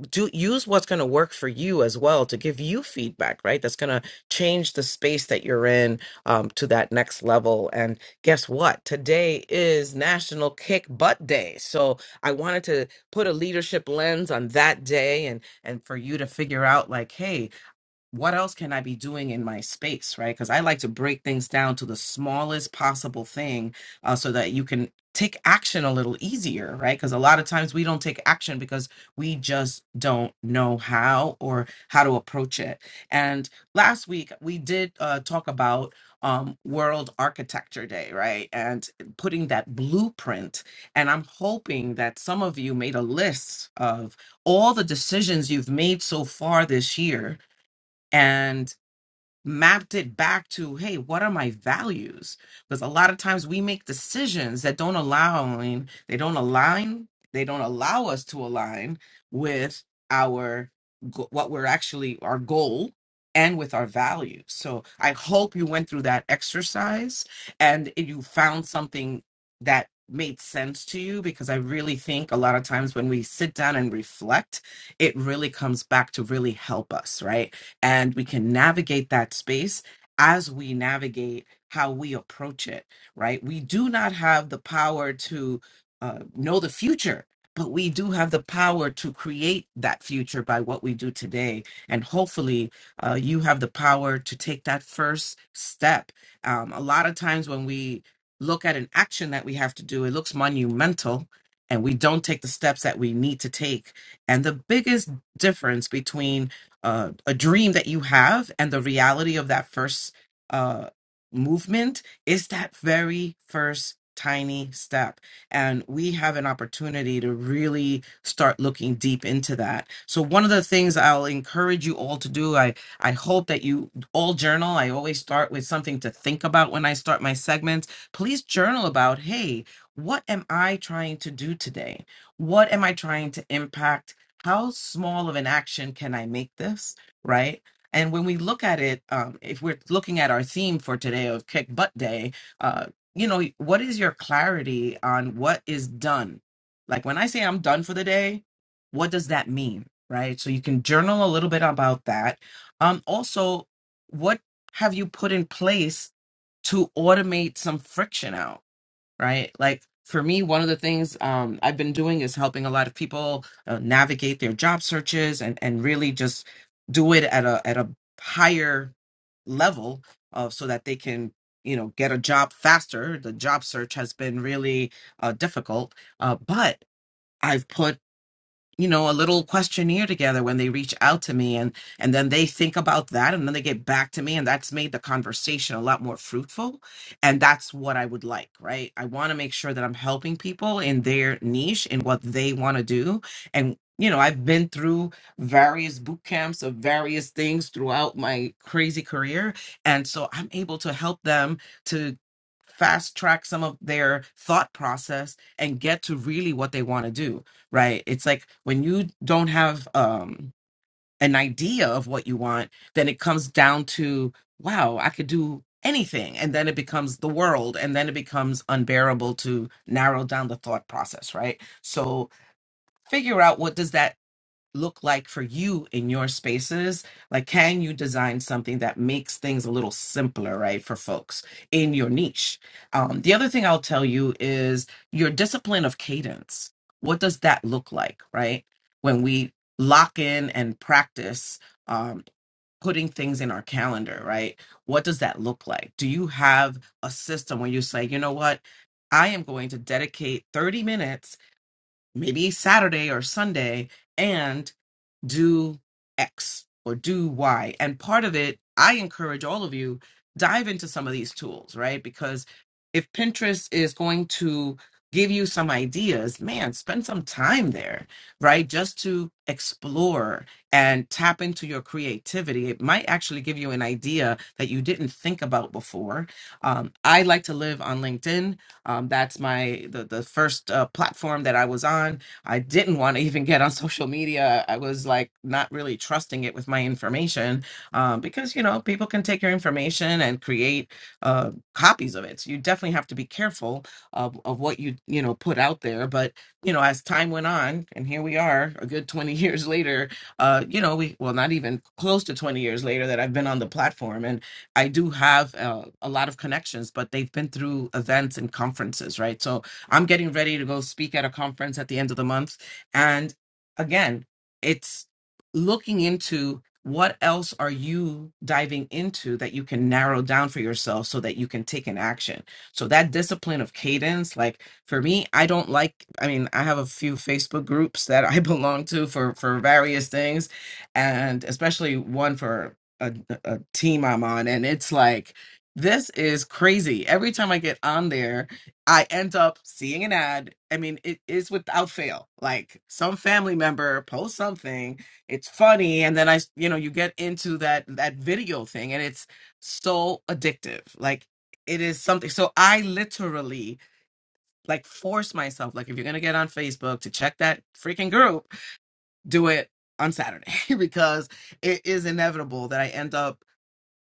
S26: do use what's going to work for you as well to give you feedback right that's going to change the space that you're in um, to that next level and guess what today is national kick butt day so i wanted to put a leadership lens on that day and and for you to figure out like hey what else can I be doing in my space, right? Because I like to break things down to the smallest possible thing uh, so that you can take action a little easier, right? Because a lot of times we don't take action because we just don't know how or how to approach it. And last week we did uh, talk about um, World Architecture Day, right? And putting that blueprint. And I'm hoping that some of you made a list of all the decisions you've made so far this year and mapped it back to hey what are my values because a lot of times we make decisions that don't allow they don't align they don't allow us to align with our go- what we're actually our goal and with our values so i hope you went through that exercise and you found something that made sense to you because i really think a lot of times when we sit down and reflect it really comes back to really help us right and we can navigate that space as we navigate how we approach it, right? We do not have the power to uh, know the future, but we do have the power to create that future by what we do today. And hopefully, uh, you have the power to take that first step. Um, a lot of times when we look at an action that we have to do, it looks monumental. And we don't take the steps that we need to take. And the biggest difference between uh, a dream that you have and the reality of that first uh, movement is that very first tiny step and we have an opportunity to really start looking deep into that so one of the things i'll encourage you all to do i i hope that you all journal i always start with something to think about when i start my segments please journal about hey what am i trying to do today what am i trying to impact how small of an action can I make this? Right. And when we look at it, um, if we're looking at our theme for today of Kick Butt Day, uh, you know, what is your clarity on what is done? Like when I say I'm done for the day, what does that mean? Right. So you can journal a little bit about that. Um, also, what have you put in place to automate some friction out? right? Like for me, one of the things um, I've been doing is helping a lot of people uh, navigate their job searches and and really just do it at a at a higher level uh, so that they can you know get a job faster. The job search has been really uh, difficult, uh, but I've put you know a little questionnaire together when they reach out to me and and then they think about that and then they get back to me and that's made the conversation a lot more fruitful and that's what i would like right i want to make sure that i'm helping people in their niche in what they want to do and you know i've been through various boot camps of various things throughout my crazy career and so i'm able to help them to fast track some of their thought process and get to really what they want to do right? It's like when you don't have um an idea of what you want, then it comes down to wow, I could do anything and then it becomes the world and then it becomes unbearable to narrow down the thought process, right? So figure out what does that look like for you in your spaces? Like, can you design something that makes things a little simpler, right, for folks in your niche? Um, the other thing I'll tell you is your discipline of cadence. What does that look like, right? When we lock in and practice um, putting things in our calendar, right? What does that look like? Do you have a system where you say, you know what? I am going to dedicate 30 minutes, maybe Saturday or Sunday, and do X or do Y. And part of it, I encourage all of you dive into some of these tools, right? Because if Pinterest is going to give you some ideas, man, spend some time there, right? Just to explore and tap into your creativity. It might actually give you an idea that you didn't think about before. Um, I like to live on LinkedIn. Um, that's my the the first uh, platform that I was on I didn't want to even get on social media. I was like not really trusting it with my information um, because, you know, people can take your information and create uh, copies of it. So you definitely have to be careful of, of what you, you know, put out there. But, you know, as time went on, and here we are a good 20 years later, uh, you know, we, well, not even close to 20 years later that I've been on the platform. And I do have uh, a lot of connections, but they've been through events and conferences, right? So I'm getting ready to go speak at a conference at the end of the month. And again, it's looking into what else are you diving into that you can narrow down for yourself so that you can take an action. So that discipline of cadence, like for me, I don't like, I mean, I have a few Facebook groups that I belong to for for various things and especially one for a, a team I'm on and it's like this is crazy. Every time I get on there I end up seeing an ad. I mean, it is without fail. Like some family member posts something, it's funny, and then I, s- you know, you get into that that video thing, and it's so addictive. Like it is something. So I literally like force myself. Like if you're gonna get on Facebook to check that freaking group, do it on Saturday because it is inevitable that I end up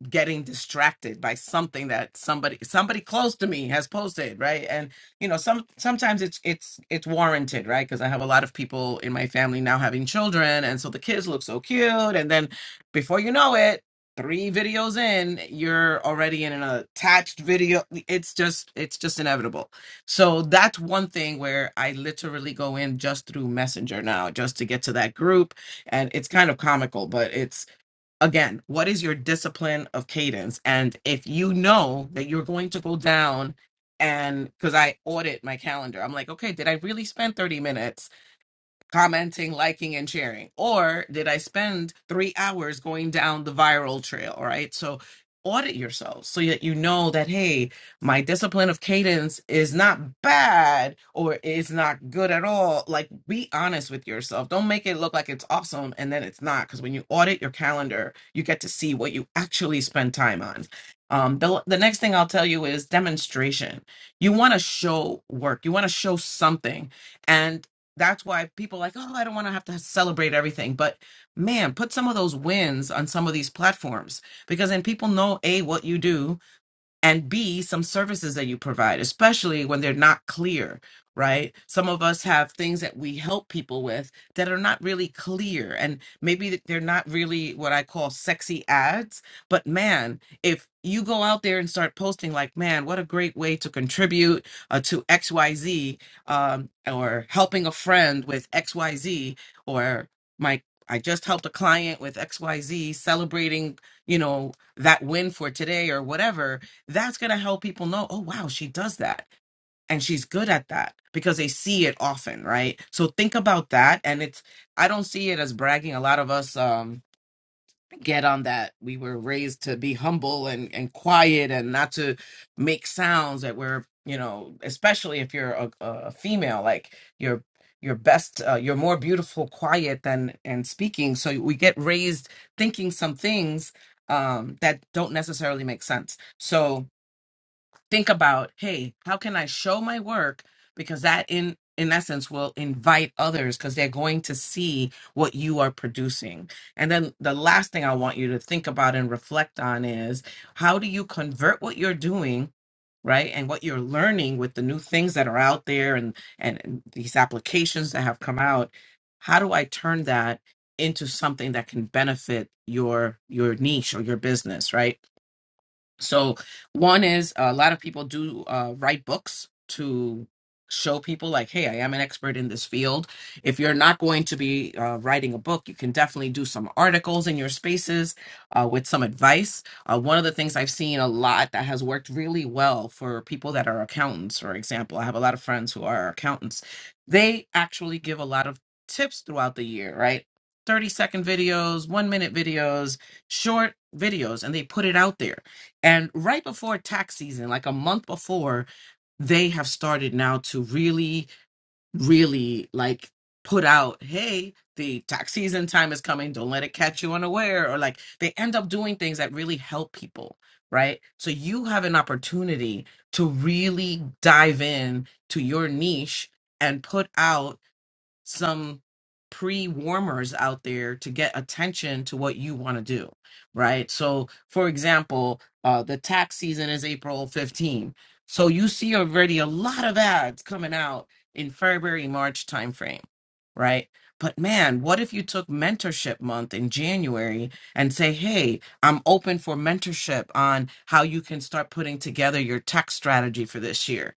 S26: getting distracted by something that somebody somebody close to me has posted right and you know some sometimes it's it's it's warranted right because i have a lot of people in my family now having children and so the kids look so cute and then before you know it three videos in you're already in an attached video it's just it's just inevitable so that's one thing where i literally go in just through messenger now just to get to that group and it's kind of comical but again, what is your discipline of cadence? And if you know that you're going to go down and because I audit my calendar, I'm like, okay, did I really spend 30 minutes? commenting, liking, and sharing? Or did I spend three hours going down the viral trail? All right. So audit yourself so that you know that, hey, my discipline of cadence is not bad or is not good at all. Like, be honest with yourself. Don't make it look like it's awesome and then it's not. Because when you audit your calendar, you get to see what you actually spend time on. Um, the, the next thing I'll tell you is demonstration. You want to show work, you want to show something. And that's why people are like, oh, I don't want to have to celebrate everything. But man, put some of those wins on some of these platforms because then people know A, what you do, and B, some services that you provide, especially when they're not clear, right? Some of us have things that we help people with that are not really clear, and maybe th- they're not really what I call sexy ads. But man, if you go out there and start posting, like, man, what a great way to contribute uh, to XYZ, um, or helping a friend with XYZ, or my I just helped a client with XYZ celebrating, you know, that win for today or whatever that's going to help people know, oh, wow, she does that. And she's good at that because they see it often, right? So think about that. And it's, I don't see it as bragging. A lot of us um, get on that. We were raised to be humble and, and quiet and not to make sounds that we're, you know, especially if you're a, a female, like you're, you're best, uh, you're more beautiful, quiet than and speaking. So we get raised thinking some things um, that don't necessarily make sense. So, think about hey how can i show my work because that in in essence will invite others because they're going to see what you are producing and then the last thing i want you to think about and reflect on is how do you convert what you're doing right and what you're learning with the new things that are out there and and and these applications that have come out how do i turn that into something that can benefit your your niche or your business right so one is a lot of people do uh, write books to show people like, hey, I am an expert in this field. If you're not going to be uh, writing a book, you can definitely do some articles in your spaces uh, with some advice. Uh, one of the things I've seen a lot that has worked really well for people that are accountants, for example, I have a lot of friends who are accountants. They actually give a lot of tips throughout the year, right? 30 second videos, one minute videos, short videos, and they put it out there and right before tax season, like a month before, they have started now to really, really like put out, hey, the tax season time is coming. Don't let it catch you unaware. Or like they end up doing things that really help people, right? So you have an opportunity to really dive in to your niche and put out some pre warmers out there to get attention to what you want to do, right? So, for example, uh, the tax season is April fifteenth, So, you see already a lot of ads coming out in February, March timeframe, right? But man, what if you took mentorship month in January and say, hey, I'm open for mentorship on how you can start putting together your tax strategy for this year?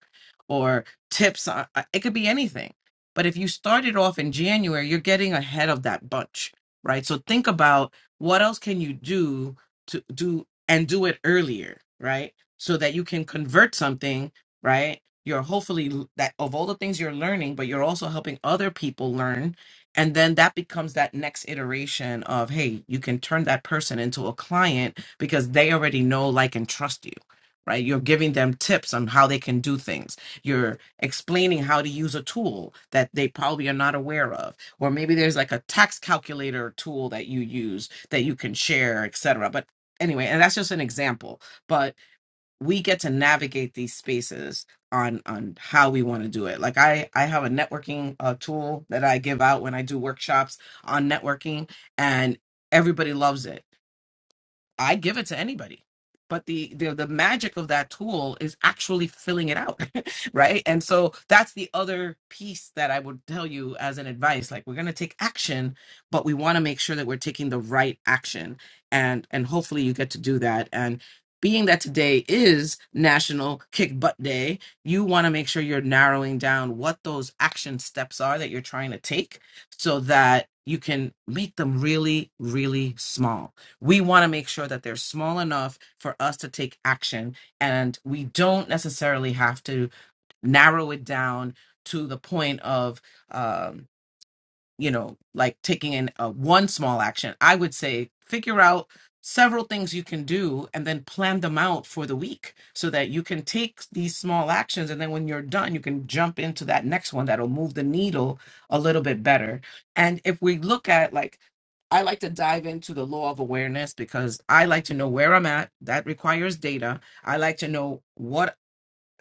S26: Or tips, on, it could be anything but if you started off in January, you're getting ahead of that bunch, right? So think about what else can you do to do and do it earlier, right? So that you can convert something, right? You're hopefully l- that of all the things you're learning, but you're also helping other people learn. And then that becomes that next iteration of, hey, you can turn that person into a client because they already know, like, and trust you, right? You're giving them tips on how they can do things explaining how to use a tool that they probably are not aware of or maybe there's like a tax calculator tool that you use that you can share etc but anyway and that's just an example but we get to navigate these spaces on on how we want to do it like i i have a networking uh, tool that i give out when i do workshops on networking and everybody loves it I give it to anybody. But the, the the magic of that tool is actually filling it out, right? And so that's the other piece that I would tell you as an advice. Like we're gonna take action, but we want to make sure that we're taking the right action, and and hopefully you get to do that. And being that today is National Kick Butt Day, you want to make sure you're narrowing down what those action steps are that you're trying to take, so that you can make them really, really small we want to make sure that they're small enough for us to take action and we don't necessarily have to narrow it down to the point of um you know, like taking in uh, one small action. I would say figure out several things you can do and then plan them out for the week so that you can take these small actions and then when you're done you can jump into that next one that'll move the needle a little bit better. And if we look at like I like to dive into the law of awareness because I like to know where I'm at. That requires data. I like to know what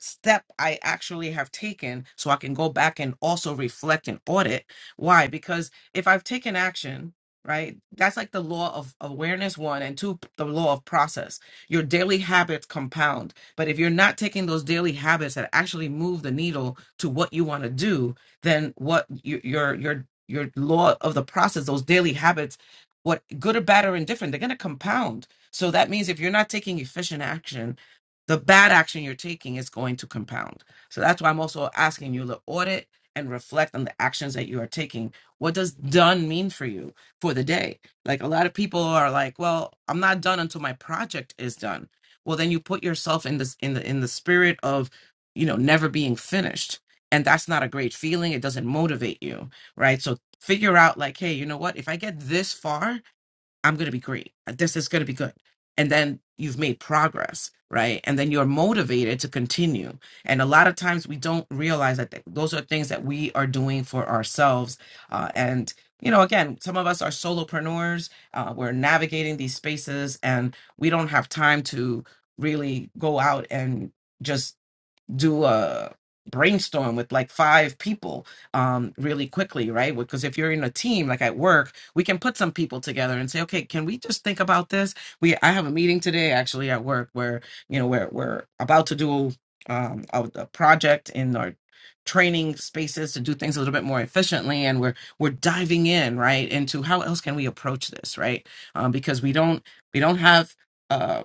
S26: step I actually have taken so I can go back and also reflect and audit. Why? Because if I've taken action, right, that's like the law of awareness, one, and two, the law of process. Your daily habits compound. But if you're not taking those daily habits that actually move the needle to what you want to do, then what your your, your, your law of the process, those daily habits, what good or bad or indifferent, they're going to compound. So that means if you're not taking efficient action, the bad action you're taking is going to compound. So that's why I'm also asking you to audit and reflect on the actions that you are taking. What does done mean for you for the day? Like a lot of people are like, well, I'm not done until my project is done. Well, then you put yourself in this in the in the spirit of, you know, never being finished. And that's not a great feeling. It doesn't motivate you, right? So figure out like, hey, you know what? If I get this far, I'm going to be great. Uh, This is going to be good. And then you've made progress, right? And then you're motivated to continue. And a lot of times we don't realize that th- those are things that we are doing for ourselves. Uh, and, you know, again, some of us are solopreneurs. Uh, we're navigating these spaces and we don't have time to really go out and just do a brainstorm with like five people um really quickly right because if you're in a team like at work we can put some people together and say okay can we just think about this we i have a meeting today actually at work where you know we're we're about to do um a, a project in our training spaces to do things a little bit more efficiently and we're we're diving in right into how else can we approach this right um because we don't we don't have uh,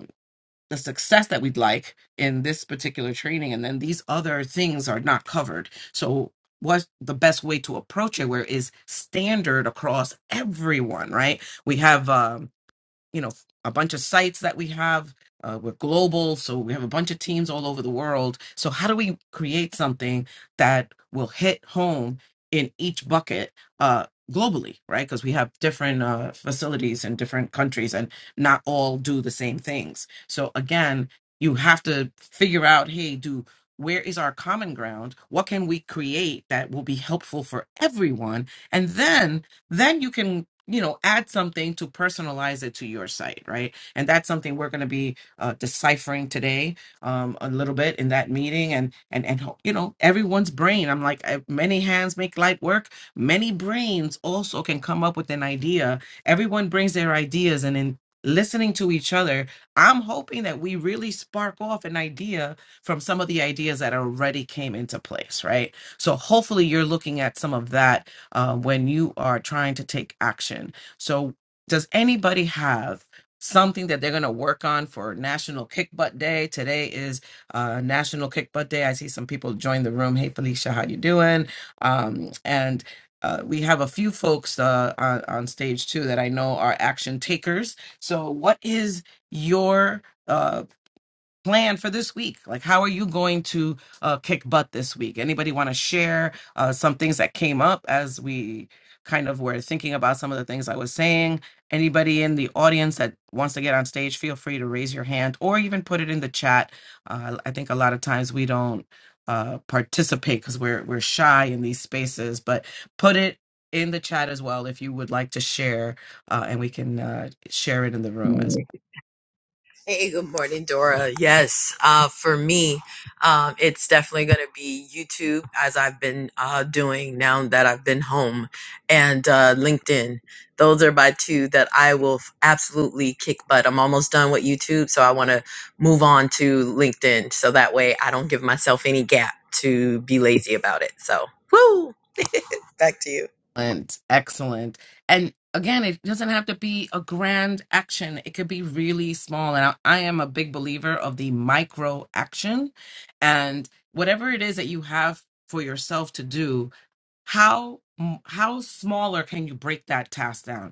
S26: the success that we'd like in this particular training and then these other things are not covered so what's the best way to approach it where is standard across everyone right we have um you know a bunch of sites that we have uh, we're global so we have a bunch of teams all over the world so how do we create something that will hit home in each bucket uh, globally right because we have different uh, facilities in different countries and not all do the same things so again you have to figure out hey do where is our common ground what can we create that will be helpful for everyone and then then you can you know add something to personalize it to your site right and that's something we're going to be uh, deciphering today um, a little bit in that meeting and and and ho- you know everyone's brain i'm like uh, many hands make light work many brains also can come up with an idea everyone brings their ideas and in listening to each other i'm hoping that we really spark off an idea from some of the ideas that already came into place right so hopefully you're looking at some of that uh, when you are trying to take action. So, does anybody have something that they're going to work on for National Kick Butt Day? Today is uh, National Kick Butt Day. I see some people join the room. Hey, Felicia, how you doing? Um, and uh, we have a few folks uh, on, on stage too that I know are action takers. So, what is your uh, plan for this week like how are you going to uh, kick butt this week anybody want to share uh, some things that came up as we kind of were thinking about some of the things i was saying anybody in the audience that wants to get on stage feel free to raise your hand or even put it in the chat uh, i think a lot of times we don't uh, participate because we're we're shy in these spaces but put it in the chat as well if you would like to share uh, and we can uh, share it in the room as well
S27: Hey, good morning, Dora. Yes, uh, for me, um, it's definitely going to be YouTube as I've been uh, doing now that I've been home, and uh, LinkedIn. Those are my two that I will f- absolutely kick butt. I'm almost done with YouTube, so I want to move on to LinkedIn so that way I don't give myself any gap to be lazy about it. So, woo! Back to you.
S26: Excellent, excellent. And again, it doesn't have to be a grand action. It could be really small. And I, I am a big believer of the micro action. And whatever it is that you have for yourself to do, how m- how smaller can you break that task down?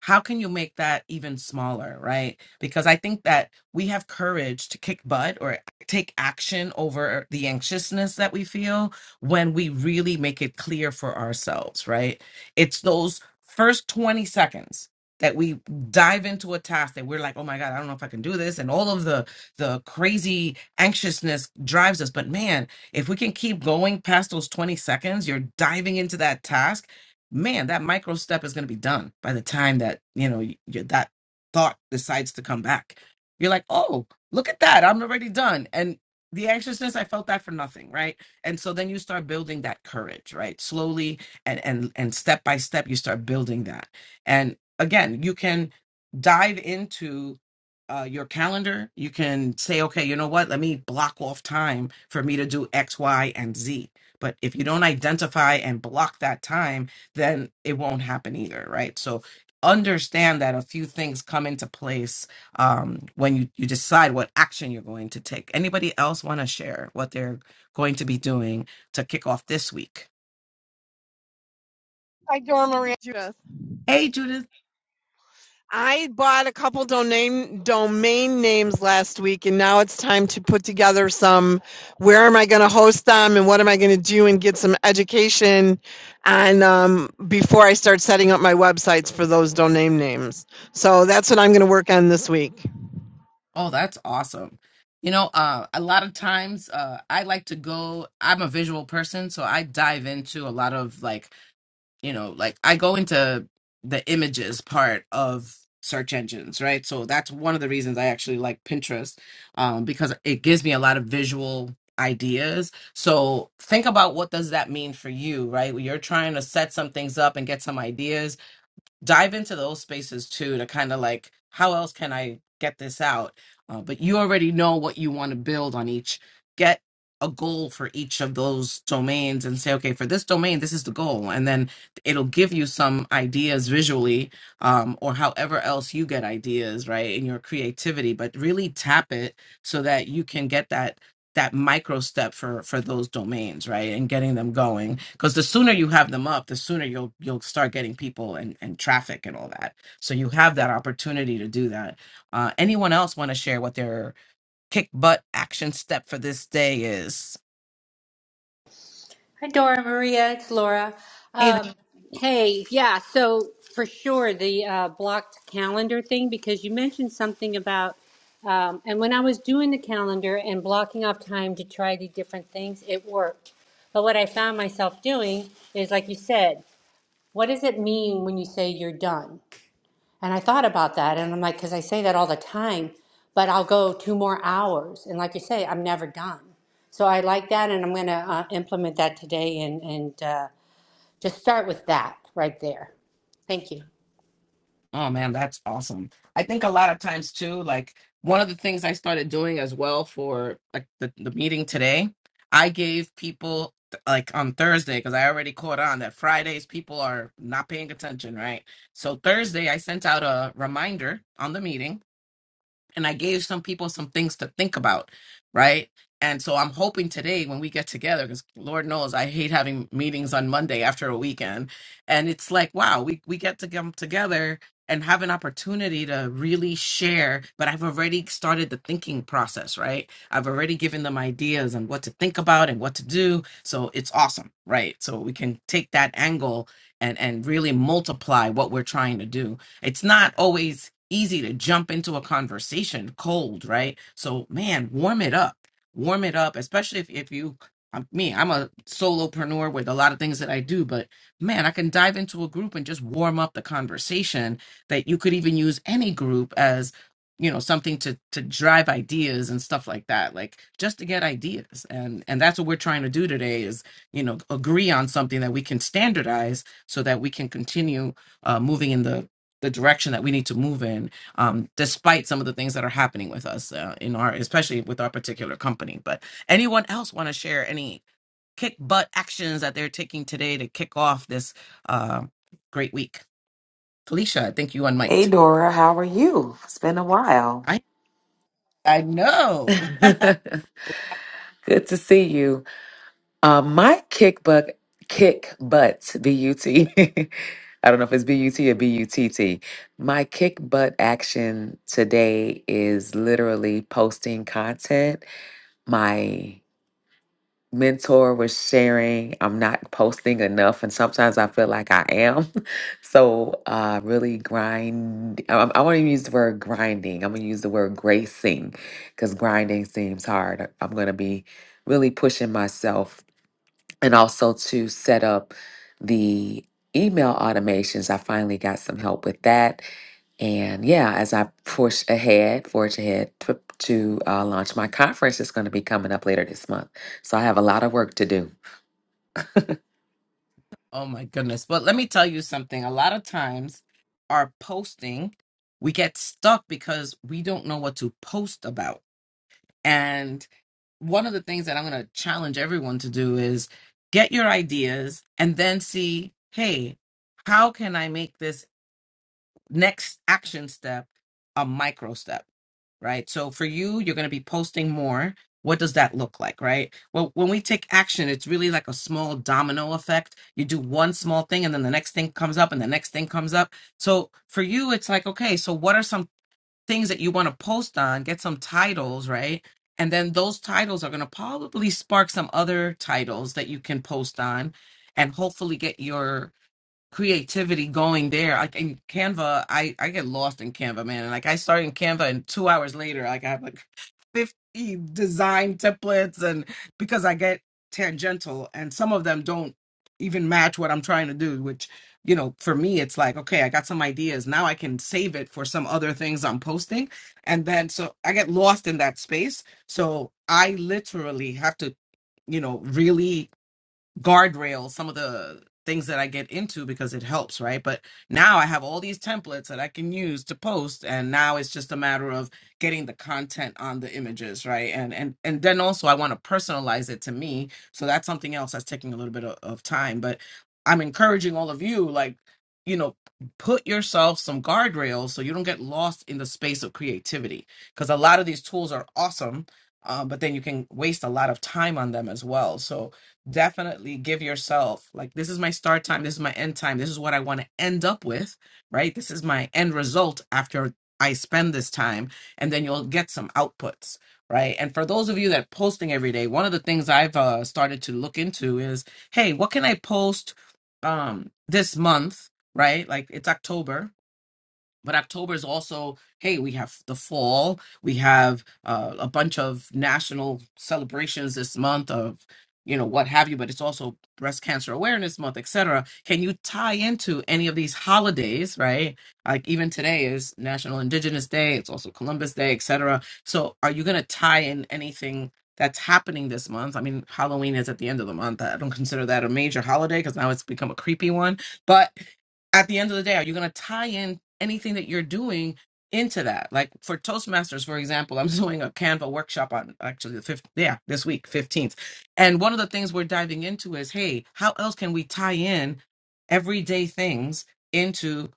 S26: how can you make that even smaller right because i think that we have courage to kick butt or take action over the anxiousness that we feel when we really make it clear for ourselves right it's those first 20 seconds that we dive into a task that we're like oh my god i don't know if i can do this and all of the the crazy anxiousness drives us but man if we can keep going past those 20 seconds you're diving into that task man, that micro step is going to be done by the time that you know y y- that thought decides to come back. You're like, oh, look at that, I'm already done, and the anxiousness, I felt that for nothing, right? And so then you start building that courage, right? Slowly and and and step by step, you start building that. And again, you can dive into uh, your calendar. You can say, okay, you know what? Let me block off time for me to do X, Y, and Z. But if you don't identify and block that time then it won't happen either, right? So understand that a few things come into place um, when you, you decide what action you're going to take. Anybody else want to share what they're going to be doing to kick off this week?
S21: Hi, Dora Maria. Judith.
S26: Hey, Judith.
S21: I bought a couple domain domain names last week, and now it's time to put together some. Where am I going to host them, and what am I going to do, and get some education on um, before I start setting up my websites for those domain names. So that's what I'm going to work on this week.
S26: Oh, that's awesome. You know, uh, a lot of times uh, I like to go, I'm a visual person, so I dive into a lot of like you know, like I go into the images part of search engines, right? So that's one of the reasons I actually like Pinterest um, because it gives me a lot of visual ideas. So think about what does that mean for you, right? When you're trying to set some things up and get some ideas, dive into those spaces too to kind of like how else can i get this out uh, but you already know what you want to build on each get a goal for each of those domains and say okay for this domain this is the goal and then it'll give you some ideas visually um, or however else you get ideas right in your creativity but really tap it so that you can get that that micro step for for those domains right and getting them going because the sooner you have them up the sooner you'll you'll start getting people and and traffic and all that so you have that opportunity to do that uh anyone else want to share what their kick butt action step for this day is
S25: Hi, Dora Maria. It's Laura. Um, hey, yeah. So for sure, the uh, blocked calendar thing because you mentioned something about. Um, and when I was doing the calendar and blocking off time to try the different things, it worked. But what I found myself doing is, like you said, what does it mean when you say you're done? And I thought about that, and I'm like, because I say that all the time, but I'll go two more hours, and like you say, I'm never done. So I like that, and I'm going to uh, implement that today, and and uh, just start with that right there. Thank you.
S26: Oh man, that's awesome. I think a lot of times too, like one of the things I started doing as well for like the, the meeting today, I gave people like on Thursday, because I already caught on that Fridays people are not paying attention, right? So Thursday I sent out a reminder on the meeting and I gave some people some things to think about, right? And so I'm hoping today when we get together, because Lord knows I hate having meetings on Monday after a weekend, and it's like, wow, we we get to come together and have an opportunity to really share. But I've already started the thinking process, right? I've already given them ideas on what to think about and what to do. So it's awesome, right? So we can take that angle and and really multiply what we're trying to do it's not always easy to jump into a conversation cold, right? So, man, warm it up. Warm it up, especially if, if you, I'm, me, I'm a solopreneur with a lot of things that I do, but man, I can dive into a group and just warm up the conversation that you could even use any group as you know something to to drive ideas and stuff like that like just to get ideas and and that's what we're trying to do today is you know agree on something that we can standardize so that we can continue uh, moving in the the direction that we need to move in, um, despite some of the things that are happening with us uh, in our, especially with our particular company. But anyone else want to share any kick butt actions that they're taking today to kick off this uh, great week? Felicia, I think you
S28: Hey
S26: unmiked.
S28: Dora, how are you? It's been a while.
S26: I I know.
S28: Good to see you. Uh, my kick butt, kick butt, B U T. I don't know if it's B U T or B U T T. My kick butt action today is literally posting content. My. mentor was sharing i'm not posting enough and sometimes i feel like i am so uh really grind i, I want to use the word grinding i'm gonna use the word gracing because grinding seems hard i'm gonna be really pushing myself and also to set up the email automations i finally got some help with that and yeah, as I push ahead, forge ahead to, to uh, launch my conference, it's going to be coming up later this month. So I have a lot of work to do.
S26: oh my goodness! But let me tell you something. A lot of times, our posting we get stuck because we don't know what to post about And one of the things that I'm going to challenge everyone to do is get your ideas and then see, hey, how can I make this next action step a micro step? Right. So for you, you're going to be posting more. What does that look like? Right. Well, when we take action, it's really like a small domino effect. You do one small thing and then the next thing comes up and the next thing comes up. So for you, it's like, okay, so what are some things that you want to post on, get some titles, right? And then those titles are going to probably spark some other titles that you can post on and hopefully get your creativity going there. Like in Canva, I I get lost in Canva, man. And like I started in Canva, and two hours later, like I have like fifty design templates, and because I get tangential, and some of them don't even match what I'm trying to do. Which you know, for me, it's like okay, I got some ideas now. I can save it for some other things I'm posting, and then so I get lost in that space. So I literally have to you know really guardrails, some of the things that I get into because it helps, right? But now I have all these templates that I can use to post and now it's just a matter of getting the content on the images, right? And and and then also I want to personalize it to me. So that's something else that's taking a little bit of, of time, but I'm encouraging all of you like, you know, put yourself some guardrails so you don't get lost in the space of creativity because a lot of these tools are awesome, uh, but then you can waste a lot of time on them as well. So definitely give yourself like this is my start time this is my end time this is what i want to end up with right this is my end result after i spend this time and then you'll get some outputs right and for those of you that posting every day one of the things i've uh, started to look into is hey what can i post um this month right like it's october but October is also hey, we have the fall, we have uh, a bunch of national celebrations this month of you know what have you, but it's also breast cancer awareness month, etc. Can you tie into any of these holidays, right? Like even today is National Indigenous Day, it's also Columbus Day, etc. So are you going to tie in anything? That's happening this month. I mean, Halloween is at the end of the month. I don't consider that a major holiday because now it's become a creepy one. But at the end of the day, are you going to tie in anything that you're doing into that? Like for Toastmasters, for example, I'm doing a Canva workshop on actually the fifth, yeah, this week, 15th. And one of the things we're diving into is, hey, how else can we tie in everyday things? into?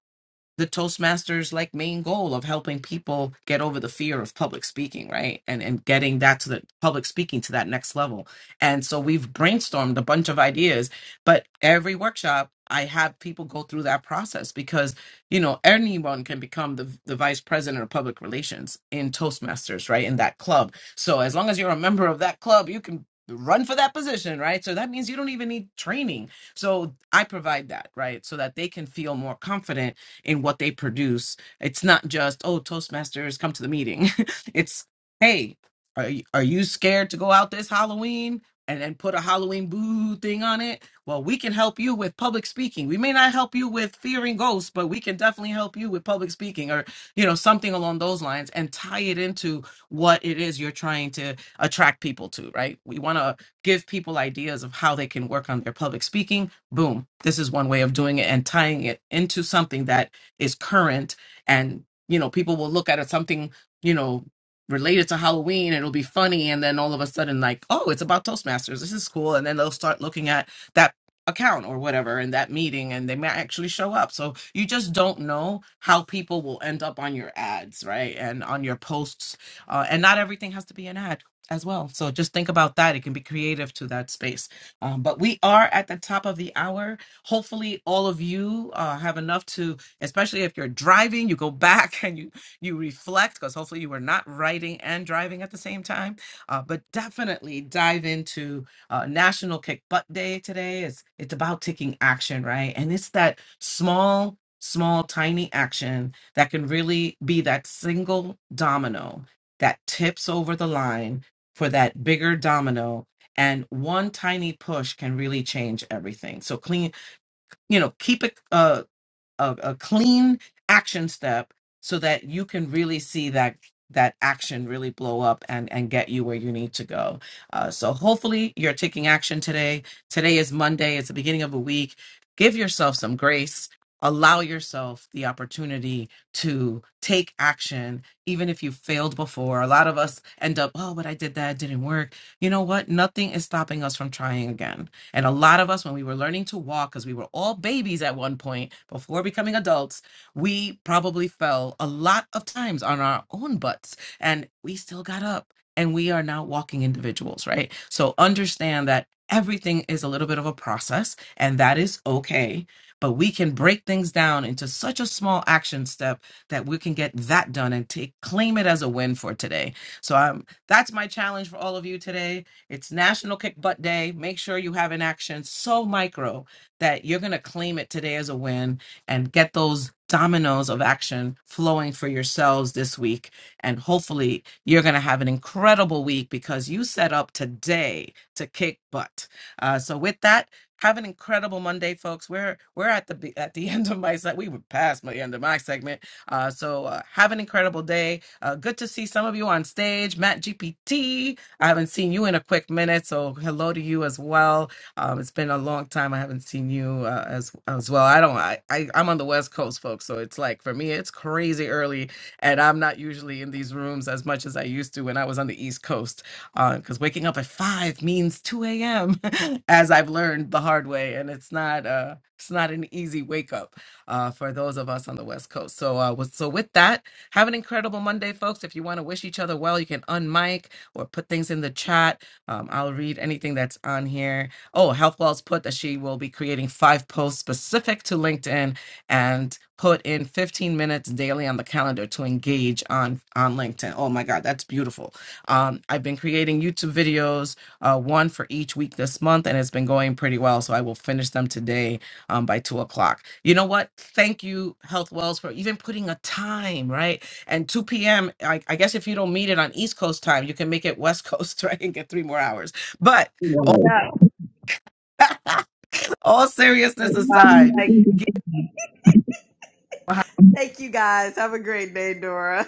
S26: the Toastmasters like main goal of helping people get over the fear of public speaking, right? And and getting that to the public speaking to that next level. And so we've brainstormed a bunch of ideas, but every workshop I have people go through that process because you know anyone can become the the vice president of public relations in Toastmasters, right? In that club. So as long as you're a member of that club, you can run for that position, right? So that means you don't even need training. So I provide that, right? So that they can feel more confident in what they produce. It's not just, oh, Toastmasters, come to the meeting. it's, hey, are you, are you scared to go out this Halloween? And then put a Halloween boo thing on it. Well, we can help you with public speaking. We may not help you with fearing ghosts, but we can definitely help you with public speaking or, you know, something along those lines and tie it into what it is you're trying to attract people to, right? We want to give people ideas of how they can work on their public speaking. Boom. This is one way of doing it and tying it into something that is current and you know people will look at it something you know related to halloween and it'll be funny and then all of a sudden like oh it's about toastmasters this is cool and then they'll start looking at that account or whatever in that meeting and they might actually show up so you just don't know how people will end up on your ads right and on your posts uh, and not everything has to be an ad as well so just think about that it can be creative to that space um, but we are at the top of the hour hopefully all of you uh, have enough to especially if you're driving you go back and you you reflect because hopefully you were not writing and driving at the same time uh, but definitely dive into uh, national kick butt day today it's it's about taking action right and it's that small small tiny action that can really be that single domino that tips over the line for that bigger domino and one tiny push can really change everything so clean you know keep it Uh, a, a clean action step so that you can really see that that action really blow up and and get you where you need to go uh, so hopefully you're taking action today today is monday it's the beginning of a week give yourself some grace allow yourself the opportunity to take action even if you failed before a lot of us end up oh but i did that it didn't work you know what nothing is stopping us from trying again and a lot of us, when we were learning to walk, because we were all babies at one point before becoming adults, we probably fell a lot of times on our own butts and we still got up and we are now walking individuals, right? So understand that everything is a little bit of a process and that is okay. But we can break things down into such a small action step that we can get that done and take claim it as a win for today. So um, that's my challenge for all of you today it's National Kick Butt Day. Make sure you have an action so micro that you're going to claim it today as a win and get those dominoes of action flowing for yourselves this week. And hopefully, you're going to have an incredible week because you set up today to kick butt. Uh, so, with that, have an incredible Monday, folks. We're we're at the be- at the end of my set. We were past my end of my segment. Uh, so uh, have an incredible day. Uh, good to see some of you on stage. Matt GPT, I haven't seen you in a quick minute, so hello to you as well. Um, it's been a long time. I haven't seen you uh, as as well. I don't. I, I I'm on the West Coast, folks, so it's like for me, it's crazy early, and I'm not usually in these rooms as much as I used to when I was on the East Coast, because waking up at five means 2 a.m. as I've learned the hard way, and it's not uh it's not an easy wake up uh, for those of us on the West Coast. So, uh, with, so with that, have an incredible Monday, folks. If you want to wish each other well, you can unmic or put things in the chat. Um, I'll read anything that's on here. Oh, HealthWell's put that she will be creating five posts specific to LinkedIn and put in 15 minutes daily on the calendar to engage on on LinkedIn. Oh my God, that's beautiful. Um, I've been creating YouTube videos, uh, one for each week this month, and it's been going pretty well. So I will finish them today um, by two o'clock. You know what? Thank you, Health Wells, for even putting a time, right? and 2 p.m. I, I guess if you don't meet it on East Coast time, you can make it West Coast, right? And get three more hours. But
S27: Yeah.
S26: all seriousness aside,
S27: Thank you guys. Have a great day, Dora.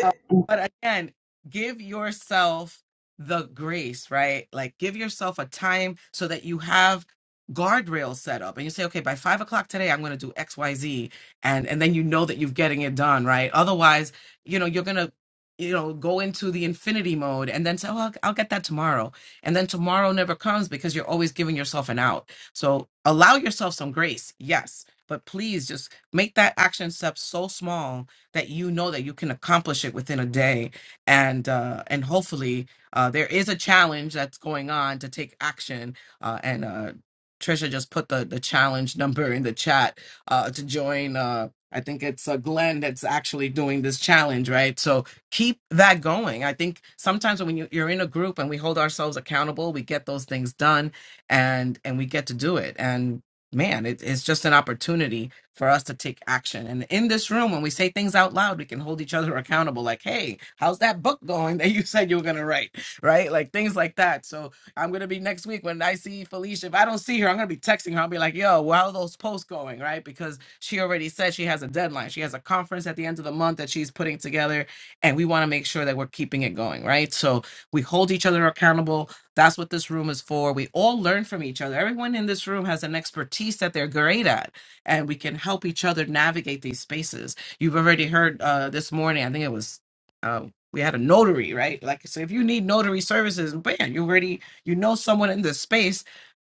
S26: Uh, but again, give yourself the grace, right? Like give yourself a time so that you have guardrails set up and you say, okay, by five o'clock today, I'm going to do X, Y, Z. And, and then you know that you're getting it done, right? Otherwise, you know, you're going to, you know, go into the infinity mode and then say, oh, I'll, I'll get that tomorrow. And then tomorrow never comes because you're always giving yourself an out. So allow yourself some grace. Yes. But please just make that action step so small that you know that you can accomplish it within a day and uh and hopefully uh there is a challenge that's going on to take action uh and uh Trisha just put the the challenge number in the chat uh to join uh I think it's uh, Glenn that's actually doing this challenge, right? So keep that going. I think sometimes when you, you're in a group and we hold ourselves accountable, we get those things done, and and we get to do it. And man, it, it's just an opportunity for us to take action. And in this room, when we say things out loud, we can hold each other accountable. Like, hey, how's that book going that you said you were gonna write? Right? Like things like that. So I'm gonna be next week when I see Felicia. If I don't see her, I'm gonna be texting her. I'll be like, yo, well, how are those posts going? Right? Because she already said she has a deadline. She has a conference at the end of the month that she's putting together, and we want to make sure that we're keeping it going, right? So we hold each other accountable. That's what this room is for. We all learn from each other. Everyone in this room has an expertise that they're great at and we can help each other navigate these spaces. You've already heard uh, this morning, I think it was. Uh, we had a notary, right? Like, so if you need notary services, man, you already you know someone in this space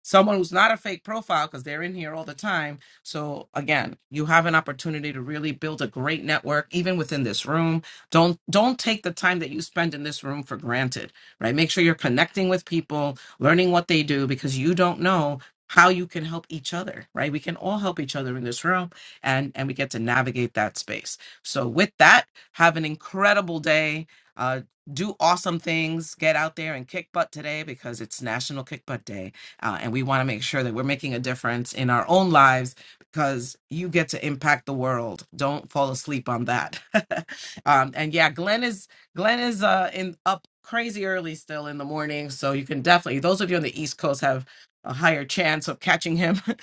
S26: someone who's not a fake profile because they're in here all the time. So again, you have an opportunity to really build a great network even within this room. Don't don't take the time that you spend in this room for granted, right? Make sure you're connecting with people, learning what they do because you don't know how you can help each other, right? We can all help each other in this room and and we get to navigate that space. So with that, have an incredible day. Uh do awesome things. Get out there and kick butt today because it's National Kick Butt Day uh, and we want to make sure that we're making a difference in our own lives because you get to impact the world. Don't fall asleep on that. um, and yeah, Glenn is Glenn is uh, in up crazy early still in the morning, so you can definitely those of you on the East Coast have a higher chance of catching him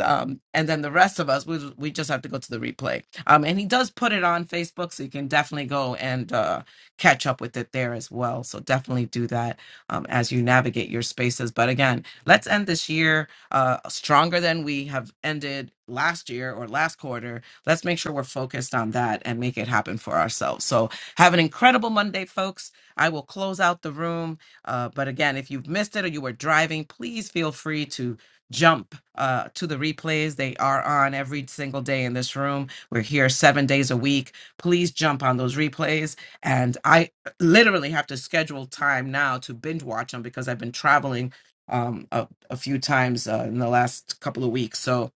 S26: um and then the rest of us we we just have to go to the replay um and he does put it on facebook so you can definitely go and uh catch up with it there as well so definitely do that um as you navigate your spaces but again let's end this year uh stronger than we have ended last year or last quarter let's make sure we're focused on that and make it happen for ourselves so have an incredible monday folks i will close out the room uh, but again if you've missed it or you were driving please feel free to jump uh, to the replays. They are on every single day in this room. We're here seven days a week. Please jump on those replays. And I literally have to schedule time now to binge watch them because I've been traveling um, a, a few times uh, in the last couple of weeks. So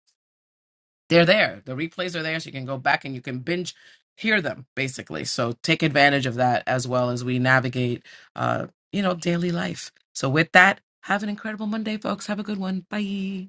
S26: they're there. The replays are there. So you can go back and you can binge hear them basically. So take advantage of that as well as we navigate, uh, you know, daily life. So with that, have an incredible Monday, folks. Have a good one. Bye.